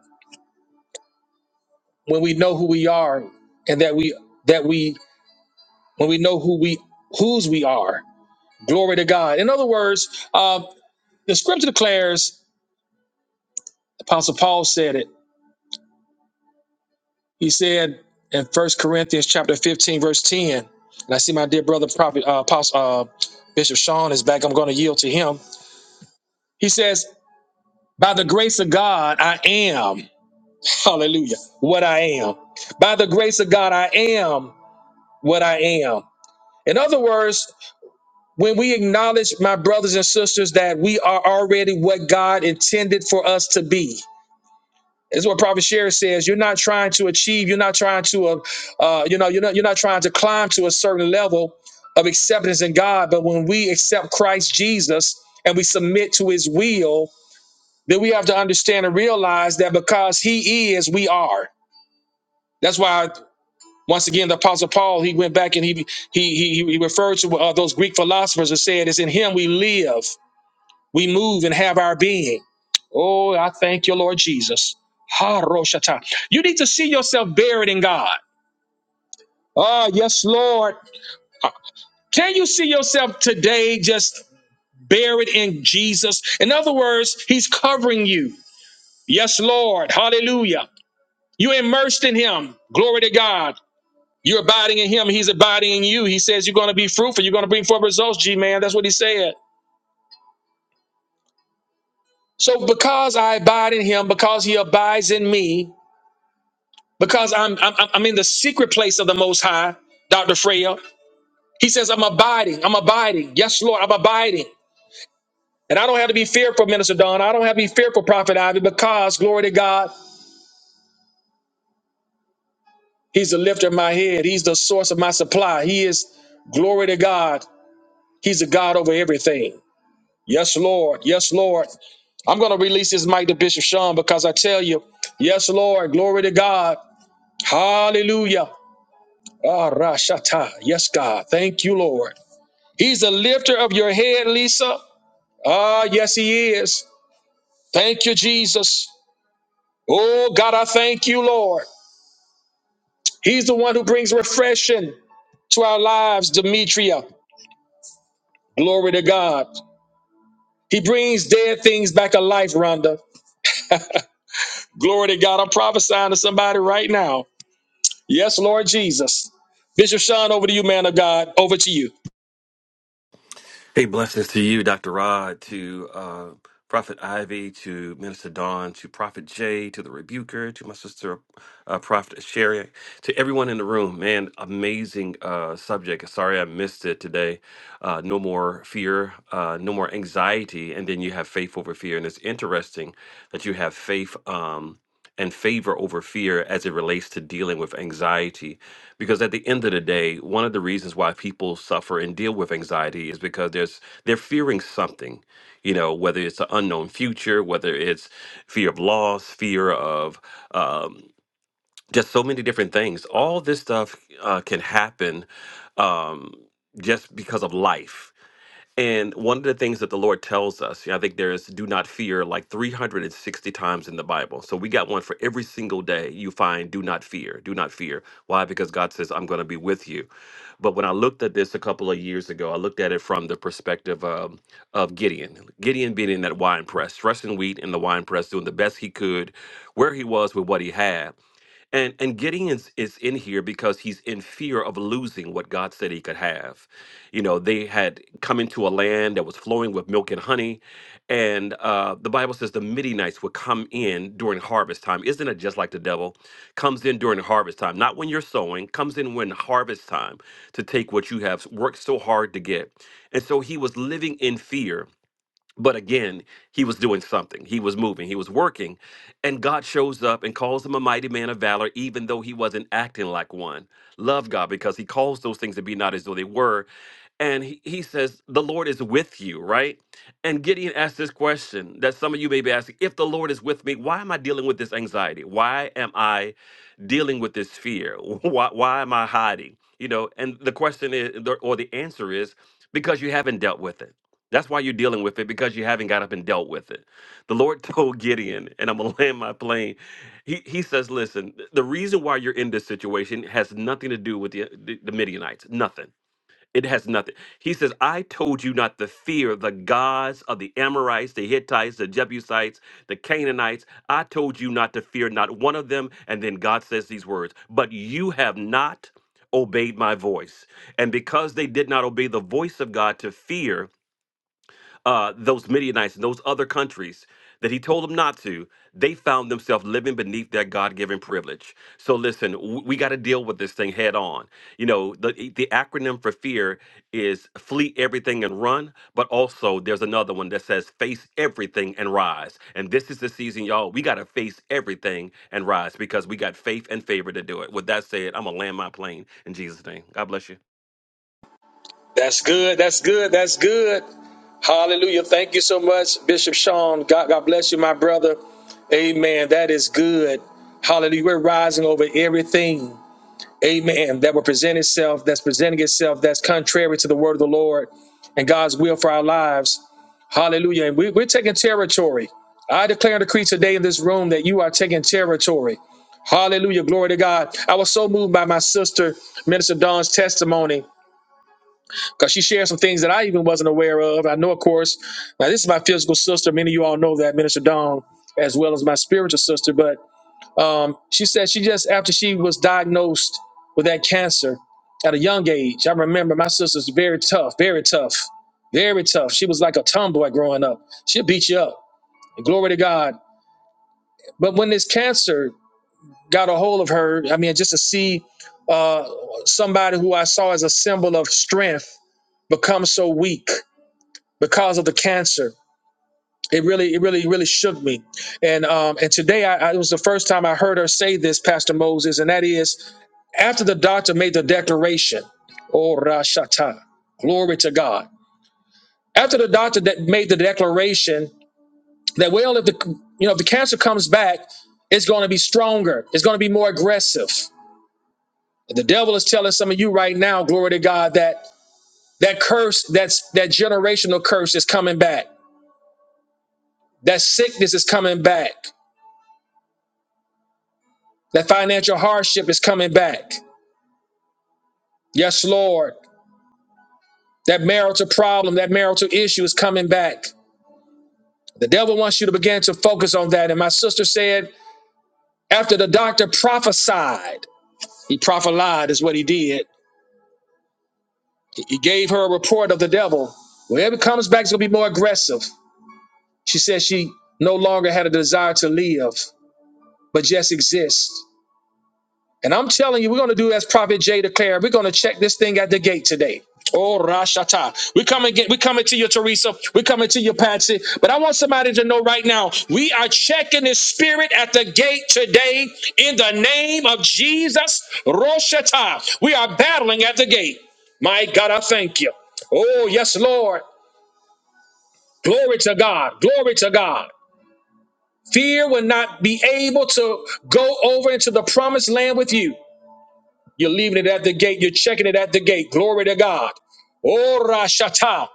Speaker 1: when we know who we are and that we that we when we know who we whose we are. Glory to God. In other words, uh, the scripture declares, Apostle Paul said it. He said in First Corinthians chapter 15, verse 10, and I see my dear brother prophet uh, Apostle uh, Bishop Sean is back. I'm going to yield to him. He says, By the grace of God, I am. Hallelujah. What I am. By the grace of God, I am what I am. In other words, When we acknowledge, my brothers and sisters, that we are already what God intended for us to be. This is what Prophet Sherry says. You're not trying to achieve. You're not trying to, uh, uh, you know, you're not you're not trying to climb to a certain level of acceptance in God. But when we accept Christ Jesus and we submit to His will, then we have to understand and realize that because He is, we are. That's why once again the Apostle Paul he went back and he he he, he referred to uh, those Greek philosophers and said, "It's in Him we live." We move and have our being. Oh, I thank you, Lord Jesus. Ha Roshata. You need to see yourself buried in God. Oh, yes, Lord. Uh, Can you see yourself today just buried in Jesus? In other words, He's covering you. Yes, Lord. Hallelujah. You're immersed in Him. Glory to God. You're abiding in Him. He's abiding in you. He says you're going to be fruitful. You're going to bring forth results, G man. That's what He said. So because I abide in Him, because He abides in me, because I'm, I'm I'm in the secret place of the Most High, Doctor Freya. He says, "I'm abiding. I'm abiding. Yes, Lord, I'm abiding." And I don't have to be fearful, Minister Don. I don't have to be fearful, Prophet Ivy, because glory to God, He's the lifter of my head. He's the source of my supply. He is glory to God. He's a God over everything. Yes, Lord. Yes, Lord. I'm going to release this mic to Bishop Sean because I tell you, yes, Lord, glory to God. Hallelujah. Ah, Rashata. Yes, God. Thank you, Lord. He's the lifter of your head, Lisa. Ah, yes, he is. Thank you, Jesus. Oh, God, I thank you, Lord. He's the one who brings refreshing to our lives, Demetria. Glory to God. He brings dead things back alive, Rhonda. Glory to God. I'm prophesying to somebody right now. Yes, Lord Jesus. Bishop Sean, over to you, man of God. Over to you.
Speaker 9: Hey, blessings to you, Dr. Rod, to uh, Prophet Ivy, to Minister Dawn, to Prophet Jay, to the Rebuker, to my sister, uh, Prophet Sherry, to everyone in the room. Man, amazing uh, subject. Sorry I missed it today. Uh, no more fear, uh, no more anxiety. And then you have faith over fear. And it's interesting that you have faith. Um, and favor over fear as it relates to dealing with anxiety. Because at the end of the day, one of the reasons why people suffer and deal with anxiety is because there's they're fearing something, you know, whether it's an unknown future, whether it's fear of loss, fear of um, just so many different things. All this stuff uh, can happen um, just because of life and one of the things that the Lord tells us, yeah, I think there is do not fear like 360 times in the Bible. So we got one for every single day you find do not fear, do not fear. Why? Because God says, I'm going to be with you. But when I looked at this a couple of years ago, I looked at it from the perspective um, of Gideon. Gideon being in that wine press, threshing wheat in the wine press, doing the best he could where he was with what he had. And and Gideon is, is in here because he's in fear of losing what God said he could have. You know, they had come into a land that was flowing with milk and honey. And uh, the Bible says the Midianites would come in during harvest time. Isn't it just like the devil? Comes in during harvest time, not when you're sowing, comes in when harvest time to take what you have worked so hard to get. And so he was living in fear but again, he was doing something. He was moving. He was working. And God shows up and calls him a mighty man of valor, even though he wasn't acting like one. Love God because he calls those things to be not as though they were. And he, he says, The Lord is with you, right? And Gideon asked this question that some of you may be asking If the Lord is with me, why am I dealing with this anxiety? Why am I dealing with this fear? Why, why am I hiding? You know, and the question is, the- or the answer is, because you haven't dealt with it that's why you're dealing with it because you haven't got up and dealt with it. The Lord told Gideon, and I'm gonna land my plane. He he says, listen, the reason why you're in this situation has nothing to do with the the, the Midianites. Nothing. It has nothing. He says, I told you not to fear the gods of the Amorites, the Hittites, the Jebusites, the Canaanites. I told you not to fear not one of them. And then God says these words, but you have not obeyed my voice. And because they did not obey the voice of God to fear, uh, those Midianites and those other countries that he told them not to, they found themselves living beneath their God given privilege. So listen, w- we got to deal with this thing head on. You know, the, e, the acronym for fear is flee everything and run, but also there's another one that says face everything and rise. And this is the season, y'all. We got to face everything and rise because we got faith and favor to do it. With that said, I'm going to land my plane in Jesus' name. God bless you.
Speaker 1: That's good. That's good. That's good. Hallelujah. Thank you so much, Bishop Sean. God, God bless you, my brother. Amen. That is good. Hallelujah. We're rising over everything. Amen. That will present itself, that's presenting itself, that's contrary to the word of the Lord and God's will for our lives. Hallelujah. And we, we're taking territory. I declare and decree today in this room that you are taking territory. Hallelujah. Glory to God. I was so moved by my sister, Minister Dawn's testimony because she shared some things that I even wasn't aware of. I know, of course, now this is my physical sister. Many of you all know that, Minister Dawn, as well as my spiritual sister. But um, she said she just, after she was diagnosed with that cancer at a young age, I remember my sister's very tough, very tough, very tough. She was like a tomboy growing up. She'll beat you up. Glory to God. But when this cancer got a hold of her, I mean, just to see uh, somebody who I saw as a symbol of strength become so weak because of the cancer. It really, it really, really shook me. And um, and today, I, I, it was the first time I heard her say this, Pastor Moses, and that is after the doctor made the declaration, "Oh Rashata, glory to God." After the doctor that made the declaration that, well, if the you know if the cancer comes back, it's going to be stronger, it's going to be more aggressive. The devil is telling some of you right now, glory to God, that that curse, that's that generational curse is coming back. That sickness is coming back. That financial hardship is coming back. Yes, Lord. That marital problem, that marital issue is coming back. The devil wants you to begin to focus on that. And my sister said, after the doctor prophesied, he prophelied is what he did. He he gave her a report of the devil. Whenever it comes back, it's going to be more aggressive. She said she no longer had a desire to live, but just exist. And I'm telling you, we're going to do as Prophet Jay declared. We're going to check this thing at the gate today. Oh, Rashata. We're coming, get, we're coming to you, Teresa. We're coming to you, Patsy. But I want somebody to know right now, we are checking the spirit at the gate today in the name of Jesus. Roshata. We are battling at the gate. My God, I thank you. Oh, yes, Lord. Glory to God. Glory to God. Fear will not be able to go over into the promised land with you. You're leaving it at the gate. You're checking it at the gate. Glory to God. Ora shata.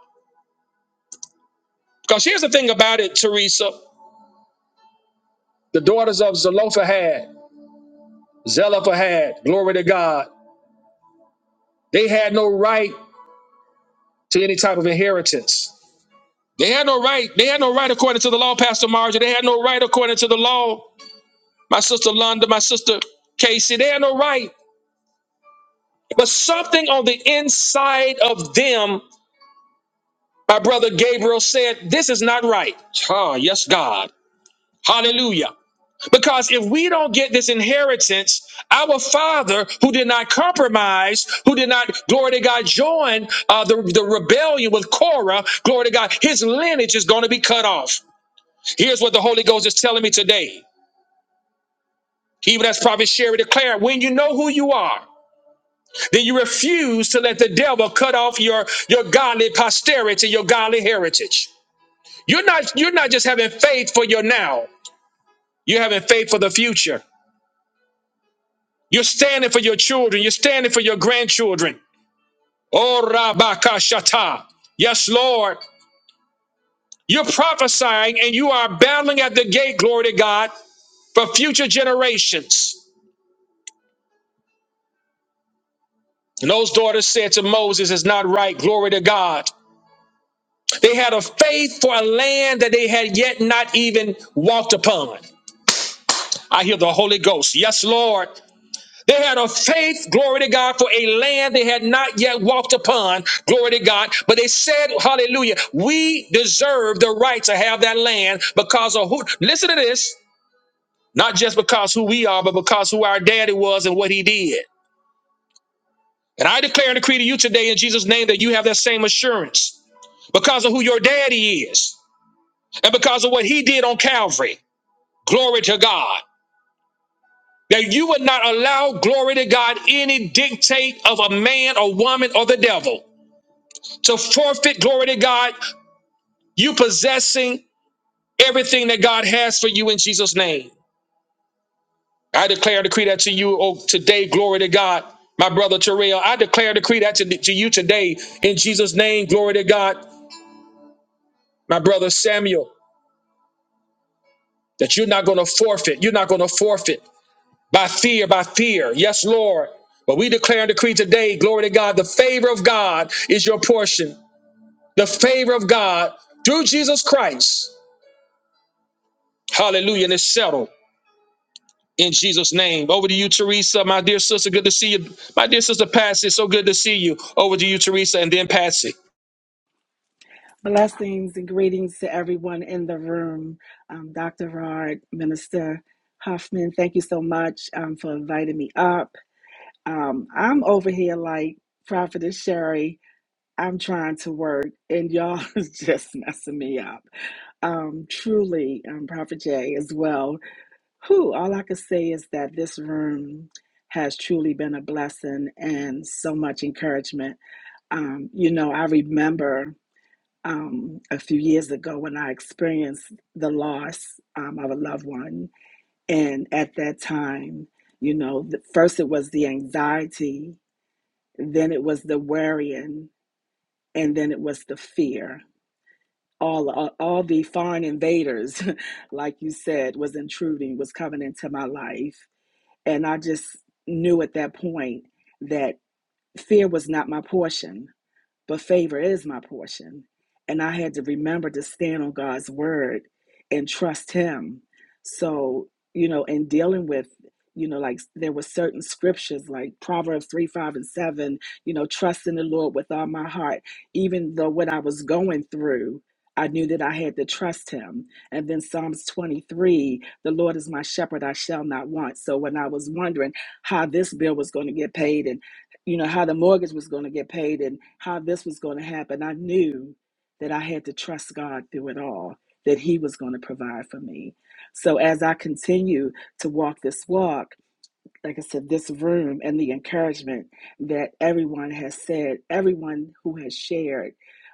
Speaker 1: Because here's the thing about it, Teresa. The daughters of Zelophehad, Zelophehad, glory to God. They had no right to any type of inheritance. They had no right. They had no right according to the law, Pastor Marjorie. They had no right according to the law. My sister Londa, my sister Casey, they had no right. But something on the inside of them, my brother Gabriel said, this is not right. Ah, yes, God. Hallelujah. Because if we don't get this inheritance, our father who did not compromise, who did not, glory to God, join uh, the, the rebellion with Korah, glory to God, his lineage is going to be cut off. Here's what the Holy Ghost is telling me today. Even as Prophet Sherry declared, when you know who you are, then you refuse to let the devil cut off your, your godly posterity, your godly heritage. You're not, you're not just having faith for your now, you're having faith for the future. You're standing for your children. You're standing for your grandchildren. Oh, Rabakashata. Yes, Lord. You're prophesying and you are battling at the gate, glory to God, for future generations. And those daughters said to Moses, It's not right, glory to God. They had a faith for a land that they had yet not even walked upon. I hear the Holy Ghost. Yes, Lord. They had a faith, glory to God, for a land they had not yet walked upon, glory to God. But they said, hallelujah, we deserve the right to have that land because of who, listen to this, not just because who we are, but because who our daddy was and what he did. And I declare and decree to you today in Jesus' name that you have that same assurance because of who your daddy is and because of what he did on Calvary. Glory to God. That you would not allow, glory to God, any dictate of a man or woman or the devil. to forfeit glory to God, you possessing everything that God has for you in Jesus' name. I declare and decree that to you oh, today, glory to God. My brother Terrell, I declare and decree that to, to you today in Jesus' name, glory to God. My brother Samuel, that you're not going to forfeit. You're not going to forfeit by fear, by fear. Yes, Lord. But we declare and decree today, glory to God, the favor of God is your portion. The favor of God through Jesus Christ. Hallelujah. And it's settled. in Jesus' name. Over to you, Teresa, my dear sister. Good to see you. My dear sister, Patsy, so good to see you. Over to you, Teresa, and then Patsy.
Speaker 10: Blessings and greetings to everyone in the room. Um, Dr. Rard, Minister Huffman, thank you so much um, for inviting me up. Um, I'm over here like Prophetess Sherry. I'm trying to work, and y'all is just messing me up. Um, truly, um, Prophet Jay as well. Who? All I can say is that this room has truly been a blessing and so much encouragement. Um, you know, I remember um, a few years ago when I experienced the loss um, of a loved one. And at that time, you know, the, first it was the anxiety, then it was the worrying, and then it was the fear. All, all, all the foreign invaders, like you said, was intruding, was coming into my life. And I just knew at that point that fear was not my portion but favor is my portion. And I had to remember to stand on God's word and trust Him. So, you know, in dealing with, you know, like there were certain scriptures like Proverbs 3, 5, and 7, you know, trust in the Lord with all my heart. Even though what I was going through, I knew that I had to trust Him. And then Psalms 23, the Lord is my shepherd, I shall not want. So when I was wondering how this bill was going to get paid and you know, how the mortgage was going to get paid and how this was going to happen. I knew that I had to trust God through it all, that He was going to provide for me. So as I continue to walk this walk, like I said, this room and the encouragement that everyone has said, everyone who has shared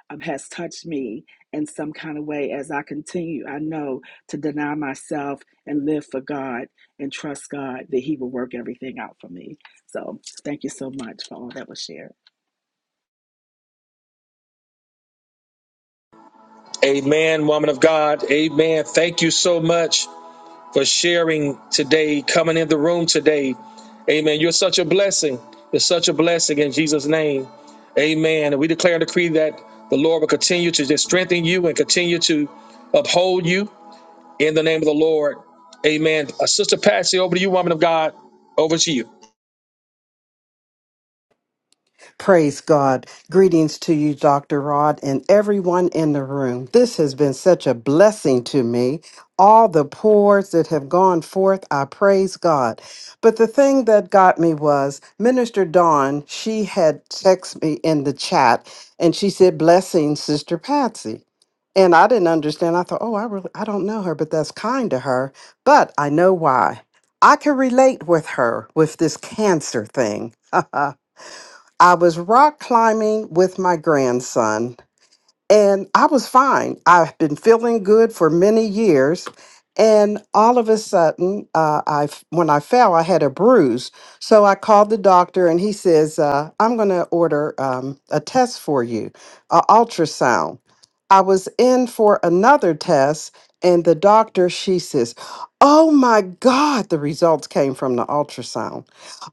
Speaker 10: um, has touched me in some kind of way as I continue, I know, to deny myself and live for God and trust God that He will work everything out for me. So thank you so much for all that was shared.
Speaker 1: Amen, woman of God. Amen. Thank you so much for sharing today, coming in the room today. Amen. You're such a blessing. You're such a blessing in Jesus' name. Amen. And we declare and decree that the Lord will continue to just strengthen you and continue to uphold you in the name of the Lord. Amen. Uh, Sister Patsy, over to you, woman of God. Over to you.
Speaker 11: Praise God. Greetings to you, Dr. Rod, and everyone in the room. This has been such a blessing to me. All the pours that have gone forth, I praise God. But the thing that got me was Minister Dawn, she had texted me in the chat and she said, Blessing, Sister Patsy. And I didn't understand. I thought, oh, I really I don't know her, but that's kind to her. But I know why. I can relate with her with this cancer thing. I was rock climbing with my grandson and I was fine. I've been feeling good for many years, and all of a sudden, uh, I f- when I fell, I had a bruise. So I called the doctor, and he says, uh, "I'm going to order um, a test for you, an ultrasound." I was in for another test, and the doctor she says, "Oh my God!" The results came from the ultrasound.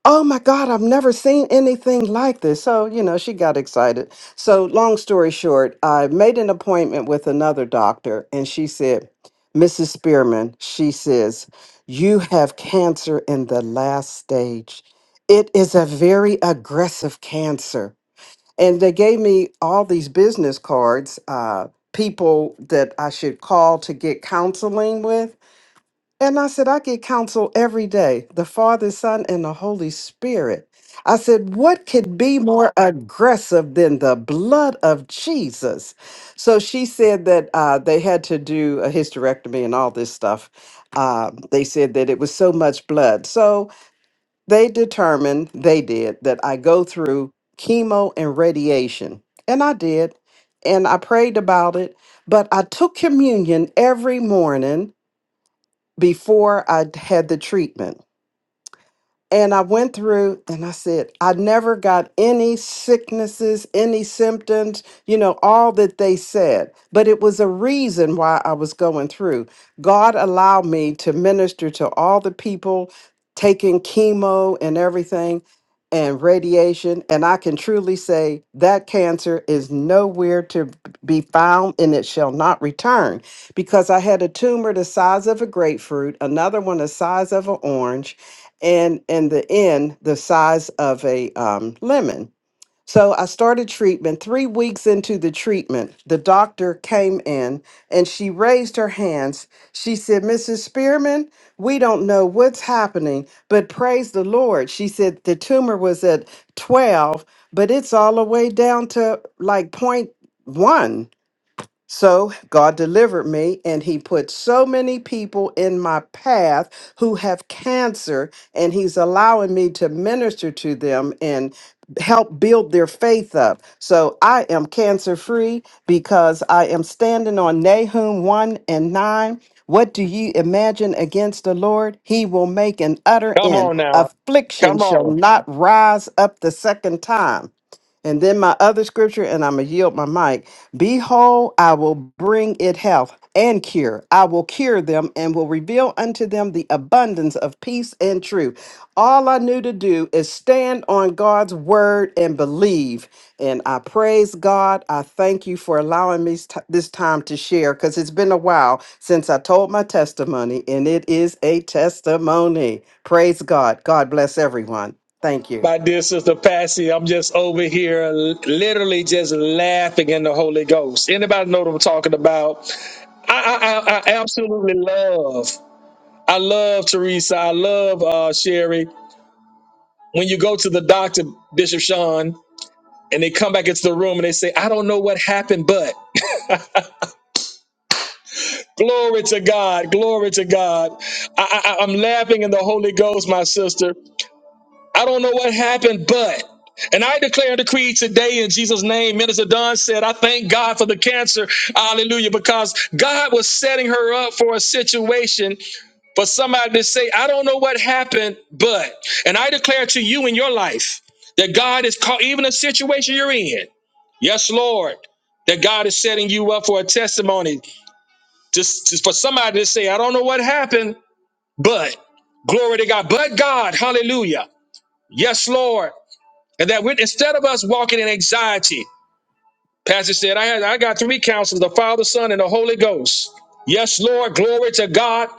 Speaker 11: Oh my God! I've never seen anything like this. So you know, she got excited. So, long story short, I made an appointment with another doctor, and she said, Mrs. Spearman, she says, you have cancer in the last stage. It is a very aggressive cancer. And they gave me all these business cards, uh, people that I should call to get counseling with. And I said, I get counsel every day the Father, Son, and the Holy Spirit. I said, what could be more aggressive than the blood of Jesus? So she said that uh, they had to do a hysterectomy and all this stuff. Um, they said that it was so much blood. So they determined, they did, that I go through chemo and radiation. And I did. And I prayed about it. But I took communion every morning before I had the treatment. And I went through and I said, I never got any sicknesses, any symptoms, you know, all that they said. But it was a reason why I was going through. God allowed me to minister to all the people taking chemo and everything and radiation. And I can truly say that cancer is nowhere to be found and it shall not return because I had a tumor the size of a grapefruit, another one the size of an orange and in the end, the size of a um, lemon. So I started treatment. Three weeks into the treatment, the doctor came in and she raised her hands. She said, Mrs. Spearman, we don't know what's happening, but praise the Lord. She said the tumor was at 12, but it's all the way down to like point one. So God delivered me, and He put so many people in my path who have cancer, and He's allowing me to minister to them and help build their faith up. So I am cancer free because I am standing on Nahum 1 and 9. What do you imagine against the Lord? He will make an utter
Speaker 1: Come
Speaker 11: end.
Speaker 1: on now.
Speaker 11: Affliction
Speaker 1: Come
Speaker 11: shall
Speaker 1: on.
Speaker 11: not rise up the second time. And then my other scripture, and I'm going to yield my mic. Behold, I will bring it health and cure. I will cure them and will reveal unto them the abundance of peace and truth. All I knew to do is stand on God's word and believe. And I praise God. I thank you for allowing me st- this time to share because it's been a while since I told my testimony, and it is a testimony. Praise God. God bless everyone. Thank you.
Speaker 1: My dear sister Patsy, I'm just over here l- literally just laughing in the Holy Ghost. Anybody know what I'm talking about? I, I, I I absolutely love, I love Teresa. I love uh, Sherry. When you go to the doctor, Bishop Sean, and they come back into the room and they say, I don't know what happened, but glory to God, glory to God. I, I, I'm laughing in the Holy Ghost, my sister. I don't know what happened, but. And I declare and decree today in Jesus' name. Minister Don said, I thank God for the cancer. Hallelujah. Because God was setting her up for a situation for somebody to say, I don't know what happened, but. And I declare to you in your life that God is called, even a situation you're in. Yes, Lord. That God is setting you up for a testimony just, just for somebody to say, I don't know what happened, but glory to God. But God, hallelujah. Yes, Lord. And that with, instead of us walking in anxiety, Pastor said, I, had, I got three counselors the Father, Son, and the Holy Ghost. Yes, Lord, glory to God.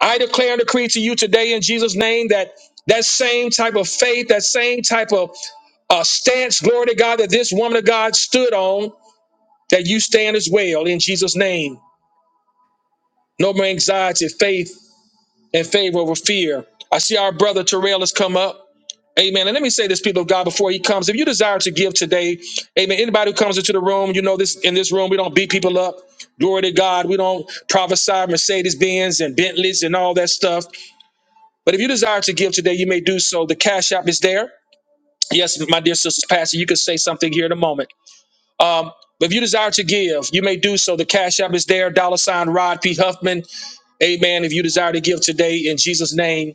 Speaker 1: I declare and decree to you today in Jesus' name that that same type of faith, that same type of uh, stance, glory to God, that this woman of God stood on, that you stand as well in Jesus' name. No more anxiety, faith, and favor over fear. I see our brother Terrell has come up. Amen. And let me say this, people of God, before he comes. If you desire to give today, amen. Anybody who comes into the room, you know this in this room, we don't beat people up. Glory to God. We don't prophesy Mercedes Benz and Bentleys and all that stuff. But if you desire to give today, you may do so. The Cash App is there. Yes, my dear sisters, Pastor, you can say something here in a moment. Um, but if you desire to give, you may do so. The Cash App is there. Dollar sign Rod P. Huffman. Amen. If you desire to give today in Jesus' name,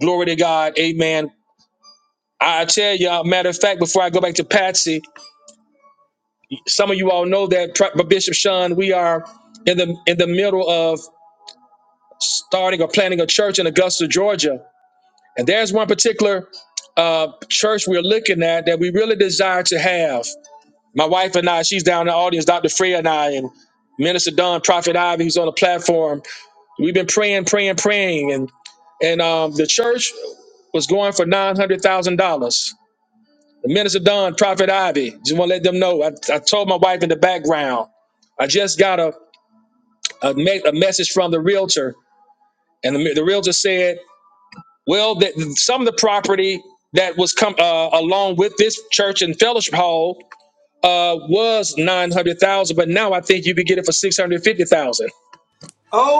Speaker 1: glory to God. Amen. I tell y'all, matter of fact, before I go back to Patsy, some of you all know that Pro- Bishop Sean, we are in the in the middle of starting or planning a church in Augusta, Georgia, and there's one particular uh, church we're looking at that we really desire to have. My wife and I, she's down in the audience, Dr. Freya and I, and Minister Don, Prophet Ivy, who's on the platform. We've been praying, praying, praying, and and um, the church was going for nine hundred thousand dollars Minister Don, Prophet Ivy, just want to let them know. I, I told my wife in the background, I just got a, a, me- a message from the realtor, and the, the realtor said, well, that some of the property that was come uh, along with this church and fellowship hall uh, was nine hundred thousand, but now I think you could get it for six hundred fifty thousand.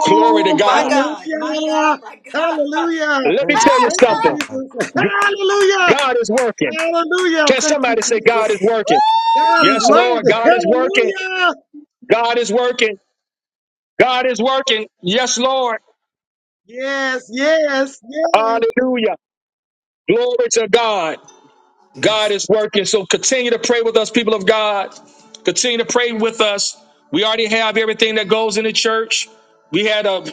Speaker 1: Glory to
Speaker 3: my
Speaker 1: God.
Speaker 3: God, my God,
Speaker 5: Hallelujah!
Speaker 3: my God.
Speaker 5: Hallelujah!
Speaker 1: Let me tell
Speaker 11: Praise
Speaker 1: you
Speaker 5: Thank you,
Speaker 1: something.
Speaker 11: God.
Speaker 5: Jesus.
Speaker 1: G-
Speaker 5: Hallelujah!
Speaker 1: God is working.
Speaker 5: Hallelujah!
Speaker 1: Can
Speaker 5: Thank you,
Speaker 1: somebody say God
Speaker 5: Jesus.
Speaker 1: is working?
Speaker 5: God is
Speaker 1: Yes, Lord,
Speaker 5: worthy.
Speaker 1: God is working.
Speaker 5: Hallelujah.
Speaker 1: God is working. God is working. Yes, Lord.
Speaker 5: Yes, yes, yes,
Speaker 1: Hallelujah. Glory to God. God
Speaker 11: Jesus.
Speaker 1: is working. So continue to pray with us, people of God. Continue to pray with us. We already have everything that goes in the church. We had a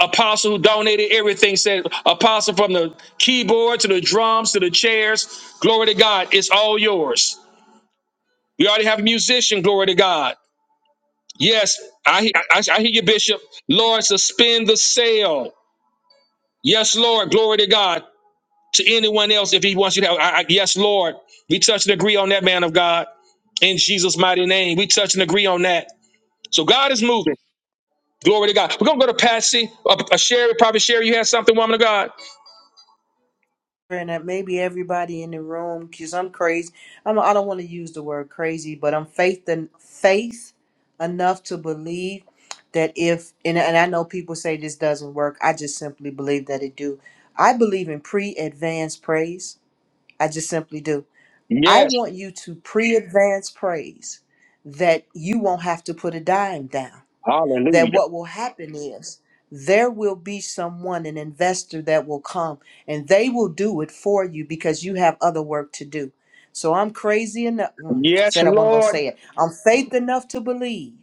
Speaker 1: apostle who donated everything, said apostle from the keyboard to the drums to the chairs. Glory to God. It's all yours. We already have a musician. Glory to God. Yes, I, I, I hear you, Bishop. Lord, suspend the sale. Yes, Lord. Glory to God. to anyone else if he wants you to have. I, I- yes, Lord, we touch and agree on that, man of God. In Jesus' mighty name, we touch and agree on that. So God is moving. Glory to God. We're going to go to Patsy, uh, uh, Sherry, probably Sherry, you had something, woman of God.
Speaker 8: And that maybe everybody in the room, because I'm crazy. I'm, I don't want to use the word crazy, but I'm faith and faith enough to believe that if and, and I know people say this doesn't work. I just simply believe that it do. I believe in pre-advanced praise. I just simply do. I
Speaker 1: Yes.
Speaker 8: want you to pre advance praise that you won't have to put a dime down. That
Speaker 1: Hallelujah.
Speaker 8: what will happen is there will be someone, an investor that will come and they will do it for you because you have other work to do. So I'm crazy enough, mm,
Speaker 1: Yes,
Speaker 8: said I wasn't going to
Speaker 1: Lord.
Speaker 8: say it. I'm faith enough to believe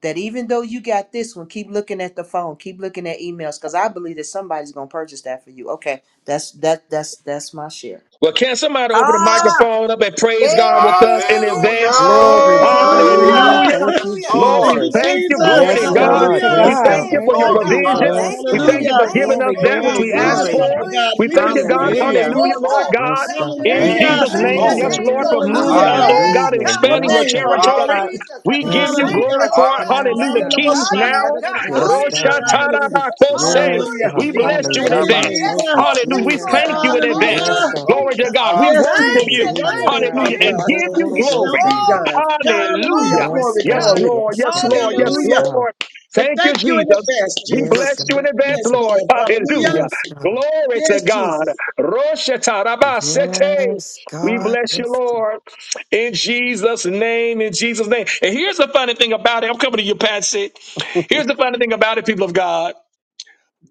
Speaker 8: that even though you got this one, keep looking at the phone, keep looking at emails because I believe that somebody's going to purchase that for you. Okay, that's that that's that's my share.
Speaker 1: Well, can somebody open the
Speaker 3: Woo!
Speaker 1: microphone up and praise God with us in
Speaker 3: Yes,
Speaker 7: Hallelujah.
Speaker 1: advance?
Speaker 11: Glory.
Speaker 5: yes.
Speaker 3: hallelujah.
Speaker 11: Hallelujah.
Speaker 1: Hallelujah.
Speaker 5: Hallelujah.
Speaker 11: Thank you,
Speaker 7: Yes,
Speaker 3: Hallelujah.
Speaker 1: Lord,
Speaker 5: Thank
Speaker 1: we
Speaker 7: Lord.
Speaker 5: you,
Speaker 11: Jesus.
Speaker 7: Thank
Speaker 1: thank
Speaker 3: Yes,
Speaker 1: you.
Speaker 3: Lord
Speaker 7: you,
Speaker 1: Glory
Speaker 5: Jesus.
Speaker 1: to
Speaker 11: Yes,
Speaker 3: God.
Speaker 7: Jesus.
Speaker 1: God.
Speaker 3: Thank
Speaker 10: Glory
Speaker 3: you
Speaker 11: God.
Speaker 10: to
Speaker 3: in
Speaker 5: Hallelujah.
Speaker 1: We
Speaker 11: Yes,
Speaker 7: Thank
Speaker 10: God.
Speaker 1: thank you
Speaker 11: God.
Speaker 3: advance,
Speaker 1: for
Speaker 7: you,
Speaker 10: Thank
Speaker 1: your
Speaker 10: you,
Speaker 3: Lord
Speaker 5: Thank
Speaker 7: Lord.
Speaker 5: you,
Speaker 3: God.
Speaker 1: provision.
Speaker 5: Father.
Speaker 10: Jesus.
Speaker 3: Thank
Speaker 11: Yes,
Speaker 3: you
Speaker 1: We
Speaker 3: in
Speaker 7: Hallelujah.
Speaker 1: thank
Speaker 11: God.
Speaker 1: you for
Speaker 5: Hallelujah.
Speaker 1: giving
Speaker 3: advance,
Speaker 1: us
Speaker 10: Glory,
Speaker 5: We
Speaker 1: that
Speaker 3: Lord
Speaker 1: which
Speaker 10: glory,
Speaker 3: God.
Speaker 7: Thank
Speaker 1: we
Speaker 7: you,
Speaker 5: receive it,
Speaker 1: asked
Speaker 11: Yes,
Speaker 10: glory.
Speaker 7: Jesus.
Speaker 1: for.
Speaker 5: Father
Speaker 11: God.
Speaker 3: Hallelujah,
Speaker 5: God.
Speaker 1: We
Speaker 5: We
Speaker 1: thank you, God.
Speaker 5: receive
Speaker 11: Yes,
Speaker 5: it,
Speaker 3: Jesus.
Speaker 7: Thank
Speaker 10: Hallelujah.
Speaker 7: you,
Speaker 1: Hallelujah,
Speaker 3: Oh
Speaker 5: Jesus.
Speaker 1: Lord
Speaker 3: God,
Speaker 7: Lord.
Speaker 3: we
Speaker 1: God.
Speaker 11: yes,
Speaker 3: bless
Speaker 11: God.
Speaker 3: your
Speaker 1: In
Speaker 11: Thank
Speaker 3: name. We
Speaker 11: you,
Speaker 7: Thank
Speaker 5: Hallelujah.
Speaker 1: Jesus'
Speaker 7: you,
Speaker 3: bless
Speaker 1: name,
Speaker 3: your
Speaker 7: Lord.
Speaker 1: yes,
Speaker 11: Jesus.
Speaker 3: name,
Speaker 1: Lord,
Speaker 10: Hallelujah.
Speaker 1: for
Speaker 3: Lord.
Speaker 10: Glory
Speaker 3: Huh?
Speaker 1: moving
Speaker 10: to
Speaker 1: us,
Speaker 5: Hallelujah.
Speaker 7: Hallelujah.
Speaker 1: oh
Speaker 10: God.
Speaker 1: God,
Speaker 3: Yeah,
Speaker 1: and
Speaker 11: Hallelujah.
Speaker 5: In
Speaker 3: God.
Speaker 5: your
Speaker 1: expanding your
Speaker 11: Yes,
Speaker 5: name,
Speaker 11: God.
Speaker 5: Father
Speaker 3: Hallelujah,
Speaker 1: territory.
Speaker 5: God.
Speaker 3: Jesus.
Speaker 1: We give
Speaker 11: Yes,
Speaker 1: you
Speaker 3: Thank
Speaker 11: God.
Speaker 3: you,
Speaker 1: glory
Speaker 5: Hallelujah.
Speaker 1: for
Speaker 3: Lord
Speaker 1: it.
Speaker 3: God.
Speaker 7: Hallelujah.
Speaker 10: Yes,
Speaker 1: Hallelujah.
Speaker 3: Thank you.
Speaker 10: God.
Speaker 1: kings keys
Speaker 3: Oh,
Speaker 1: now.
Speaker 3: yeah,
Speaker 7: In
Speaker 3: God.
Speaker 5: Hallelujah.
Speaker 11: Yes,
Speaker 7: Jesus'
Speaker 11: God.
Speaker 3: Hallelujah.
Speaker 7: name.
Speaker 5: Hallelujah.
Speaker 7: Yes, Lord.
Speaker 1: Roshatarabakose.
Speaker 11: Yes,
Speaker 5: Hallelujah.
Speaker 3: Hallelujah,
Speaker 11: God.
Speaker 1: We bless you
Speaker 3: Jesus.
Speaker 7: It's
Speaker 5: Thank
Speaker 1: in
Speaker 5: you,
Speaker 7: Shabbat
Speaker 11: Hallelujah.
Speaker 1: advance.
Speaker 10: Yandarabose.
Speaker 11: Thank
Speaker 3: Yes,
Speaker 7: soul.
Speaker 11: you,
Speaker 5: Jesus.
Speaker 3: Lord.
Speaker 1: Hallelujah.
Speaker 3: Yes,
Speaker 1: We
Speaker 10: Yes,
Speaker 11: Jesus.
Speaker 3: Lord
Speaker 1: thank
Speaker 7: Yes,
Speaker 1: you
Speaker 3: God.
Speaker 10: God.
Speaker 1: in
Speaker 10: Yes,
Speaker 1: advance.
Speaker 5: Hallelujah.
Speaker 11: Yes,
Speaker 3: Hallelujah,
Speaker 10: God.
Speaker 7: Lord.
Speaker 11: God.
Speaker 1: Glory to
Speaker 3: Jesus.
Speaker 1: God. We
Speaker 5: Yes,
Speaker 7: Hallelujah.
Speaker 1: worship
Speaker 3: Thank
Speaker 5: Jesus,
Speaker 1: you.
Speaker 5: in
Speaker 3: you.
Speaker 5: your
Speaker 10: Glory to
Speaker 11: Hallelujah.
Speaker 3: Thank
Speaker 5: name,
Speaker 3: you,
Speaker 10: God.
Speaker 5: Father
Speaker 7: Thank
Speaker 1: Hallelujah.
Speaker 7: you,
Speaker 1: And
Speaker 5: God,
Speaker 1: give
Speaker 3: Jesus.
Speaker 7: Jesus.
Speaker 1: you
Speaker 5: it shall
Speaker 1: glory.
Speaker 5: be
Speaker 3: Glory
Speaker 5: done.
Speaker 3: to God.
Speaker 5: Hallelujah,
Speaker 1: Hallelujah.
Speaker 3: Glory
Speaker 11: Yes,
Speaker 5: glory,
Speaker 3: to
Speaker 1: Yes,
Speaker 3: God.
Speaker 11: God.
Speaker 5: glory.
Speaker 1: Lord.
Speaker 11: Yes,
Speaker 1: Yes,
Speaker 11: God.
Speaker 1: Lord. Yes,
Speaker 11: Yes,
Speaker 3: Hallelujah.
Speaker 5: Hallelujah.
Speaker 11: God.
Speaker 1: Lord.
Speaker 5: We
Speaker 1: Thank you,
Speaker 5: thank you in
Speaker 1: Jesus.
Speaker 5: advance,
Speaker 1: We
Speaker 11: Yes,
Speaker 5: Jesus.
Speaker 1: bless you
Speaker 10: Yes.
Speaker 11: God.
Speaker 1: in advance,
Speaker 11: Thank
Speaker 5: Yes,
Speaker 11: you.
Speaker 1: Lord.
Speaker 5: Lord. Hallelujah.
Speaker 1: Hallelujah.
Speaker 11: Yes, God.
Speaker 1: Glory
Speaker 5: Yes,
Speaker 1: to God.
Speaker 5: Jesus.
Speaker 1: Roshetarabasete.
Speaker 11: Yes,
Speaker 1: We
Speaker 11: God.
Speaker 1: bless you,
Speaker 11: Yes, God.
Speaker 1: Lord. In Jesus' name. In Jesus' name. And here's the funny thing about it. I'm coming to you, Patsy. Here's the funny thing about it, people of God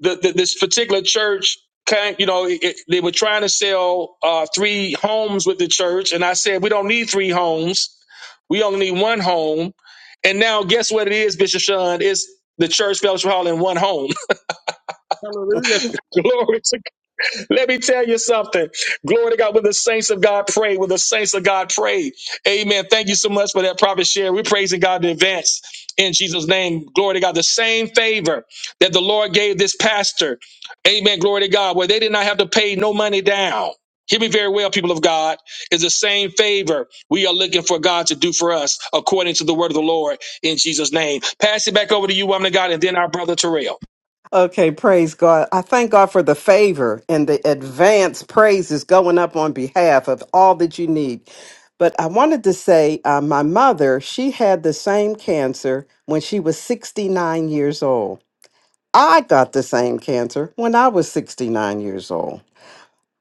Speaker 1: the, the, this particular church kind you know it, it- they were trying to sell uh, three homes with the church and i said we don't need three homes we only need one home and now guess what it is bishop sean it's the church fellowship hall in one home
Speaker 5: Hallelujah.
Speaker 1: glory to let me tell you something. Glory to God. When the saints of God pray, when the saints of God pray. Amen. Thank you so much for that prophet share. We're praising God in advance in Jesus' name. Glory to God. The same favor that the Lord gave this pastor. Amen. Glory to God. Where they did not have to pay no money down. Hear me very well, people of God, is the same favor we are looking for God to do for us according to the word of the Lord in Jesus' name. Pass it back over to you, woman of God, and then our brother Terrell.
Speaker 11: Okay, praise God. I thank God for the favor and the advance praises going up on behalf of all that you need. But I wanted to say, uh, my mother, she had the same cancer when she was 69 years old. I got the same cancer when I was 69 years old.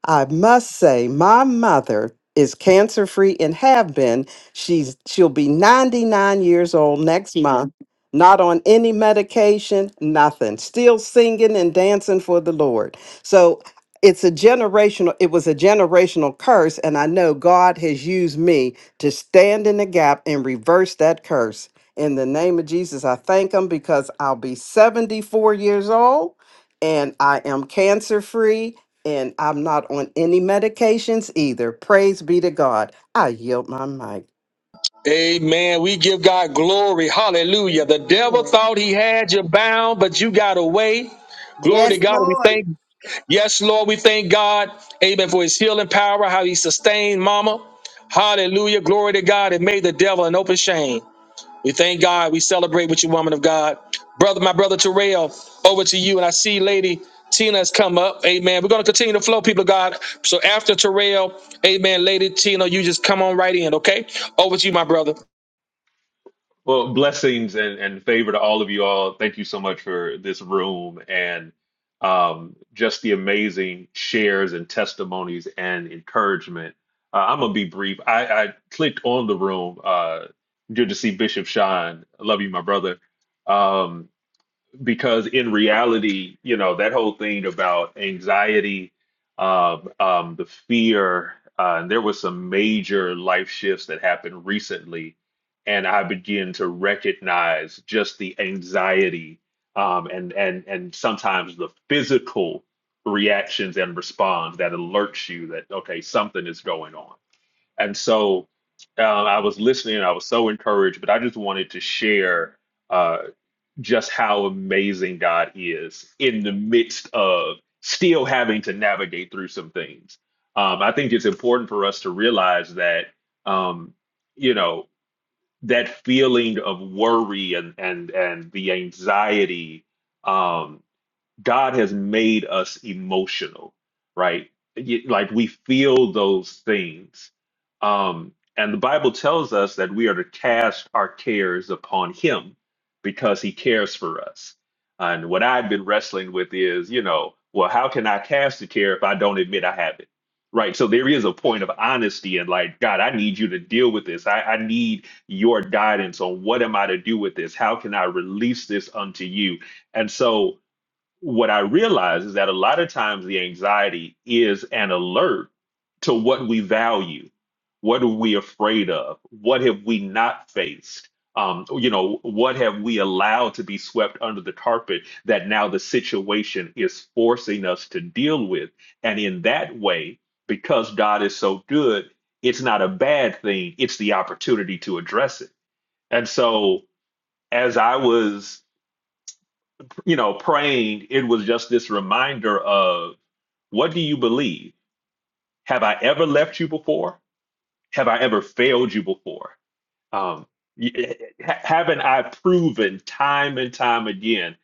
Speaker 11: I must say, my mother is cancer free and have been. She's she'll be 99 years old next month, not on any medication, nothing. Still singing and dancing for the Lord. So it's a generational it was a generational curse and I know God has used me to stand in the gap and reverse that curse. In the name of Jesus, I thank him because I'll be 74 years old and I am cancer free and I'm not on any medications either. Praise be to God. I yield my mic.
Speaker 1: Amen. We give God glory.
Speaker 5: Amen.
Speaker 1: Hallelujah. The devil
Speaker 5: Amen.
Speaker 1: thought he had you bound, but you got away. Glory
Speaker 3: Yes,
Speaker 1: to God. We
Speaker 3: Lord.
Speaker 1: thank, yes, Lord, we thank God. Amen. For his healing power, how he sustained mama. Hallelujah. Glory to God. It made the devil an open shame. We thank God. We celebrate with you, woman of God. Brother, my brother Terrell, over to you. And I see Lady Tina has come up. Amen. We're going to continue to flow, people of God. So after Terrell, amen, Lady Tina, you just come on right in, okay? Over to you, my brother.
Speaker 12: Well, blessings and, and favor to all of you all. Thank you so much for this room and um, just the amazing shares and testimonies and encouragement. Uh, I'm gonna be brief. I, I clicked on the room. Uh, good to see Bishop Shine. I love you, my brother. Um, because in reality, you know, that whole thing about anxiety, um, um, the fear, uh, and there was some major life shifts that happened recently, and I began to recognize just the anxiety, um, and and and sometimes the physical reactions and response that alerts you that okay, something is going on. And so, uh, I was listening, I was so encouraged, but I just wanted to share. Uh, just how amazing God is in the midst of still having to navigate through some things. Um, I think it's important for us to realize that, um, you know, that feeling of worry and and and the anxiety. Um, God has made us emotional, right? You- Like we feel those things. Um, and the Bible tells us that we are to cast our cares upon Him because He cares for us. And what I've been wrestling with is, you know, well, how can I cast a care if I don't admit I have it? Right. So there is a point of honesty and like, God, I need you to deal with this. I, I need your guidance on what am I to do with this? How can I release this unto you? And so what I realize is that a lot of times the anxiety is an alert to what we value, what are we afraid of, what have we not faced, um, you know, what have we allowed to be swept under the carpet that now the situation is forcing us to deal with. And in that way, because God is so good, it's not a bad thing, it's the opportunity to address it. And so, as I was you know, praying, it was just this reminder of what do you believe? Have I ever left you before? Have I ever failed you before? Um, y- eh, eh, ha- haven't I proven time and time again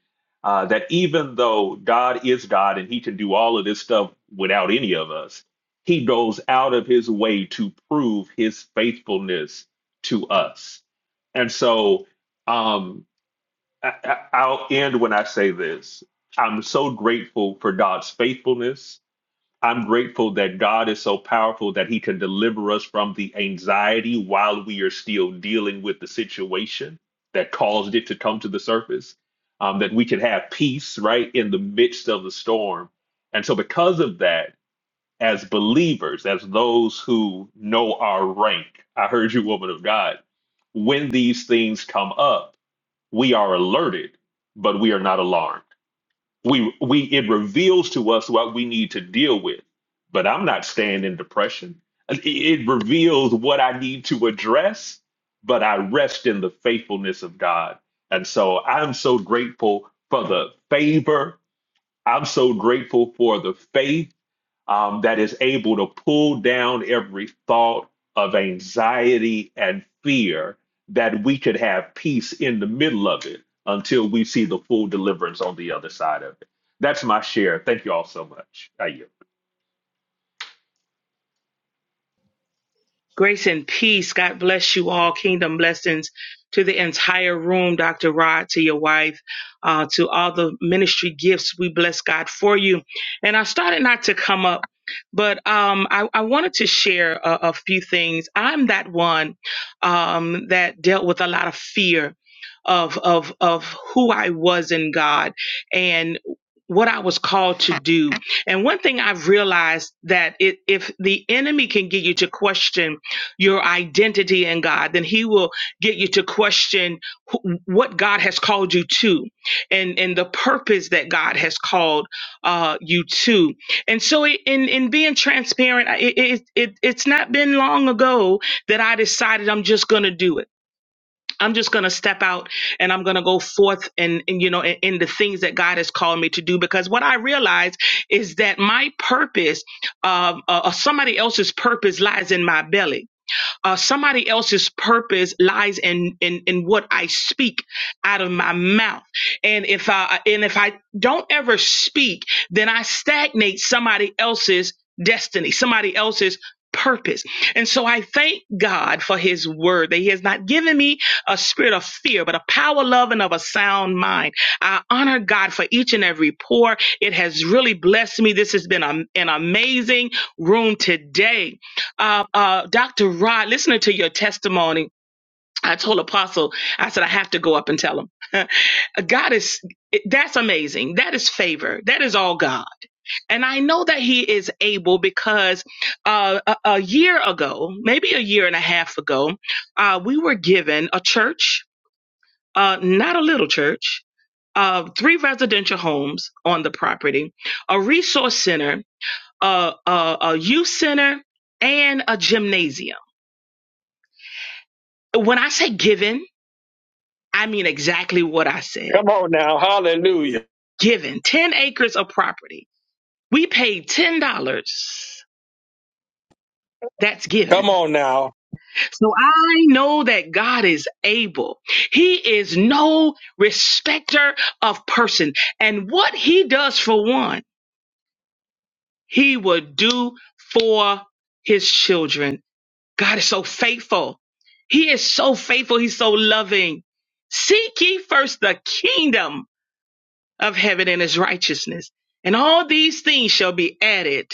Speaker 12: uh, that even though God is God and He can do all of this stuff without any of us, He goes out of His way to prove His faithfulness to us. And so, um, I, I- I'll end when I say this. I'm so grateful for God's faithfulness. I'm grateful that God is so powerful that he can deliver us from the anxiety while we are still dealing with the situation that caused it to come to the surface, um, that we can have peace right in the midst of the storm. And so, because of that, as believers, as those who know our rank, I heard you, woman of God, when these things come up, we are alerted, but we are not alarmed. We we it reveals to us what we need to deal with, but I'm not staying in depression. It, it reveals what I need to address, but I rest in the faithfulness of God. And so I'm so grateful for the favor. I'm so grateful for the faith um, that is able to pull down every thought of anxiety and fear that we could have peace in the middle of it until we see the full deliverance on the other side of it. That's my share. Thank you all so much. I yield.
Speaker 13: Grace and peace. God bless you all. Kingdom blessings to the entire room, Dr. Rod, to your wife, uh, to all the ministry gifts. We bless God for you. And I started not to come up, but um, I, I wanted to share a, a few things. I'm that one um, that dealt with a lot of fear of of of who I was in God and what I was called to do. And one thing I've realized that it, if the enemy can get you to question your identity in God, then He will get you to question wh- what God has called you to, and and the purpose that God has called uh, you to. And so, it, in in being transparent, I- it, it it it's not been long ago that I decided I'm just going to do it. I'm just going to step out and I'm going to go forth and, and, you know in, in the things that God has called me to do because what I realize is that my purpose, um, uh, uh, somebody else's purpose lies in my belly uh, somebody else's purpose lies in, in in what I speak out of my mouth. And if I and if I don't ever speak, then I stagnate somebody else's destiny, somebody else's purpose. And so I thank God for his word that he has not given me a spirit of fear, but a power, love, and of a sound mind. I honor God for each and every pour. It has really blessed me. This has been a- an amazing room today. Uh, uh, Dr. Rod, listening to your testimony, I told Apostle, I said, I have to go up and tell him. God is, that's amazing. That is favor. That is all God. And I know that he is able because uh, a, a year ago, maybe a year and a half ago, uh, we were given a church, uh, not a little church, uh, three residential homes on the property, a resource center, a, a, a youth center, and a gymnasium. When I say given, I mean exactly what I said.
Speaker 1: Come on now. Hallelujah.
Speaker 13: Given 10 acres of property. We paid $10. That's given.
Speaker 1: Come on now.
Speaker 13: So I know that God is able. He is no respecter of person. And what he does for one, he will do for his children. God is so faithful. He is so faithful. He's so loving. Seek ye first the kingdom of heaven and his righteousness. And all these things shall be added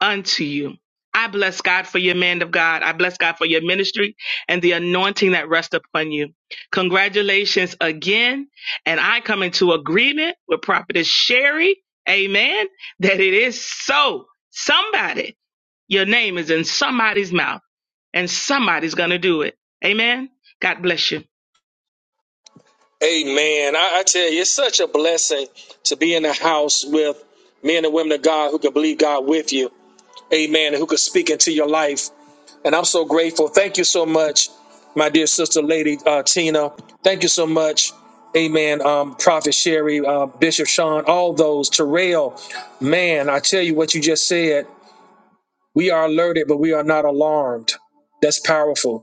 Speaker 13: unto you. I bless God for your man of God. I bless God for your ministry and the anointing that rests upon you. Congratulations again. And I come into agreement with Prophetess Sherry. Amen. That it is so. Somebody, your name is in somebody's mouth and somebody's going to do it. Amen. God bless you.
Speaker 1: Amen. I, I tell you, it's such a blessing to be in the house with men and women of God who can believe God with you. Amen. And who can speak into your life. And I'm so grateful. Thank you so much, my dear sister, Lady uh, Tina. Thank you so much. Amen. Um, Prophet Sherry, uh, Bishop Sean, all those, Terrell. Man, I tell you what you just said. We are alerted, but we are not alarmed. That's powerful.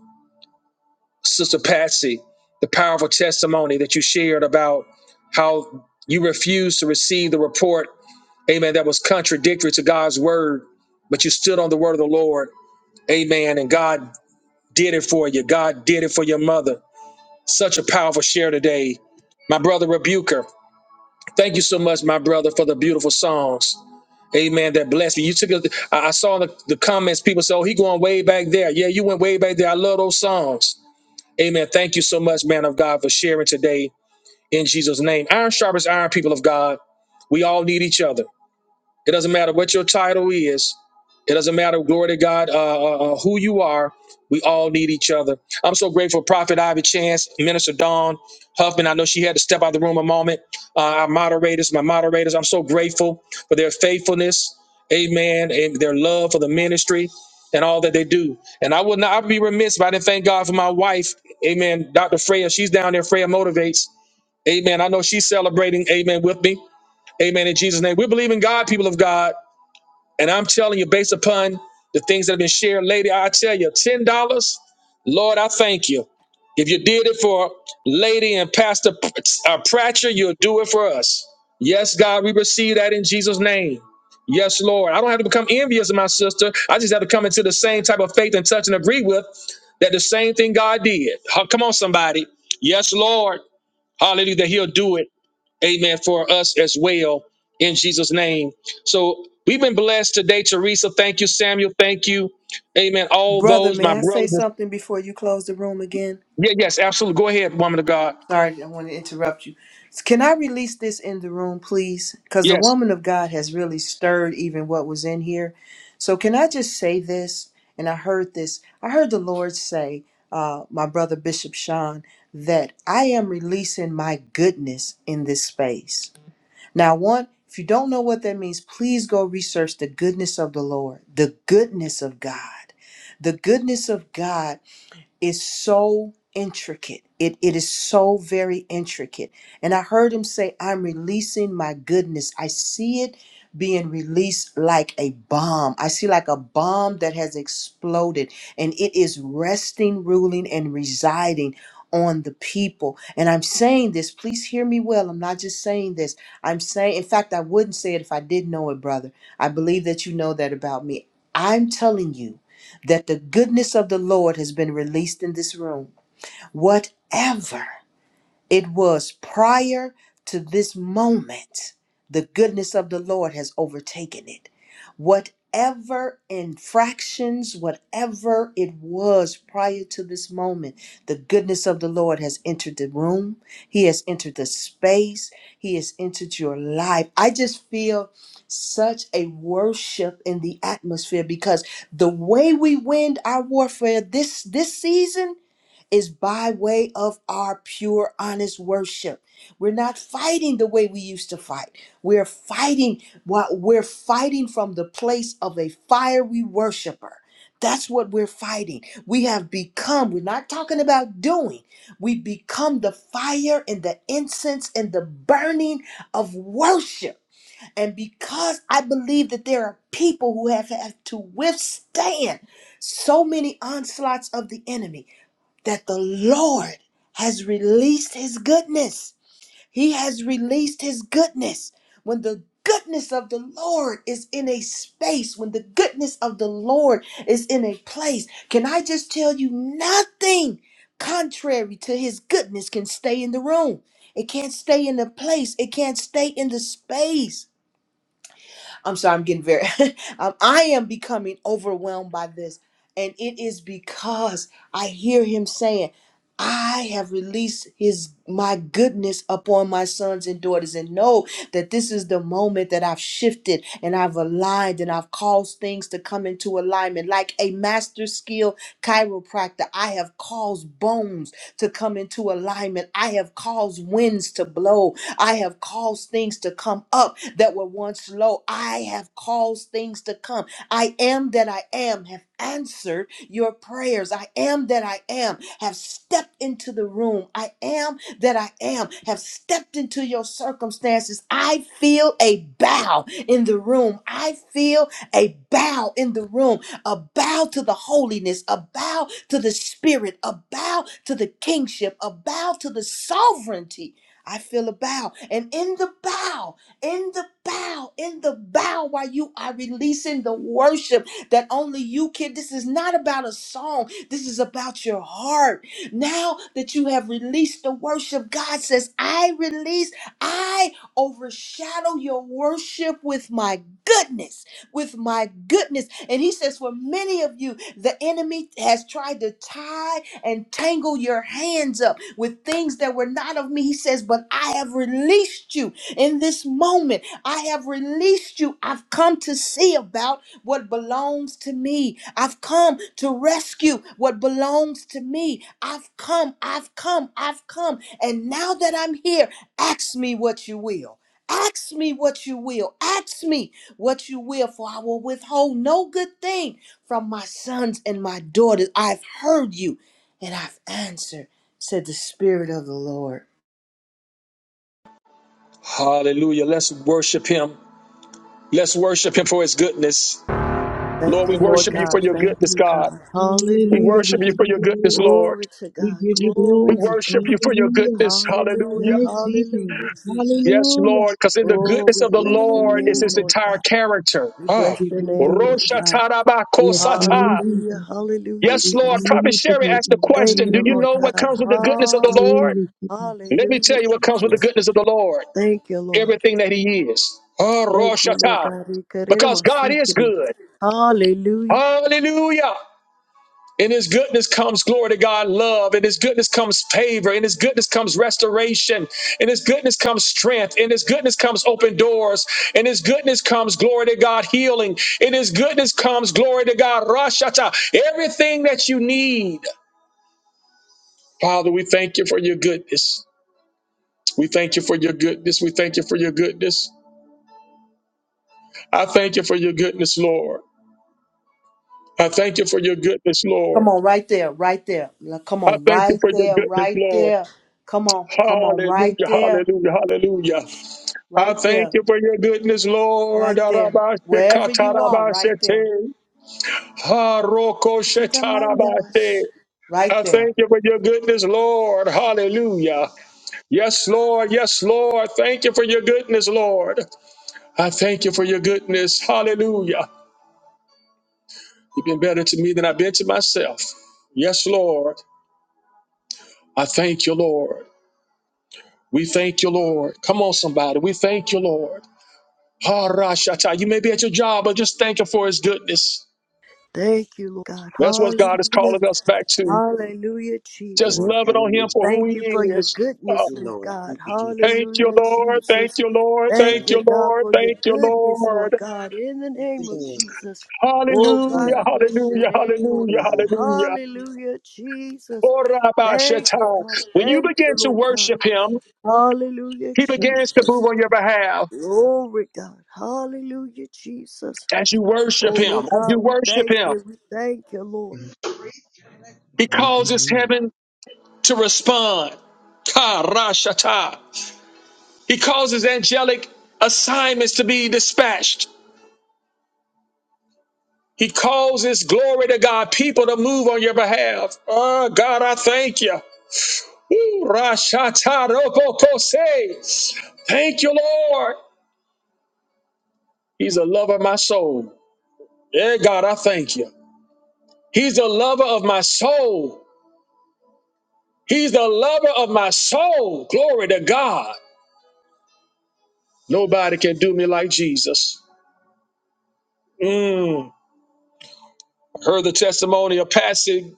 Speaker 1: Sister Patsy, the powerful testimony that you shared about how you refused to receive the report, amen, that was contradictory to God's word, but you stood on the word of the Lord, amen, and God did it for you. God did it for your mother. Such a powerful share today. My brother Rebuker, thank you so much, my brother, for the beautiful songs. Amen. That blessed me. You took it. I I saw the, the comments. People said, "Oh, he going way back there." Yeah, you went way back there. I love those songs. Amen. Thank you so much, man of God, for sharing today in Jesus' name. Iron sharpens iron, people of God. We all need each other. It doesn't matter what your title is. It doesn't matter, glory to God, uh, uh, uh, who you are. We all need each other. I'm so grateful, Prophet Ivy Chance, Minister Dawn Huffman. I know she had to step out of the room a moment. Uh, our moderators, my moderators, I'm so grateful for their faithfulness, amen, and their love for the ministry and all that they do. And I would not I'd be remiss if I didn't thank God for my wife, amen, Dr. Freya. She's down there, Freya Motivates. Amen. I know she's celebrating, amen, with me. Amen. In Jesus' name. We believe in God, people of God. And I'm telling you, based upon the things that have been shared lady, I tell you, ten dollars, Lord, I thank you. If you did it for Lady and Pastor P- uh, Pratcher, you'll do it for us. Yes, God, we receive that in Jesus' name. Yes, Lord. I don't have to become envious of my sister. I just have to come into the same type of faith and touch and agree with that the same thing God did. Huh, Come on, somebody. Yes, Lord. Hallelujah. That He'll do it. Amen. For us as well in Jesus' name. So we've been blessed today, Teresa. Thank you, Samuel. Thank you. Amen. All
Speaker 8: Brother,
Speaker 1: those,
Speaker 8: may
Speaker 1: my
Speaker 8: I say
Speaker 1: brothers.
Speaker 8: something before you close the room again?
Speaker 1: Yeah, yes, absolutely. Go ahead, woman of God.
Speaker 8: Sorry, I don't want to interrupt you. Can I release this in the room, please? Because the
Speaker 1: Yes.
Speaker 8: woman of God has really stirred even what was in here. So, can I just say this? And I heard this. I heard the Lord say, uh, my brother Bishop Sean, that I am releasing my goodness in this space. Now, one, if you don't know what that means, please go research the goodness of the Lord, the goodness of God. The goodness of God is so intricate. It, it is so very intricate. And I heard him say, I'm releasing my goodness. I see it being released like a bomb. I see like a bomb that has exploded and it is resting, ruling, and residing on the people. And I'm saying this, please hear me well. I'm not just saying this. I'm saying, in fact, I wouldn't say it if I didn't know it, brother. I believe that you know that about me. I'm telling you that the goodness of the Lord has been released in this room. Whatever. It was prior to this moment. The goodness of the Lord has overtaken it. Whatever infractions, whatever it was prior to this moment, the goodness of the Lord has entered the room. He has entered the space. He has entered your life. I just feel such a worship in the atmosphere because the way we win our warfare this this season is by way of our pure, honest worship. We're not fighting the way we used to fight. We're fighting what we're fighting from the place of a fiery worshiper. That's what we're fighting. We have become, we're not talking about doing, we become the fire and the incense and the burning of worship. And because I believe that there are people who have had to withstand so many onslaughts of the enemy, that the Lord has released his goodness. He has released his goodness. When the goodness of the Lord is in a space, when the goodness of the Lord is in a place, can I just tell you nothing contrary to his goodness can stay in the room? It can't stay in the place, it can't stay in the space. I'm sorry, I'm getting very, um, I am becoming overwhelmed by this. And it is because I hear him saying, I have released his my goodness upon my sons and daughters and know that this is the moment that I've shifted and I've aligned and I've caused things to come into alignment like a master skill chiropractor I have caused bones to come into alignment I have caused winds to blow I have caused things to come up that were once low. I have caused things to come. I am that I am, have answered your prayers. I am that I am, have stepped into the room. I am that I am, have stepped into your circumstances. I feel a bow in the room. I feel a bow in the room, a bow to the holiness, a bow to the spirit, a bow to the kingship, a bow to the sovereignty I feel a bow. And in the bow, in the bow, in the bow, while you are releasing the worship that only you can. This is not about a song, this is about your heart. Now that you have released the worship, God says, I release, I overshadow your worship with my goodness, with my goodness. And He says, For many of you, the enemy has tried to tie and tangle your hands up with things that were not of me. He says, But I have released you in this moment. I have released you. I've come to see about what belongs to me. I've come to rescue what belongs to me. I've come, I've come, I've come. And now that I'm here, ask me what you will. Ask me what you will. Ask me what you will, for I will withhold no good thing from my sons and my daughters. I've heard you and I've answered said the Spirit of the Lord.
Speaker 1: Hallelujah. Let's worship him. Let's worship him for his goodness. Lord,
Speaker 3: Thank
Speaker 1: we
Speaker 3: you, Lord
Speaker 1: worship you for
Speaker 3: God.
Speaker 1: your
Speaker 3: Thank
Speaker 1: goodness,
Speaker 3: you,
Speaker 1: God.
Speaker 3: God.
Speaker 1: We
Speaker 13: Hallelujah.
Speaker 3: Hallelujah.
Speaker 1: worship you
Speaker 13: We
Speaker 1: for
Speaker 13: give you
Speaker 1: your goodness,
Speaker 13: glory.
Speaker 1: Lord.
Speaker 3: Glory to
Speaker 13: We
Speaker 3: God.
Speaker 13: give you
Speaker 3: Glory
Speaker 1: We
Speaker 13: glory.
Speaker 3: to
Speaker 1: worship
Speaker 3: God.
Speaker 1: you for your
Speaker 13: Hallelujah.
Speaker 1: goodness.
Speaker 3: Hallelujah.
Speaker 1: Hallelujah.
Speaker 13: Glory to
Speaker 3: Hallelujah, Jesus.
Speaker 1: Yes,
Speaker 13: Hallelujah.
Speaker 1: Lord, because in the
Speaker 3: Oh,
Speaker 1: goodness
Speaker 3: we
Speaker 1: of the
Speaker 3: bless your
Speaker 1: Lord is
Speaker 3: name,
Speaker 1: his
Speaker 13: Hallelujah.
Speaker 3: Lord
Speaker 1: entire
Speaker 3: God.
Speaker 1: character.
Speaker 3: We
Speaker 13: We
Speaker 1: Ah.
Speaker 3: bless
Speaker 13: give
Speaker 3: your
Speaker 13: you
Speaker 3: name,
Speaker 13: glory.
Speaker 3: Lord God.
Speaker 13: Bless
Speaker 7: Hallelujah.
Speaker 13: your
Speaker 1: Roshatarabakosata.
Speaker 13: name,
Speaker 3: Hallelujah.
Speaker 13: Jesus.
Speaker 3: Hallelujah,
Speaker 1: Yes,
Speaker 13: We
Speaker 1: Lord.
Speaker 3: Jesus.
Speaker 13: honor
Speaker 1: Prophet
Speaker 13: you
Speaker 1: Sherry
Speaker 13: today,
Speaker 1: asked the
Speaker 13: God.
Speaker 3: Thank
Speaker 1: question Do
Speaker 3: you,
Speaker 1: you
Speaker 13: Hallelujah.
Speaker 3: Lord
Speaker 1: know what
Speaker 3: God.
Speaker 1: comes with the goodness of the
Speaker 3: Ha,
Speaker 1: Lord?
Speaker 13: Glory to God.
Speaker 1: Let me
Speaker 3: hallelujah,
Speaker 1: tell you what comes with the
Speaker 3: Jesus.
Speaker 1: goodness of the Lord
Speaker 3: Thank you, Lord.
Speaker 1: everything that He is. Oh,
Speaker 3: Thank
Speaker 1: Rosh
Speaker 3: you, Lord
Speaker 1: Hashanah.
Speaker 3: God. We could it
Speaker 1: Because
Speaker 3: almost
Speaker 1: God
Speaker 3: see
Speaker 1: is good.
Speaker 3: Hallelujah.
Speaker 1: Hallelujah. In His goodness comes glory to God, love. In His goodness comes favor. In His goodness comes restoration. In His goodness comes strength. In His goodness comes open doors. In His goodness comes glory to God, healing. In His goodness comes glory to God, Rosh Hashanah. Everything that you need Father, we thank you for your goodness. We thank you for your goodness. We thank you for your goodness. I thank you for your goodness, Lord. I thank you for your goodness, Lord.
Speaker 8: Come on, right there, right there. Now, Come
Speaker 1: I
Speaker 8: on,
Speaker 1: thank you
Speaker 8: right
Speaker 1: for your
Speaker 8: there,
Speaker 1: goodness,
Speaker 8: right
Speaker 1: Lord.
Speaker 8: there. Come on, come on, right
Speaker 1: Hallelujah,
Speaker 8: there,
Speaker 1: hallelujah, hallelujah. I
Speaker 8: right
Speaker 1: thank
Speaker 8: there,
Speaker 1: you for your goodness, Lord.
Speaker 8: right there. Wherever you are, right there.
Speaker 1: Arabashekatarabashete. Harokoshetarabate. I
Speaker 8: Right there.
Speaker 1: thank you for your goodness, Lord. Hallelujah. Yes, Lord. Yes, Lord. Thank you for your goodness, Lord. I thank you for your goodness. Hallelujah. You've been better to me than I've been to myself. Yes, Lord. I thank you, Lord. We thank you, Lord. Come on, somebody. We thank you, Lord. Ha-ra-sha-ta. You may be at your job, but just thank Him for His goodness.
Speaker 3: Thank you, Lord God.
Speaker 1: That's what God is
Speaker 3: Hallelujah.
Speaker 1: calling us back to.
Speaker 3: Hallelujah,
Speaker 1: Just
Speaker 3: Jesus.
Speaker 5: Lord.
Speaker 1: loving on Him
Speaker 5: Hallelujah.
Speaker 1: for who
Speaker 3: Thank
Speaker 1: He
Speaker 3: you for your
Speaker 1: is.
Speaker 5: Thank
Speaker 1: Uh,
Speaker 3: goodness,
Speaker 5: you,
Speaker 3: Lord
Speaker 5: Lord.
Speaker 3: God.
Speaker 5: Thank you, Jesus.
Speaker 1: thank you,
Speaker 3: Hallelujah,
Speaker 1: Lord. Thank
Speaker 3: Jesus.
Speaker 1: you, Lord.
Speaker 3: Thank
Speaker 5: Thank
Speaker 1: Thank
Speaker 3: you,
Speaker 5: you,
Speaker 1: you,
Speaker 3: God,
Speaker 1: Lord.
Speaker 3: for your
Speaker 1: Thank you,
Speaker 3: goodness, Lord
Speaker 1: Lord.
Speaker 3: God, in the
Speaker 5: thank
Speaker 3: name
Speaker 5: you,
Speaker 3: of
Speaker 5: Lord.
Speaker 3: Jesus. Oh, God,
Speaker 5: Hallelujah.
Speaker 1: Hallelujah.
Speaker 3: I bless your
Speaker 1: Hallelujah.
Speaker 3: name, Lord
Speaker 1: Hallelujah.
Speaker 3: God.
Speaker 5: Hallelujah.
Speaker 1: Hallelujah.
Speaker 3: Hallelujah, Jesus. Thank you,
Speaker 1: Orabashata.
Speaker 3: God.
Speaker 1: When you
Speaker 3: Thank
Speaker 1: begin
Speaker 3: you,
Speaker 1: to
Speaker 3: Lord God.
Speaker 1: worship him,
Speaker 3: Hallelujah,
Speaker 1: he begins to move
Speaker 3: Jesus.
Speaker 1: on your behalf.
Speaker 3: Glory, God. Hallelujah, Jesus.
Speaker 1: As you
Speaker 3: Oh,
Speaker 1: worship
Speaker 3: Lord
Speaker 1: him, as you
Speaker 3: God, we
Speaker 1: worship
Speaker 3: thank
Speaker 1: him,
Speaker 3: you. We thank you, Lord.
Speaker 1: he
Speaker 7: Thank you,
Speaker 1: causes
Speaker 7: Jesus.
Speaker 1: heaven to respond. Karashata. He causes angelic assignments to be dispatched. He causes glory to God, people to move on your behalf. Oh God, I thank you. Ooh, Rashata robokose. Thank you, Lord. He's a lover of my soul. Yeah, God, I thank you. He's the lover of my soul. He's the lover of my soul. Glory to God. Nobody can do me like Jesus. Mm. Heard the testimony of Patsy.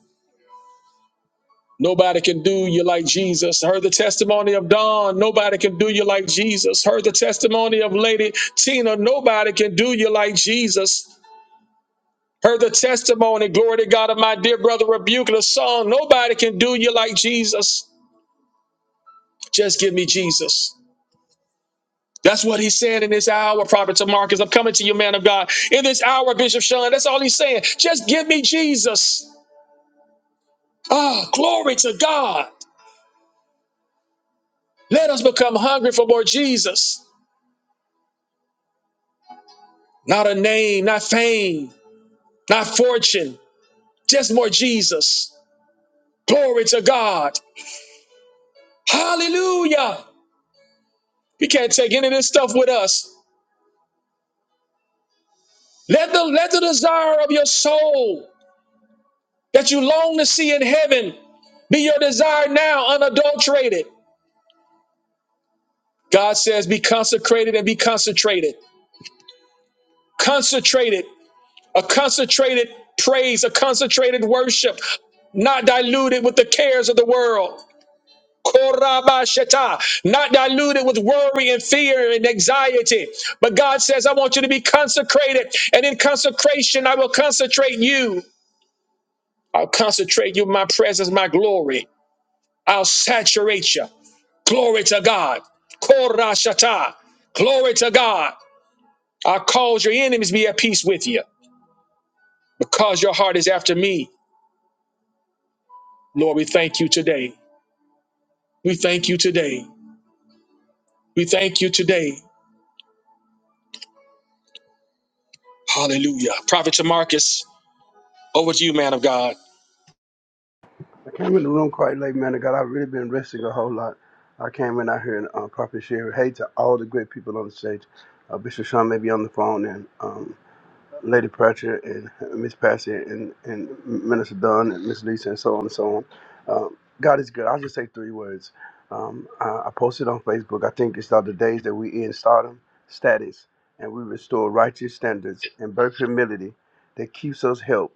Speaker 1: Nobody can do you like Jesus. Heard the testimony of Don. Nobody can do you like Jesus. Heard the testimony of Lady Tina. Nobody can do you like Jesus. Heard the testimony, glory to God, of my dear brother Rebuke the song. Nobody can do you like Jesus. Just give me Jesus. That's what he's saying in this hour, Prophet Marcus. I'm coming to you, man of God. In this hour, Bishop Sean, that's all he's saying. Just give me Jesus. Ah, glory to God. Let us become hungry for more Jesus. Not a name, not fame, not fortune, just more Jesus. Glory to God. Hallelujah. We can't take any of this stuff with us. Let the, let the desire of your soul that you long to see in heaven be your desire now, unadulterated. God says, be consecrated and be concentrated. Concentrated, a concentrated praise, a concentrated worship, not diluted with the cares of the world. Korabashata, not diluted with worry and fear and anxiety. But God says, I want you to be consecrated, and in consecration, I will concentrate you. I'll concentrate you, my presence, my glory. I'll saturate you. Glory to God. Korashata. Glory to God. I cause your enemies be at peace with you because your heart is after me. Lord, we thank you today. We thank you today. We thank you today. Hallelujah. Prophet Tamarcus, over to you, man of God.
Speaker 14: I came in the room quite late, man. of God, I've really been resting a whole lot. I came in out here and uh, Prophet Sherry. Hey to all the great people on the stage. Uh, Bishop Sean may be on the phone, and um, Lady Pratchett, and Miss Patsy, and, and Minister Dunn, and Miss Lisa, and so on and so on. Um, God is good. I'll just say three words. Um, I, I posted on Facebook. I think it's about the days that we in stardom status, and we restore righteous standards and birth humility that keeps us helped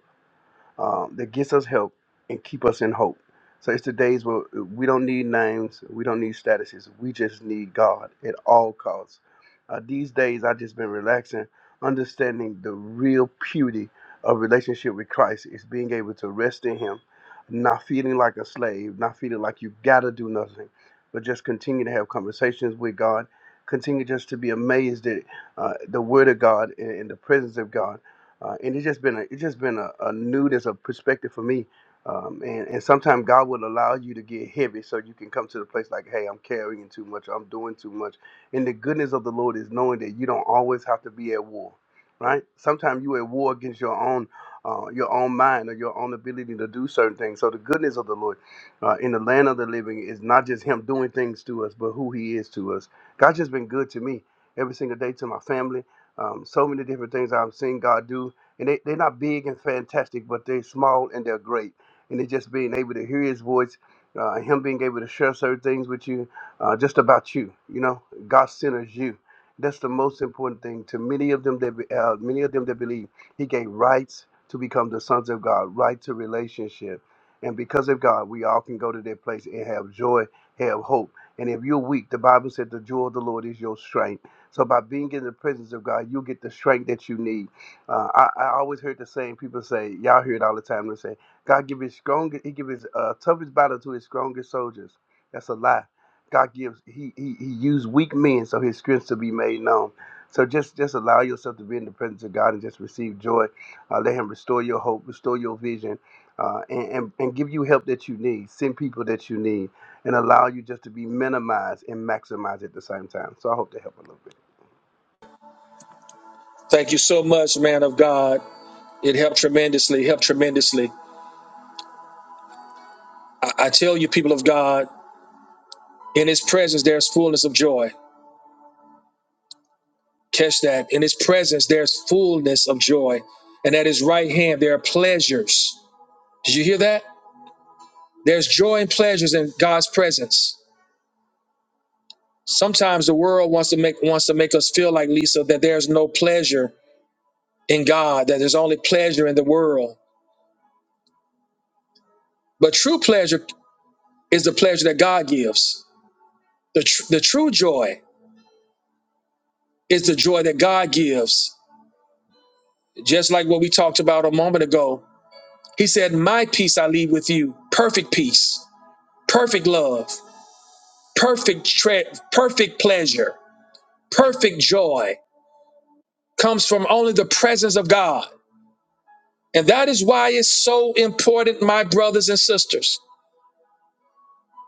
Speaker 14: um, that gets us help and keep us in hope. So it's the days where we don't need names, we don't need statuses, we just need God at all costs. Uh, these days, I've just been relaxing, understanding the real beauty of relationship with Christ is being able to rest in Him, not feeling like a slave, not feeling like you gotta do nothing, but just continue to have conversations with God, continue just to be amazed at uh, the Word of God and, and the presence of God uh, and it's just been a it's just been a, a newness of perspective for me. Um, and and sometimes God will allow you to get heavy so you can come to the place like, hey, I'm carrying too much, I'm doing too much. And the goodness of the Lord is knowing that you don't always have to be at war, right? Sometimes you at war against your own uh, your own mind or your own ability to do certain things. So the goodness of the Lord uh, in the land of the living is not just Him doing things to us, but who He is to us. God's just been good to me every single day to my family. Um, so many different things I've seen God do and they, they're not big and fantastic, but they're small and they're great. And it's just being able to hear his voice, uh, him being able to share certain things with you, uh, just about you. You know, God centers you. That's the most important thing to many of them that be- uh, many of them that believe. He gave rights to become the sons of God, right to relationship, and because of God, we all can go to that place and have joy, have hope. And if you're weak, the Bible said the joy of the Lord is your strength. So by being in the presence of God, you get the strength that you need uh, I, I always heard the same people say, y'all hear it all the time. They say, God give his strongest, he give his uh, toughest battle to his strongest soldiers. That's a lie. God gives, he, he, he used weak men so his strength to be made known. So just, just allow yourself to be in the presence of God and just receive joy. Uh, let him restore your hope, restore your vision, uh, and, and, and give you help that you need, send people that you need, and allow you just to be minimized and maximized at the same time. So I hope to help a little bit.
Speaker 1: Thank you so much, man of God. It helped tremendously, helped tremendously. I, I tell you, people of God, in his presence, there's fullness of joy. Catch that. In his presence, there's fullness of joy. And at his right hand, there are pleasures. Did you hear that? There's joy and pleasures in God's presence. Sometimes the world wants to make wants to make us feel like Lisa that there's no pleasure in God, that there's only pleasure in the world. But true pleasure is the pleasure that God gives. The tr- the true joy is the joy that God gives. Just like what we talked about a moment ago. He said, "My peace I leave with you, perfect peace, perfect love, perfect tre- perfect pleasure, perfect joy comes from only the presence of God." And that is why it's so important, my brothers and sisters.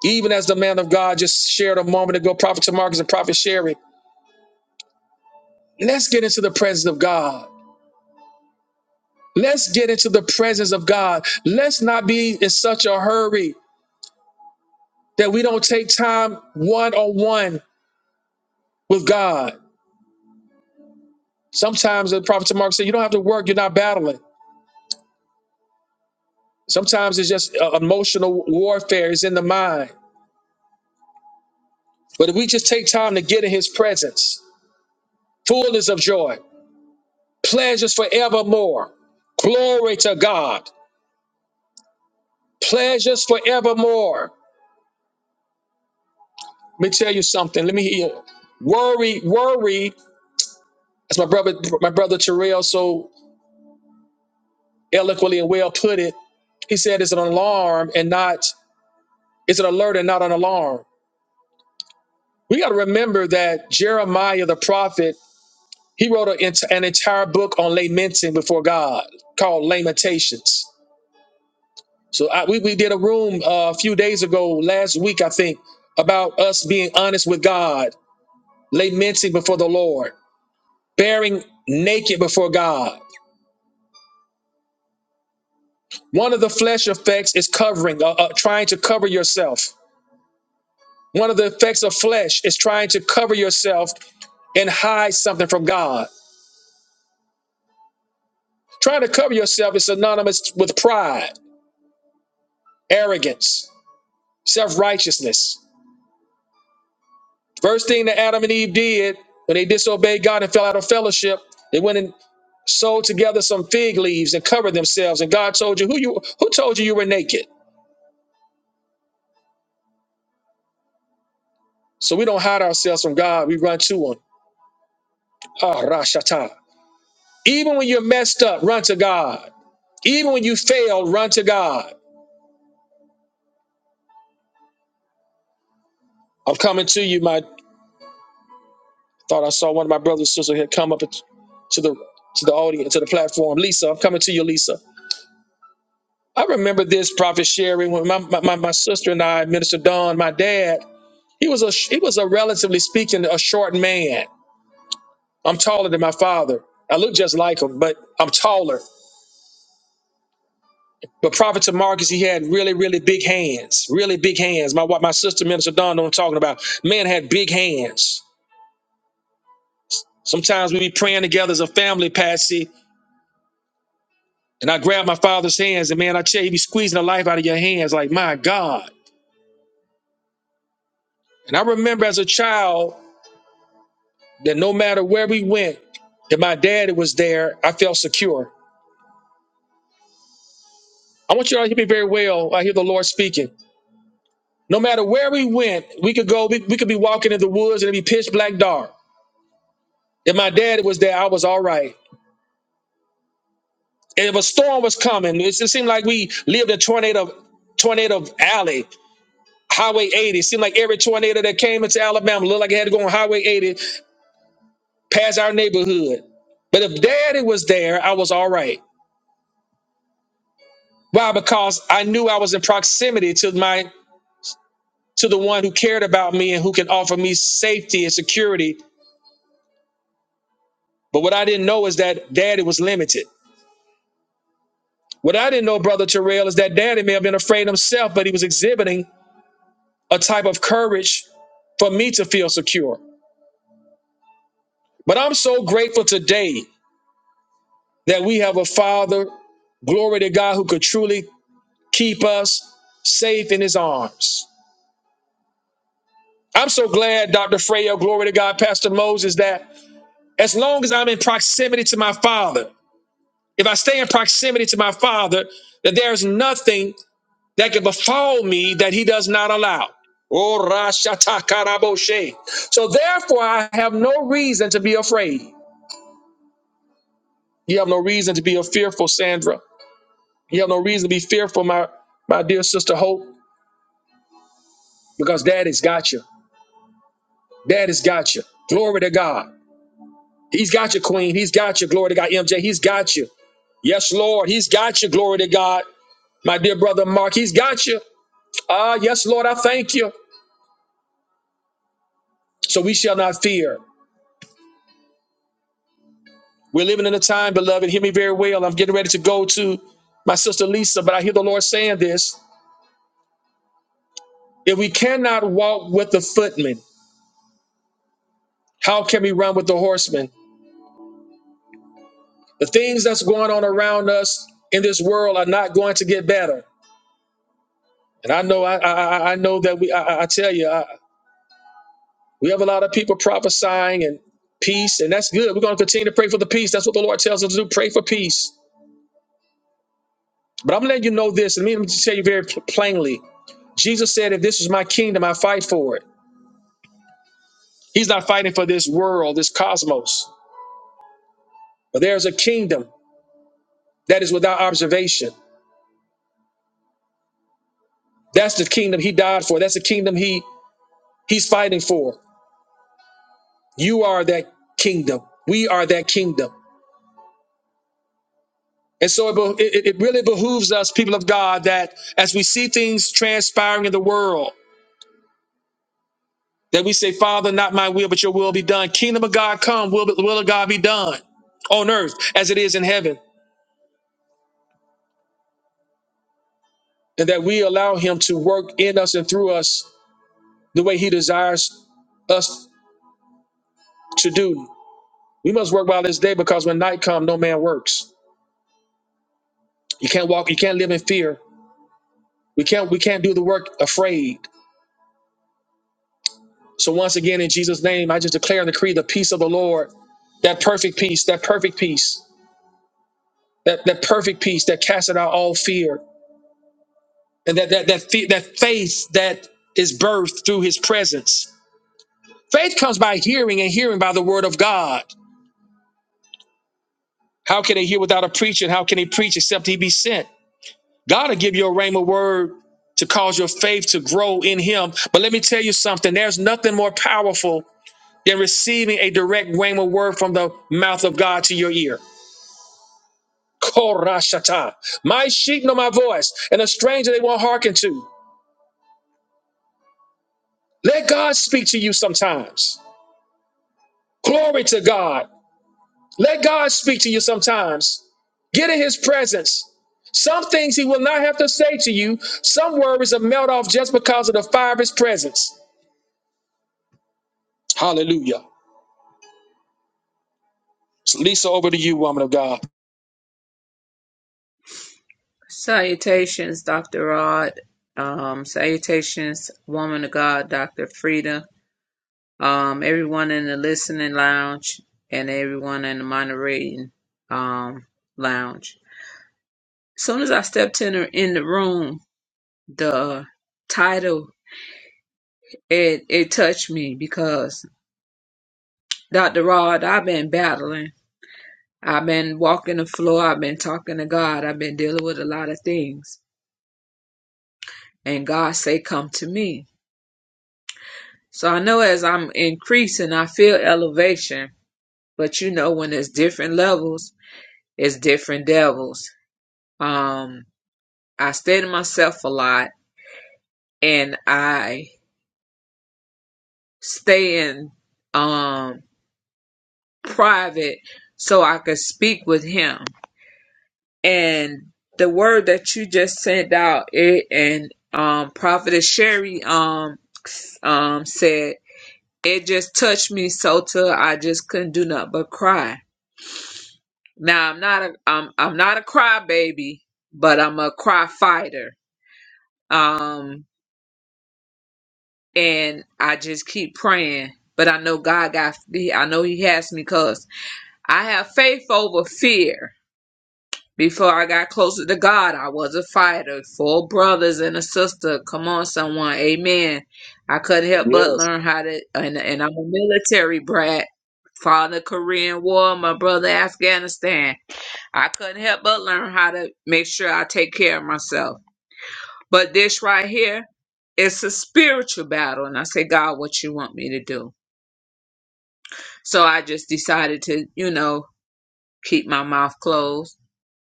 Speaker 1: Even as the man of God just shared a moment ago, Prophet Tamarcus and Prophet Sherry, let's get into the presence of God. Let's get into the presence of God. Let's not be in such a hurry that we don't take time one on one with God. Sometimes the Prophet Tamarcus said, You don't have to work, you're not battling. Sometimes it's just uh, emotional warfare, it's in the mind. But if we just take time to get in his presence, fullness of joy, pleasures forevermore. Glory to God. Pleasures forevermore. Let me tell you something. Let me hear. you. Worry, worry, as my brother, my brother Terrell so eloquently and well put it, he said it's an alarm and not it's an alert and not an alarm. We got to remember that Jeremiah the prophet, he wrote an an entire book on lamenting before God called Lamentations. So I, we, we did a room uh, a few days ago, last week, I think, about us being honest with God, lamenting before the Lord, bearing naked before God. One of the flesh effects is covering, uh, uh, trying to cover yourself. One of the effects of flesh is trying to cover yourself and hide something from God. Trying to cover yourself is synonymous with pride, arrogance, self righteousness. First thing that Adam and Eve did when they disobeyed God and fell out of fellowship, they went and sewed together some fig leaves and covered themselves. And God told you who you who told you you were naked. So we don't hide ourselves from God. We run to Him. Ah, Rashata. Even when you're messed up, run to God. Even when you fail, run to God. I'm coming to you. My thought I saw one of my brothers and sisters had come up to the to the audience to the platform. Lisa, I'm coming to you, Lisa. I remember this prophet Sherry when my, my, my sister and I, Minister Don, my dad, he was a he was a relatively speaking a short man. I'm taller than my father. I look just like him, but I'm taller. But Prophet Marcus, he had really, really big hands, really big hands. My wa- my sister, Minister Don, know what I'm talking about. Man had big hands. Sometimes we be praying together as a family, Patsy, and I grab my father's hands, and man, I tell you, he be squeezing the life out of your hands, like my God. And I remember as a child. that no matter where we went, that my daddy was there, I felt secure. I want you all to hear me very well. I hear the Lord speaking. No matter where we went, we could go, we, we could be walking in the woods and it'd be pitch black dark. If my daddy was there, I was all right. And if a storm was coming, it, it seemed like we lived in tornado, tornado alley, Highway 80. It seemed like every tornado that came into Alabama looked like it had to go on Highway 80 past our neighborhood. But if daddy was there, I was all right. Why? Because I knew I was in proximity to my to the one who cared about me and who can offer me safety and security. But what I didn't know is that daddy was limited. What I didn't know, Brother Terrell, is that daddy may have been afraid himself, but he was exhibiting a type of courage for me to feel secure. But I'm so grateful today that we have a father, glory to God, who could truly keep us safe in his arms. I'm so glad, Dr. Freyo, glory to God, Pastor Moses, that as long as I'm in proximity to my father, if I stay in proximity to my Father, that there is nothing that can befall me that He does not allow. Oh, rashatakaraboshé. So therefore, I have no reason to be afraid. You have no reason to be fearful, Sandra. You have no reason to be fearful, my, my dear sister Hope, because Daddy's got you. Daddy's got you. Glory to God. He's got you, Queen. He's got you. Glory to God. MJ, he's got you. Yes, Lord. He's got you. Glory to God. My dear brother Mark, he's got you. Ah, yes, Lord, I thank you. So we shall not fear. We're living in a time, beloved, hear me very well. I'm getting ready to go to my sister Lisa, but I hear the Lord saying this. If we cannot walk with the footmen, how can we run with the horsemen? The things that's going on around us in this world are not going to get better. And I know, I, I, I I know that we, I, I I tell you, I, we have a lot of people prophesying and peace, and that's good. We're going to continue to pray for the peace. That's what the Lord tells us to do. Pray for peace. But I'm letting you know this, and let me just tell you very plainly Jesus said, If this is my kingdom, I fight for it. He's not fighting for this world, this cosmos, but there's a kingdom that is without observation. That's the kingdom he died for. That's the kingdom he he's fighting for. You are that kingdom. We are that kingdom. And so it, be- it, it really behooves us, people of God, that as we see things transpiring in the world, that we say, Father, not my will, but your will be done. Kingdom of God come, will, will of God be done on earth as it is in heaven. and that we allow Him to work in us and through us the way He desires us to do. We must work while this day because when night comes, no man works. You can't walk, you can't live in fear. We can't we can't do the work afraid. So once again, in Jesus' name, I just declare and decree the peace of the Lord, that perfect peace, that perfect peace, that, that perfect peace that casteth out all fear, and that that that fe- that faith that is birthed through His presence. Faith comes by hearing, and hearing by the word of God. How can they hear without a preacher? And how can they preach except he be sent? God will give you a rhema word to cause your faith to grow in him. But let me tell you something there's nothing more powerful than receiving a direct rhema word from the mouth of God to your ear. Korashata. My sheep know my voice, and a stranger they won't hearken to. Let God speak to you sometimes. Glory to God. Let God speak to you sometimes. Get in his presence. Some things he will not have to say to you. Some words will melt off just because of the fire of his presence. Hallelujah. So Lisa, over to you, woman of God.
Speaker 15: Salutations, Dr. Rod. Um, salutations, woman of God, Dr. Frida. Um, everyone in the listening lounge and everyone in the moderating um, lounge. As soon as I stepped in the, in the room, the title it it touched me because Dr. Rod, I've been battling. I've been walking the floor. I've been talking to God. I've been dealing with a lot of things, and God say, "Come to me." So I know as I'm increasing, I feel elevation, but you know, when it's different levels, it's different devils. Um, I stay to myself a lot and I stay in, um, private so I could speak with him. And the word that you just sent out, it and, um, Prophetess Sherry, um, um, said, it just touched me so till I just couldn't do nothing but cry Now I'm not a I'm I'm not a crybaby, but I'm a cry fighter. Um, and I just keep praying. But I know God got me. I know He has me, cause I have faith over fear. Before I got closer to God, I was a fighter. Four brothers and a sister. Come on, someone, Amen. I couldn't help but
Speaker 1: Yes.
Speaker 15: learn how to, and, and I'm a military brat. Father Korean War, my brother Afghanistan. I couldn't help but learn how to make sure I take care of myself. But this right here, it's a spiritual battle. And I say, God, what you want me to do? So I just decided to, you know, keep my mouth closed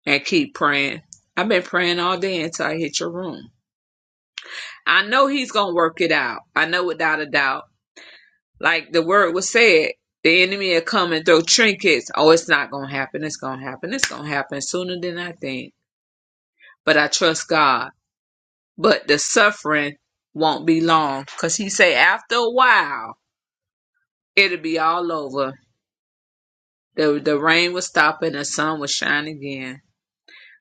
Speaker 15: and keep praying. I've been praying all day until I hit your room. I know he's going to work it out. I know without a doubt. Like the word was said, the enemy will come and throw trinkets. Oh, it's not going to happen. It's going to happen. It's going to happen sooner than I think. But I trust God but the suffering won't be long because he say after a while it'll be all over the, the rain will stop and the sun will shine again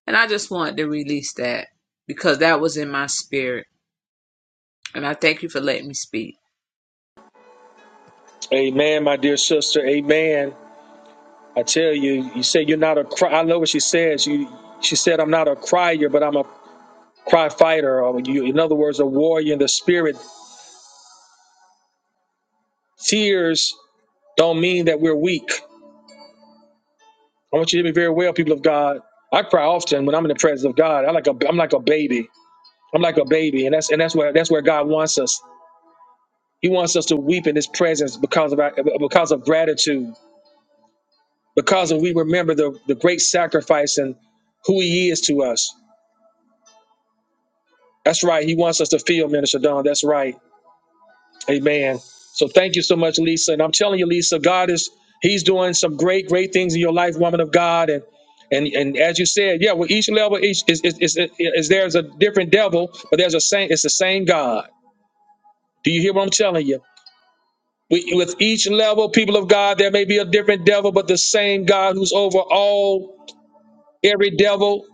Speaker 15: and i just wanted to release that because that was in my spirit and i thank you for letting me speak
Speaker 1: Amen, my dear sister. Amen. I tell you, you say you're not a cry. I love what she says. You, she said, I'm not a crier, but I'm a cry fighter. Or you, in other words, a warrior in the spirit. Tears don't mean that we're weak. I want you to hear me very well, people of God. I cry often when I'm in the presence of God. I like a, I'm like a baby. I'm like a baby, and that's and that's where that's where God wants us. He wants us to weep in His presence because of our, because of gratitude, because we remember the the great sacrifice and who He is to us. That's right. He wants us to feel, Minister Don. That's right. Amen. So thank you so much, Lisa. And I'm telling you, Lisa, God is He's doing some great, great things in your life, woman of God. And and and as you said, yeah, well, each level each is is, is, is, there's a different devil, but there's a same, it's the same God. Do you hear what I'm telling you? We, with each level, people of God, there may be a different devil, but the same God who's over all every devil,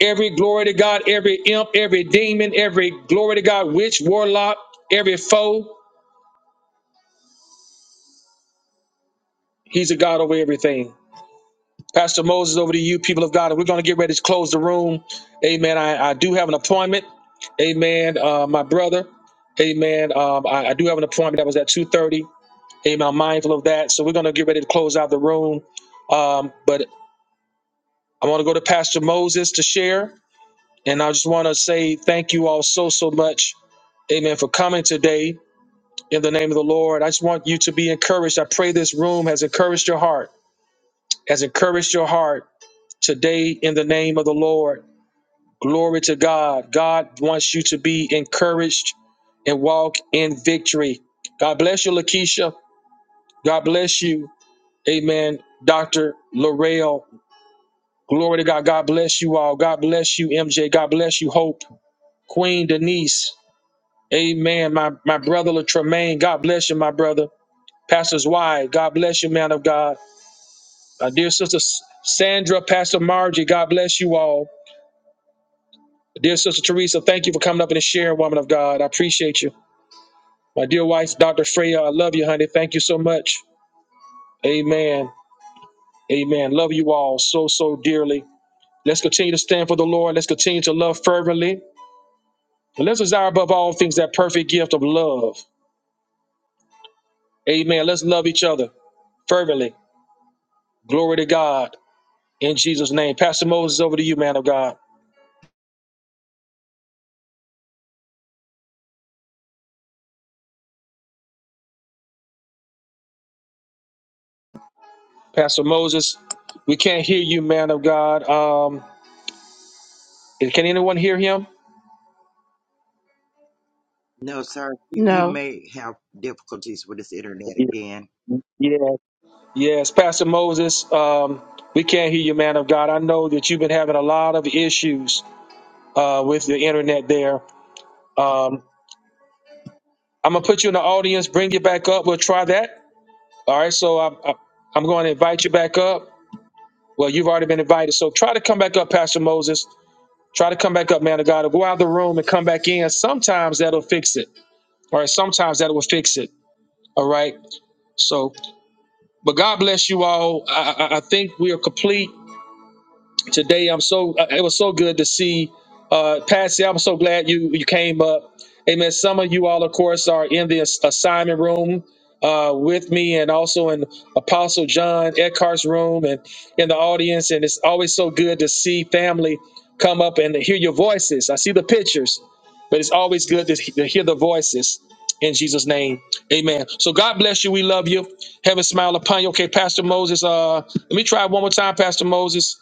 Speaker 1: every glory to God, every imp, every demon, every glory to God, witch, warlock, every foe. He's a God over everything. Pastor Moses, over to you, people of God. And we're going to get ready to close the room. Amen. I, I do have an appointment. Amen. Uh, my brother. Amen. Um, I, I do have an appointment that was at 2.30. Amen. I'm mindful of that. So we're going to get ready to close out the room. Um, but I want to go to Pastor Moses to share. And I just want to say thank you all so, so much. Amen. For coming today in the name of the Lord. I just want you to be encouraged. I pray this room has encouraged your heart. Has encouraged your heart today in the name of the Lord. Glory to God. God wants you to be encouraged and walk in victory. God bless you, Lakeisha. God bless you. Amen. Dr. Laurel. Glory to God. God bless you all. God bless you, MJ. God bless you, Hope. Queen Denise. Amen. My my brother Latremaine. God bless you, my brother. Pastor's wife. God bless you, man of God. My dear sister S- Sandra, Pastor Margie. God bless you all. Dear Sister Teresa, thank you for coming up and sharing, woman of God. I appreciate you. My dear wife, Dr. Freya, I love you, honey. Thank you so much. Amen. Amen. Love you all so, so dearly. Let's continue to stand for the Lord. Let's continue to love fervently. And let's desire above all things that perfect gift of love. Amen. Let's love each other fervently. Glory to God in Jesus' name. Pastor Moses, over to you, man of God. Pastor Moses, we can't hear you, man of God. Um, can anyone hear him?
Speaker 5: No, sir. He, he
Speaker 13: No.
Speaker 5: may have difficulties with his internet again.
Speaker 1: Yeah. Yes, Pastor Moses, um, we can't hear you, man of God. I know that you've been having a lot of issues uh, with the internet there. Um, I'm going to put you in the audience, bring you back up. We'll try that. All right, so I, I, I'm going to invite you back up. Well, you've already been invited. So try to come back up, Pastor Moses. Try to come back up, man of God. Or go out of the room and come back in. Sometimes that'll fix it. All right, sometimes that will fix it. All right, so, but God bless you all. I, I I think we are complete. today. I'm so uh, it was so good to see uh Patsy. I'm so glad you you came up. Amen. Some of you all, of course, are in the ass- assignment room uh with me and also in Apostle John Eckhart's room and in the audience. And it's always so good to see family come up and hear your voices. I see the pictures, but it's always good to, he- to hear the voices. In Jesus' name, amen. So God bless you. We love you. Heaven smile upon you. Okay, Pastor Moses, uh, let me try one more time, Pastor Moses.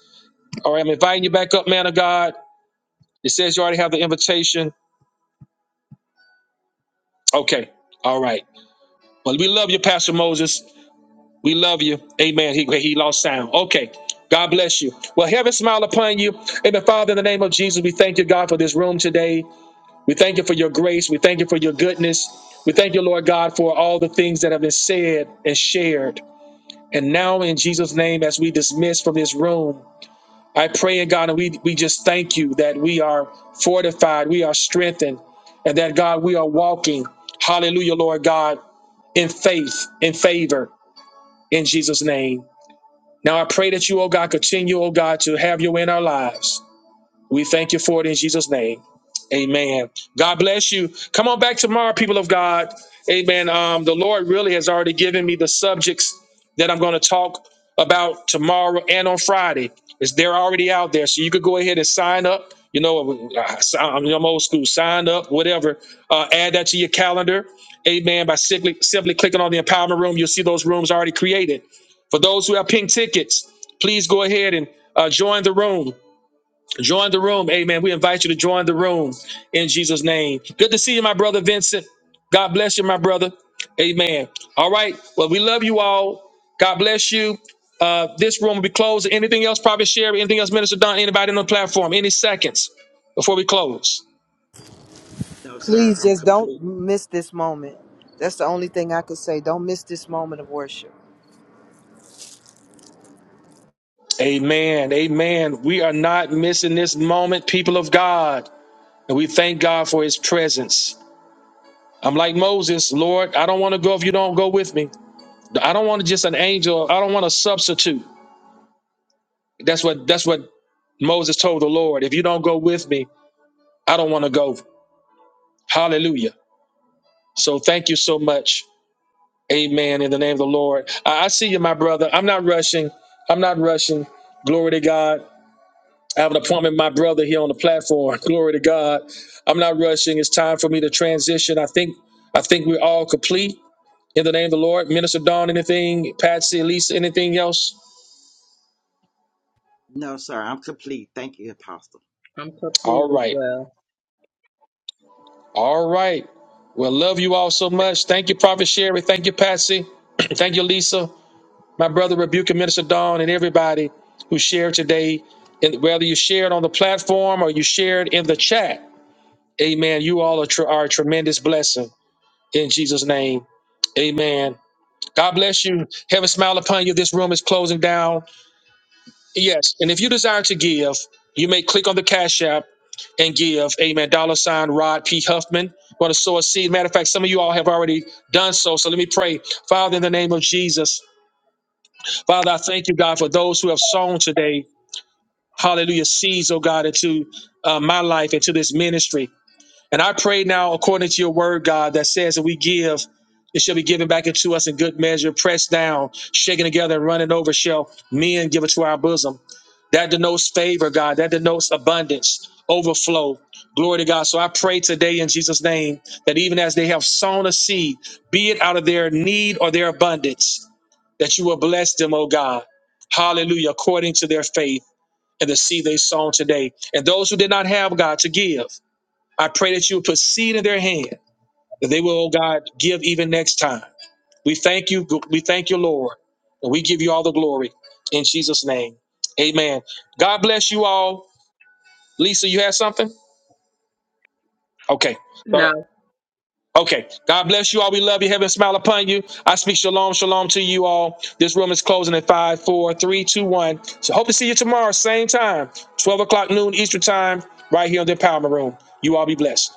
Speaker 1: All right, I'm inviting you back up, man of God. It says you already have the invitation. Okay. All right. Well, we love you, Pastor Moses. We love you. Amen. He, he lost sound. Okay. God bless you. Well, heaven smile upon you. Amen. Father, in the name of Jesus, we thank you, God, for this room today. We thank you for your grace. We thank you for your goodness. We thank you, Lord God, for all the things that have been said and shared. And now, in Jesus' name, as we dismiss from this room, I pray in God, and we, we just thank you that we are fortified, we are strengthened, and that God, we are walking, hallelujah, Lord God, in faith, in favor, in Jesus' name. Now I pray that you, oh God, continue, oh God, to have your way in our lives. We thank you for it in Jesus' name. Amen. God bless you. Come on back tomorrow, people of God. Amen. Um, the Lord really has already given me the subjects that I'm going to talk about tomorrow and on Friday. It's they're already out there, so you could go ahead and sign up. You know, uh, si- I'm I'm old school. Sign up, whatever. Uh, add that to your calendar. Amen. By simply simply clicking on the empowerment room, you'll see those rooms already created. For those who have pink tickets, please go ahead and uh, join the room. Join the room. Amen. We invite you to join the room in Jesus' name. Good to see you, my brother Vincent. God bless you, my brother. Amen. All right. Well, we love you all. God bless you. Uh, this room will be closed. Anything else, Prophet Sherry? Anything else, Minister Don? Anybody on the platform? Any seconds before we close?
Speaker 5: No, sir.
Speaker 8: Please
Speaker 5: I'm
Speaker 8: just
Speaker 5: complete.
Speaker 8: don't miss this moment. That's the only thing I could say. Don't miss this moment of worship.
Speaker 1: Amen. Amen. We are not missing this moment, people of God. And we thank God for his presence. I'm like Moses, Lord, I don't want to go if you don't go with me. I don't want just an angel. I don't want a substitute. That's what that's what Moses told the Lord. If you don't go with me, I don't want to go. Hallelujah. So thank you so much. Amen. In the name of the Lord. I, I see you, my brother. I'm not rushing. I'm not rushing. Glory to God. I have an appointment with my brother here on the platform. Glory to God. I'm not rushing. It's time for me to transition. I think I think we're all complete in the name of the Lord. Minister Dawn, anything? Patsy, Elisa, anything else?
Speaker 5: No, sir. I'm complete. Thank you, Apostle.
Speaker 15: i'm complete
Speaker 1: All
Speaker 15: as
Speaker 1: right.
Speaker 15: well
Speaker 1: All right. Well, love you all so much. Thank you, Prophet Sherry. Thank you, Patsy. Thank you, Lisa. My brother, Rebuke and Minister Dawn, and everybody who shared today. And whether you shared on the platform or you shared in the chat, amen. You all are, tr- are a tremendous blessing in Jesus' name. Amen. God bless you. Heaven smile upon you. This room is closing down. Yes, and if you desire to give, you may click on the Cash App and give. Amen. Dollar sign Rod P. Huffman. Want to sow a seed? Matter of fact, some of you all have already done so. So let me pray. Father, in the name of Jesus, Father, I thank you, God, for those who have sown today. Hallelujah, seeds, oh God, into uh, my life, into this ministry. And I pray now, according to your word, God, that says that we give, it shall be given back into us in good measure, pressed down, shaken together, and running over, shall men give it to our bosom. That denotes favor, God. That denotes abundance, overflow. Glory to God. So I pray today in Jesus' name that even as they have sown a seed, be it out of their need or their abundance, that you will bless them, oh God. Hallelujah, according to their faith and the seed they sown today. And those who did not have, God, to give. I pray that you put seed in their hand, that they will, oh God, give even next time. We thank you. We thank you, Lord. And we give you all the glory in Jesus' name. Amen. God bless you all. Lisa, you have something? Okay.
Speaker 15: no
Speaker 1: Okay. God bless you all. We love you. Heaven smile upon you. I speak shalom, shalom to you all. This room is closing at five, four, three, two, one. So hope to see you tomorrow, same time, 12 o'clock noon Eastern time, right here on the Empowerment Room. You all be blessed.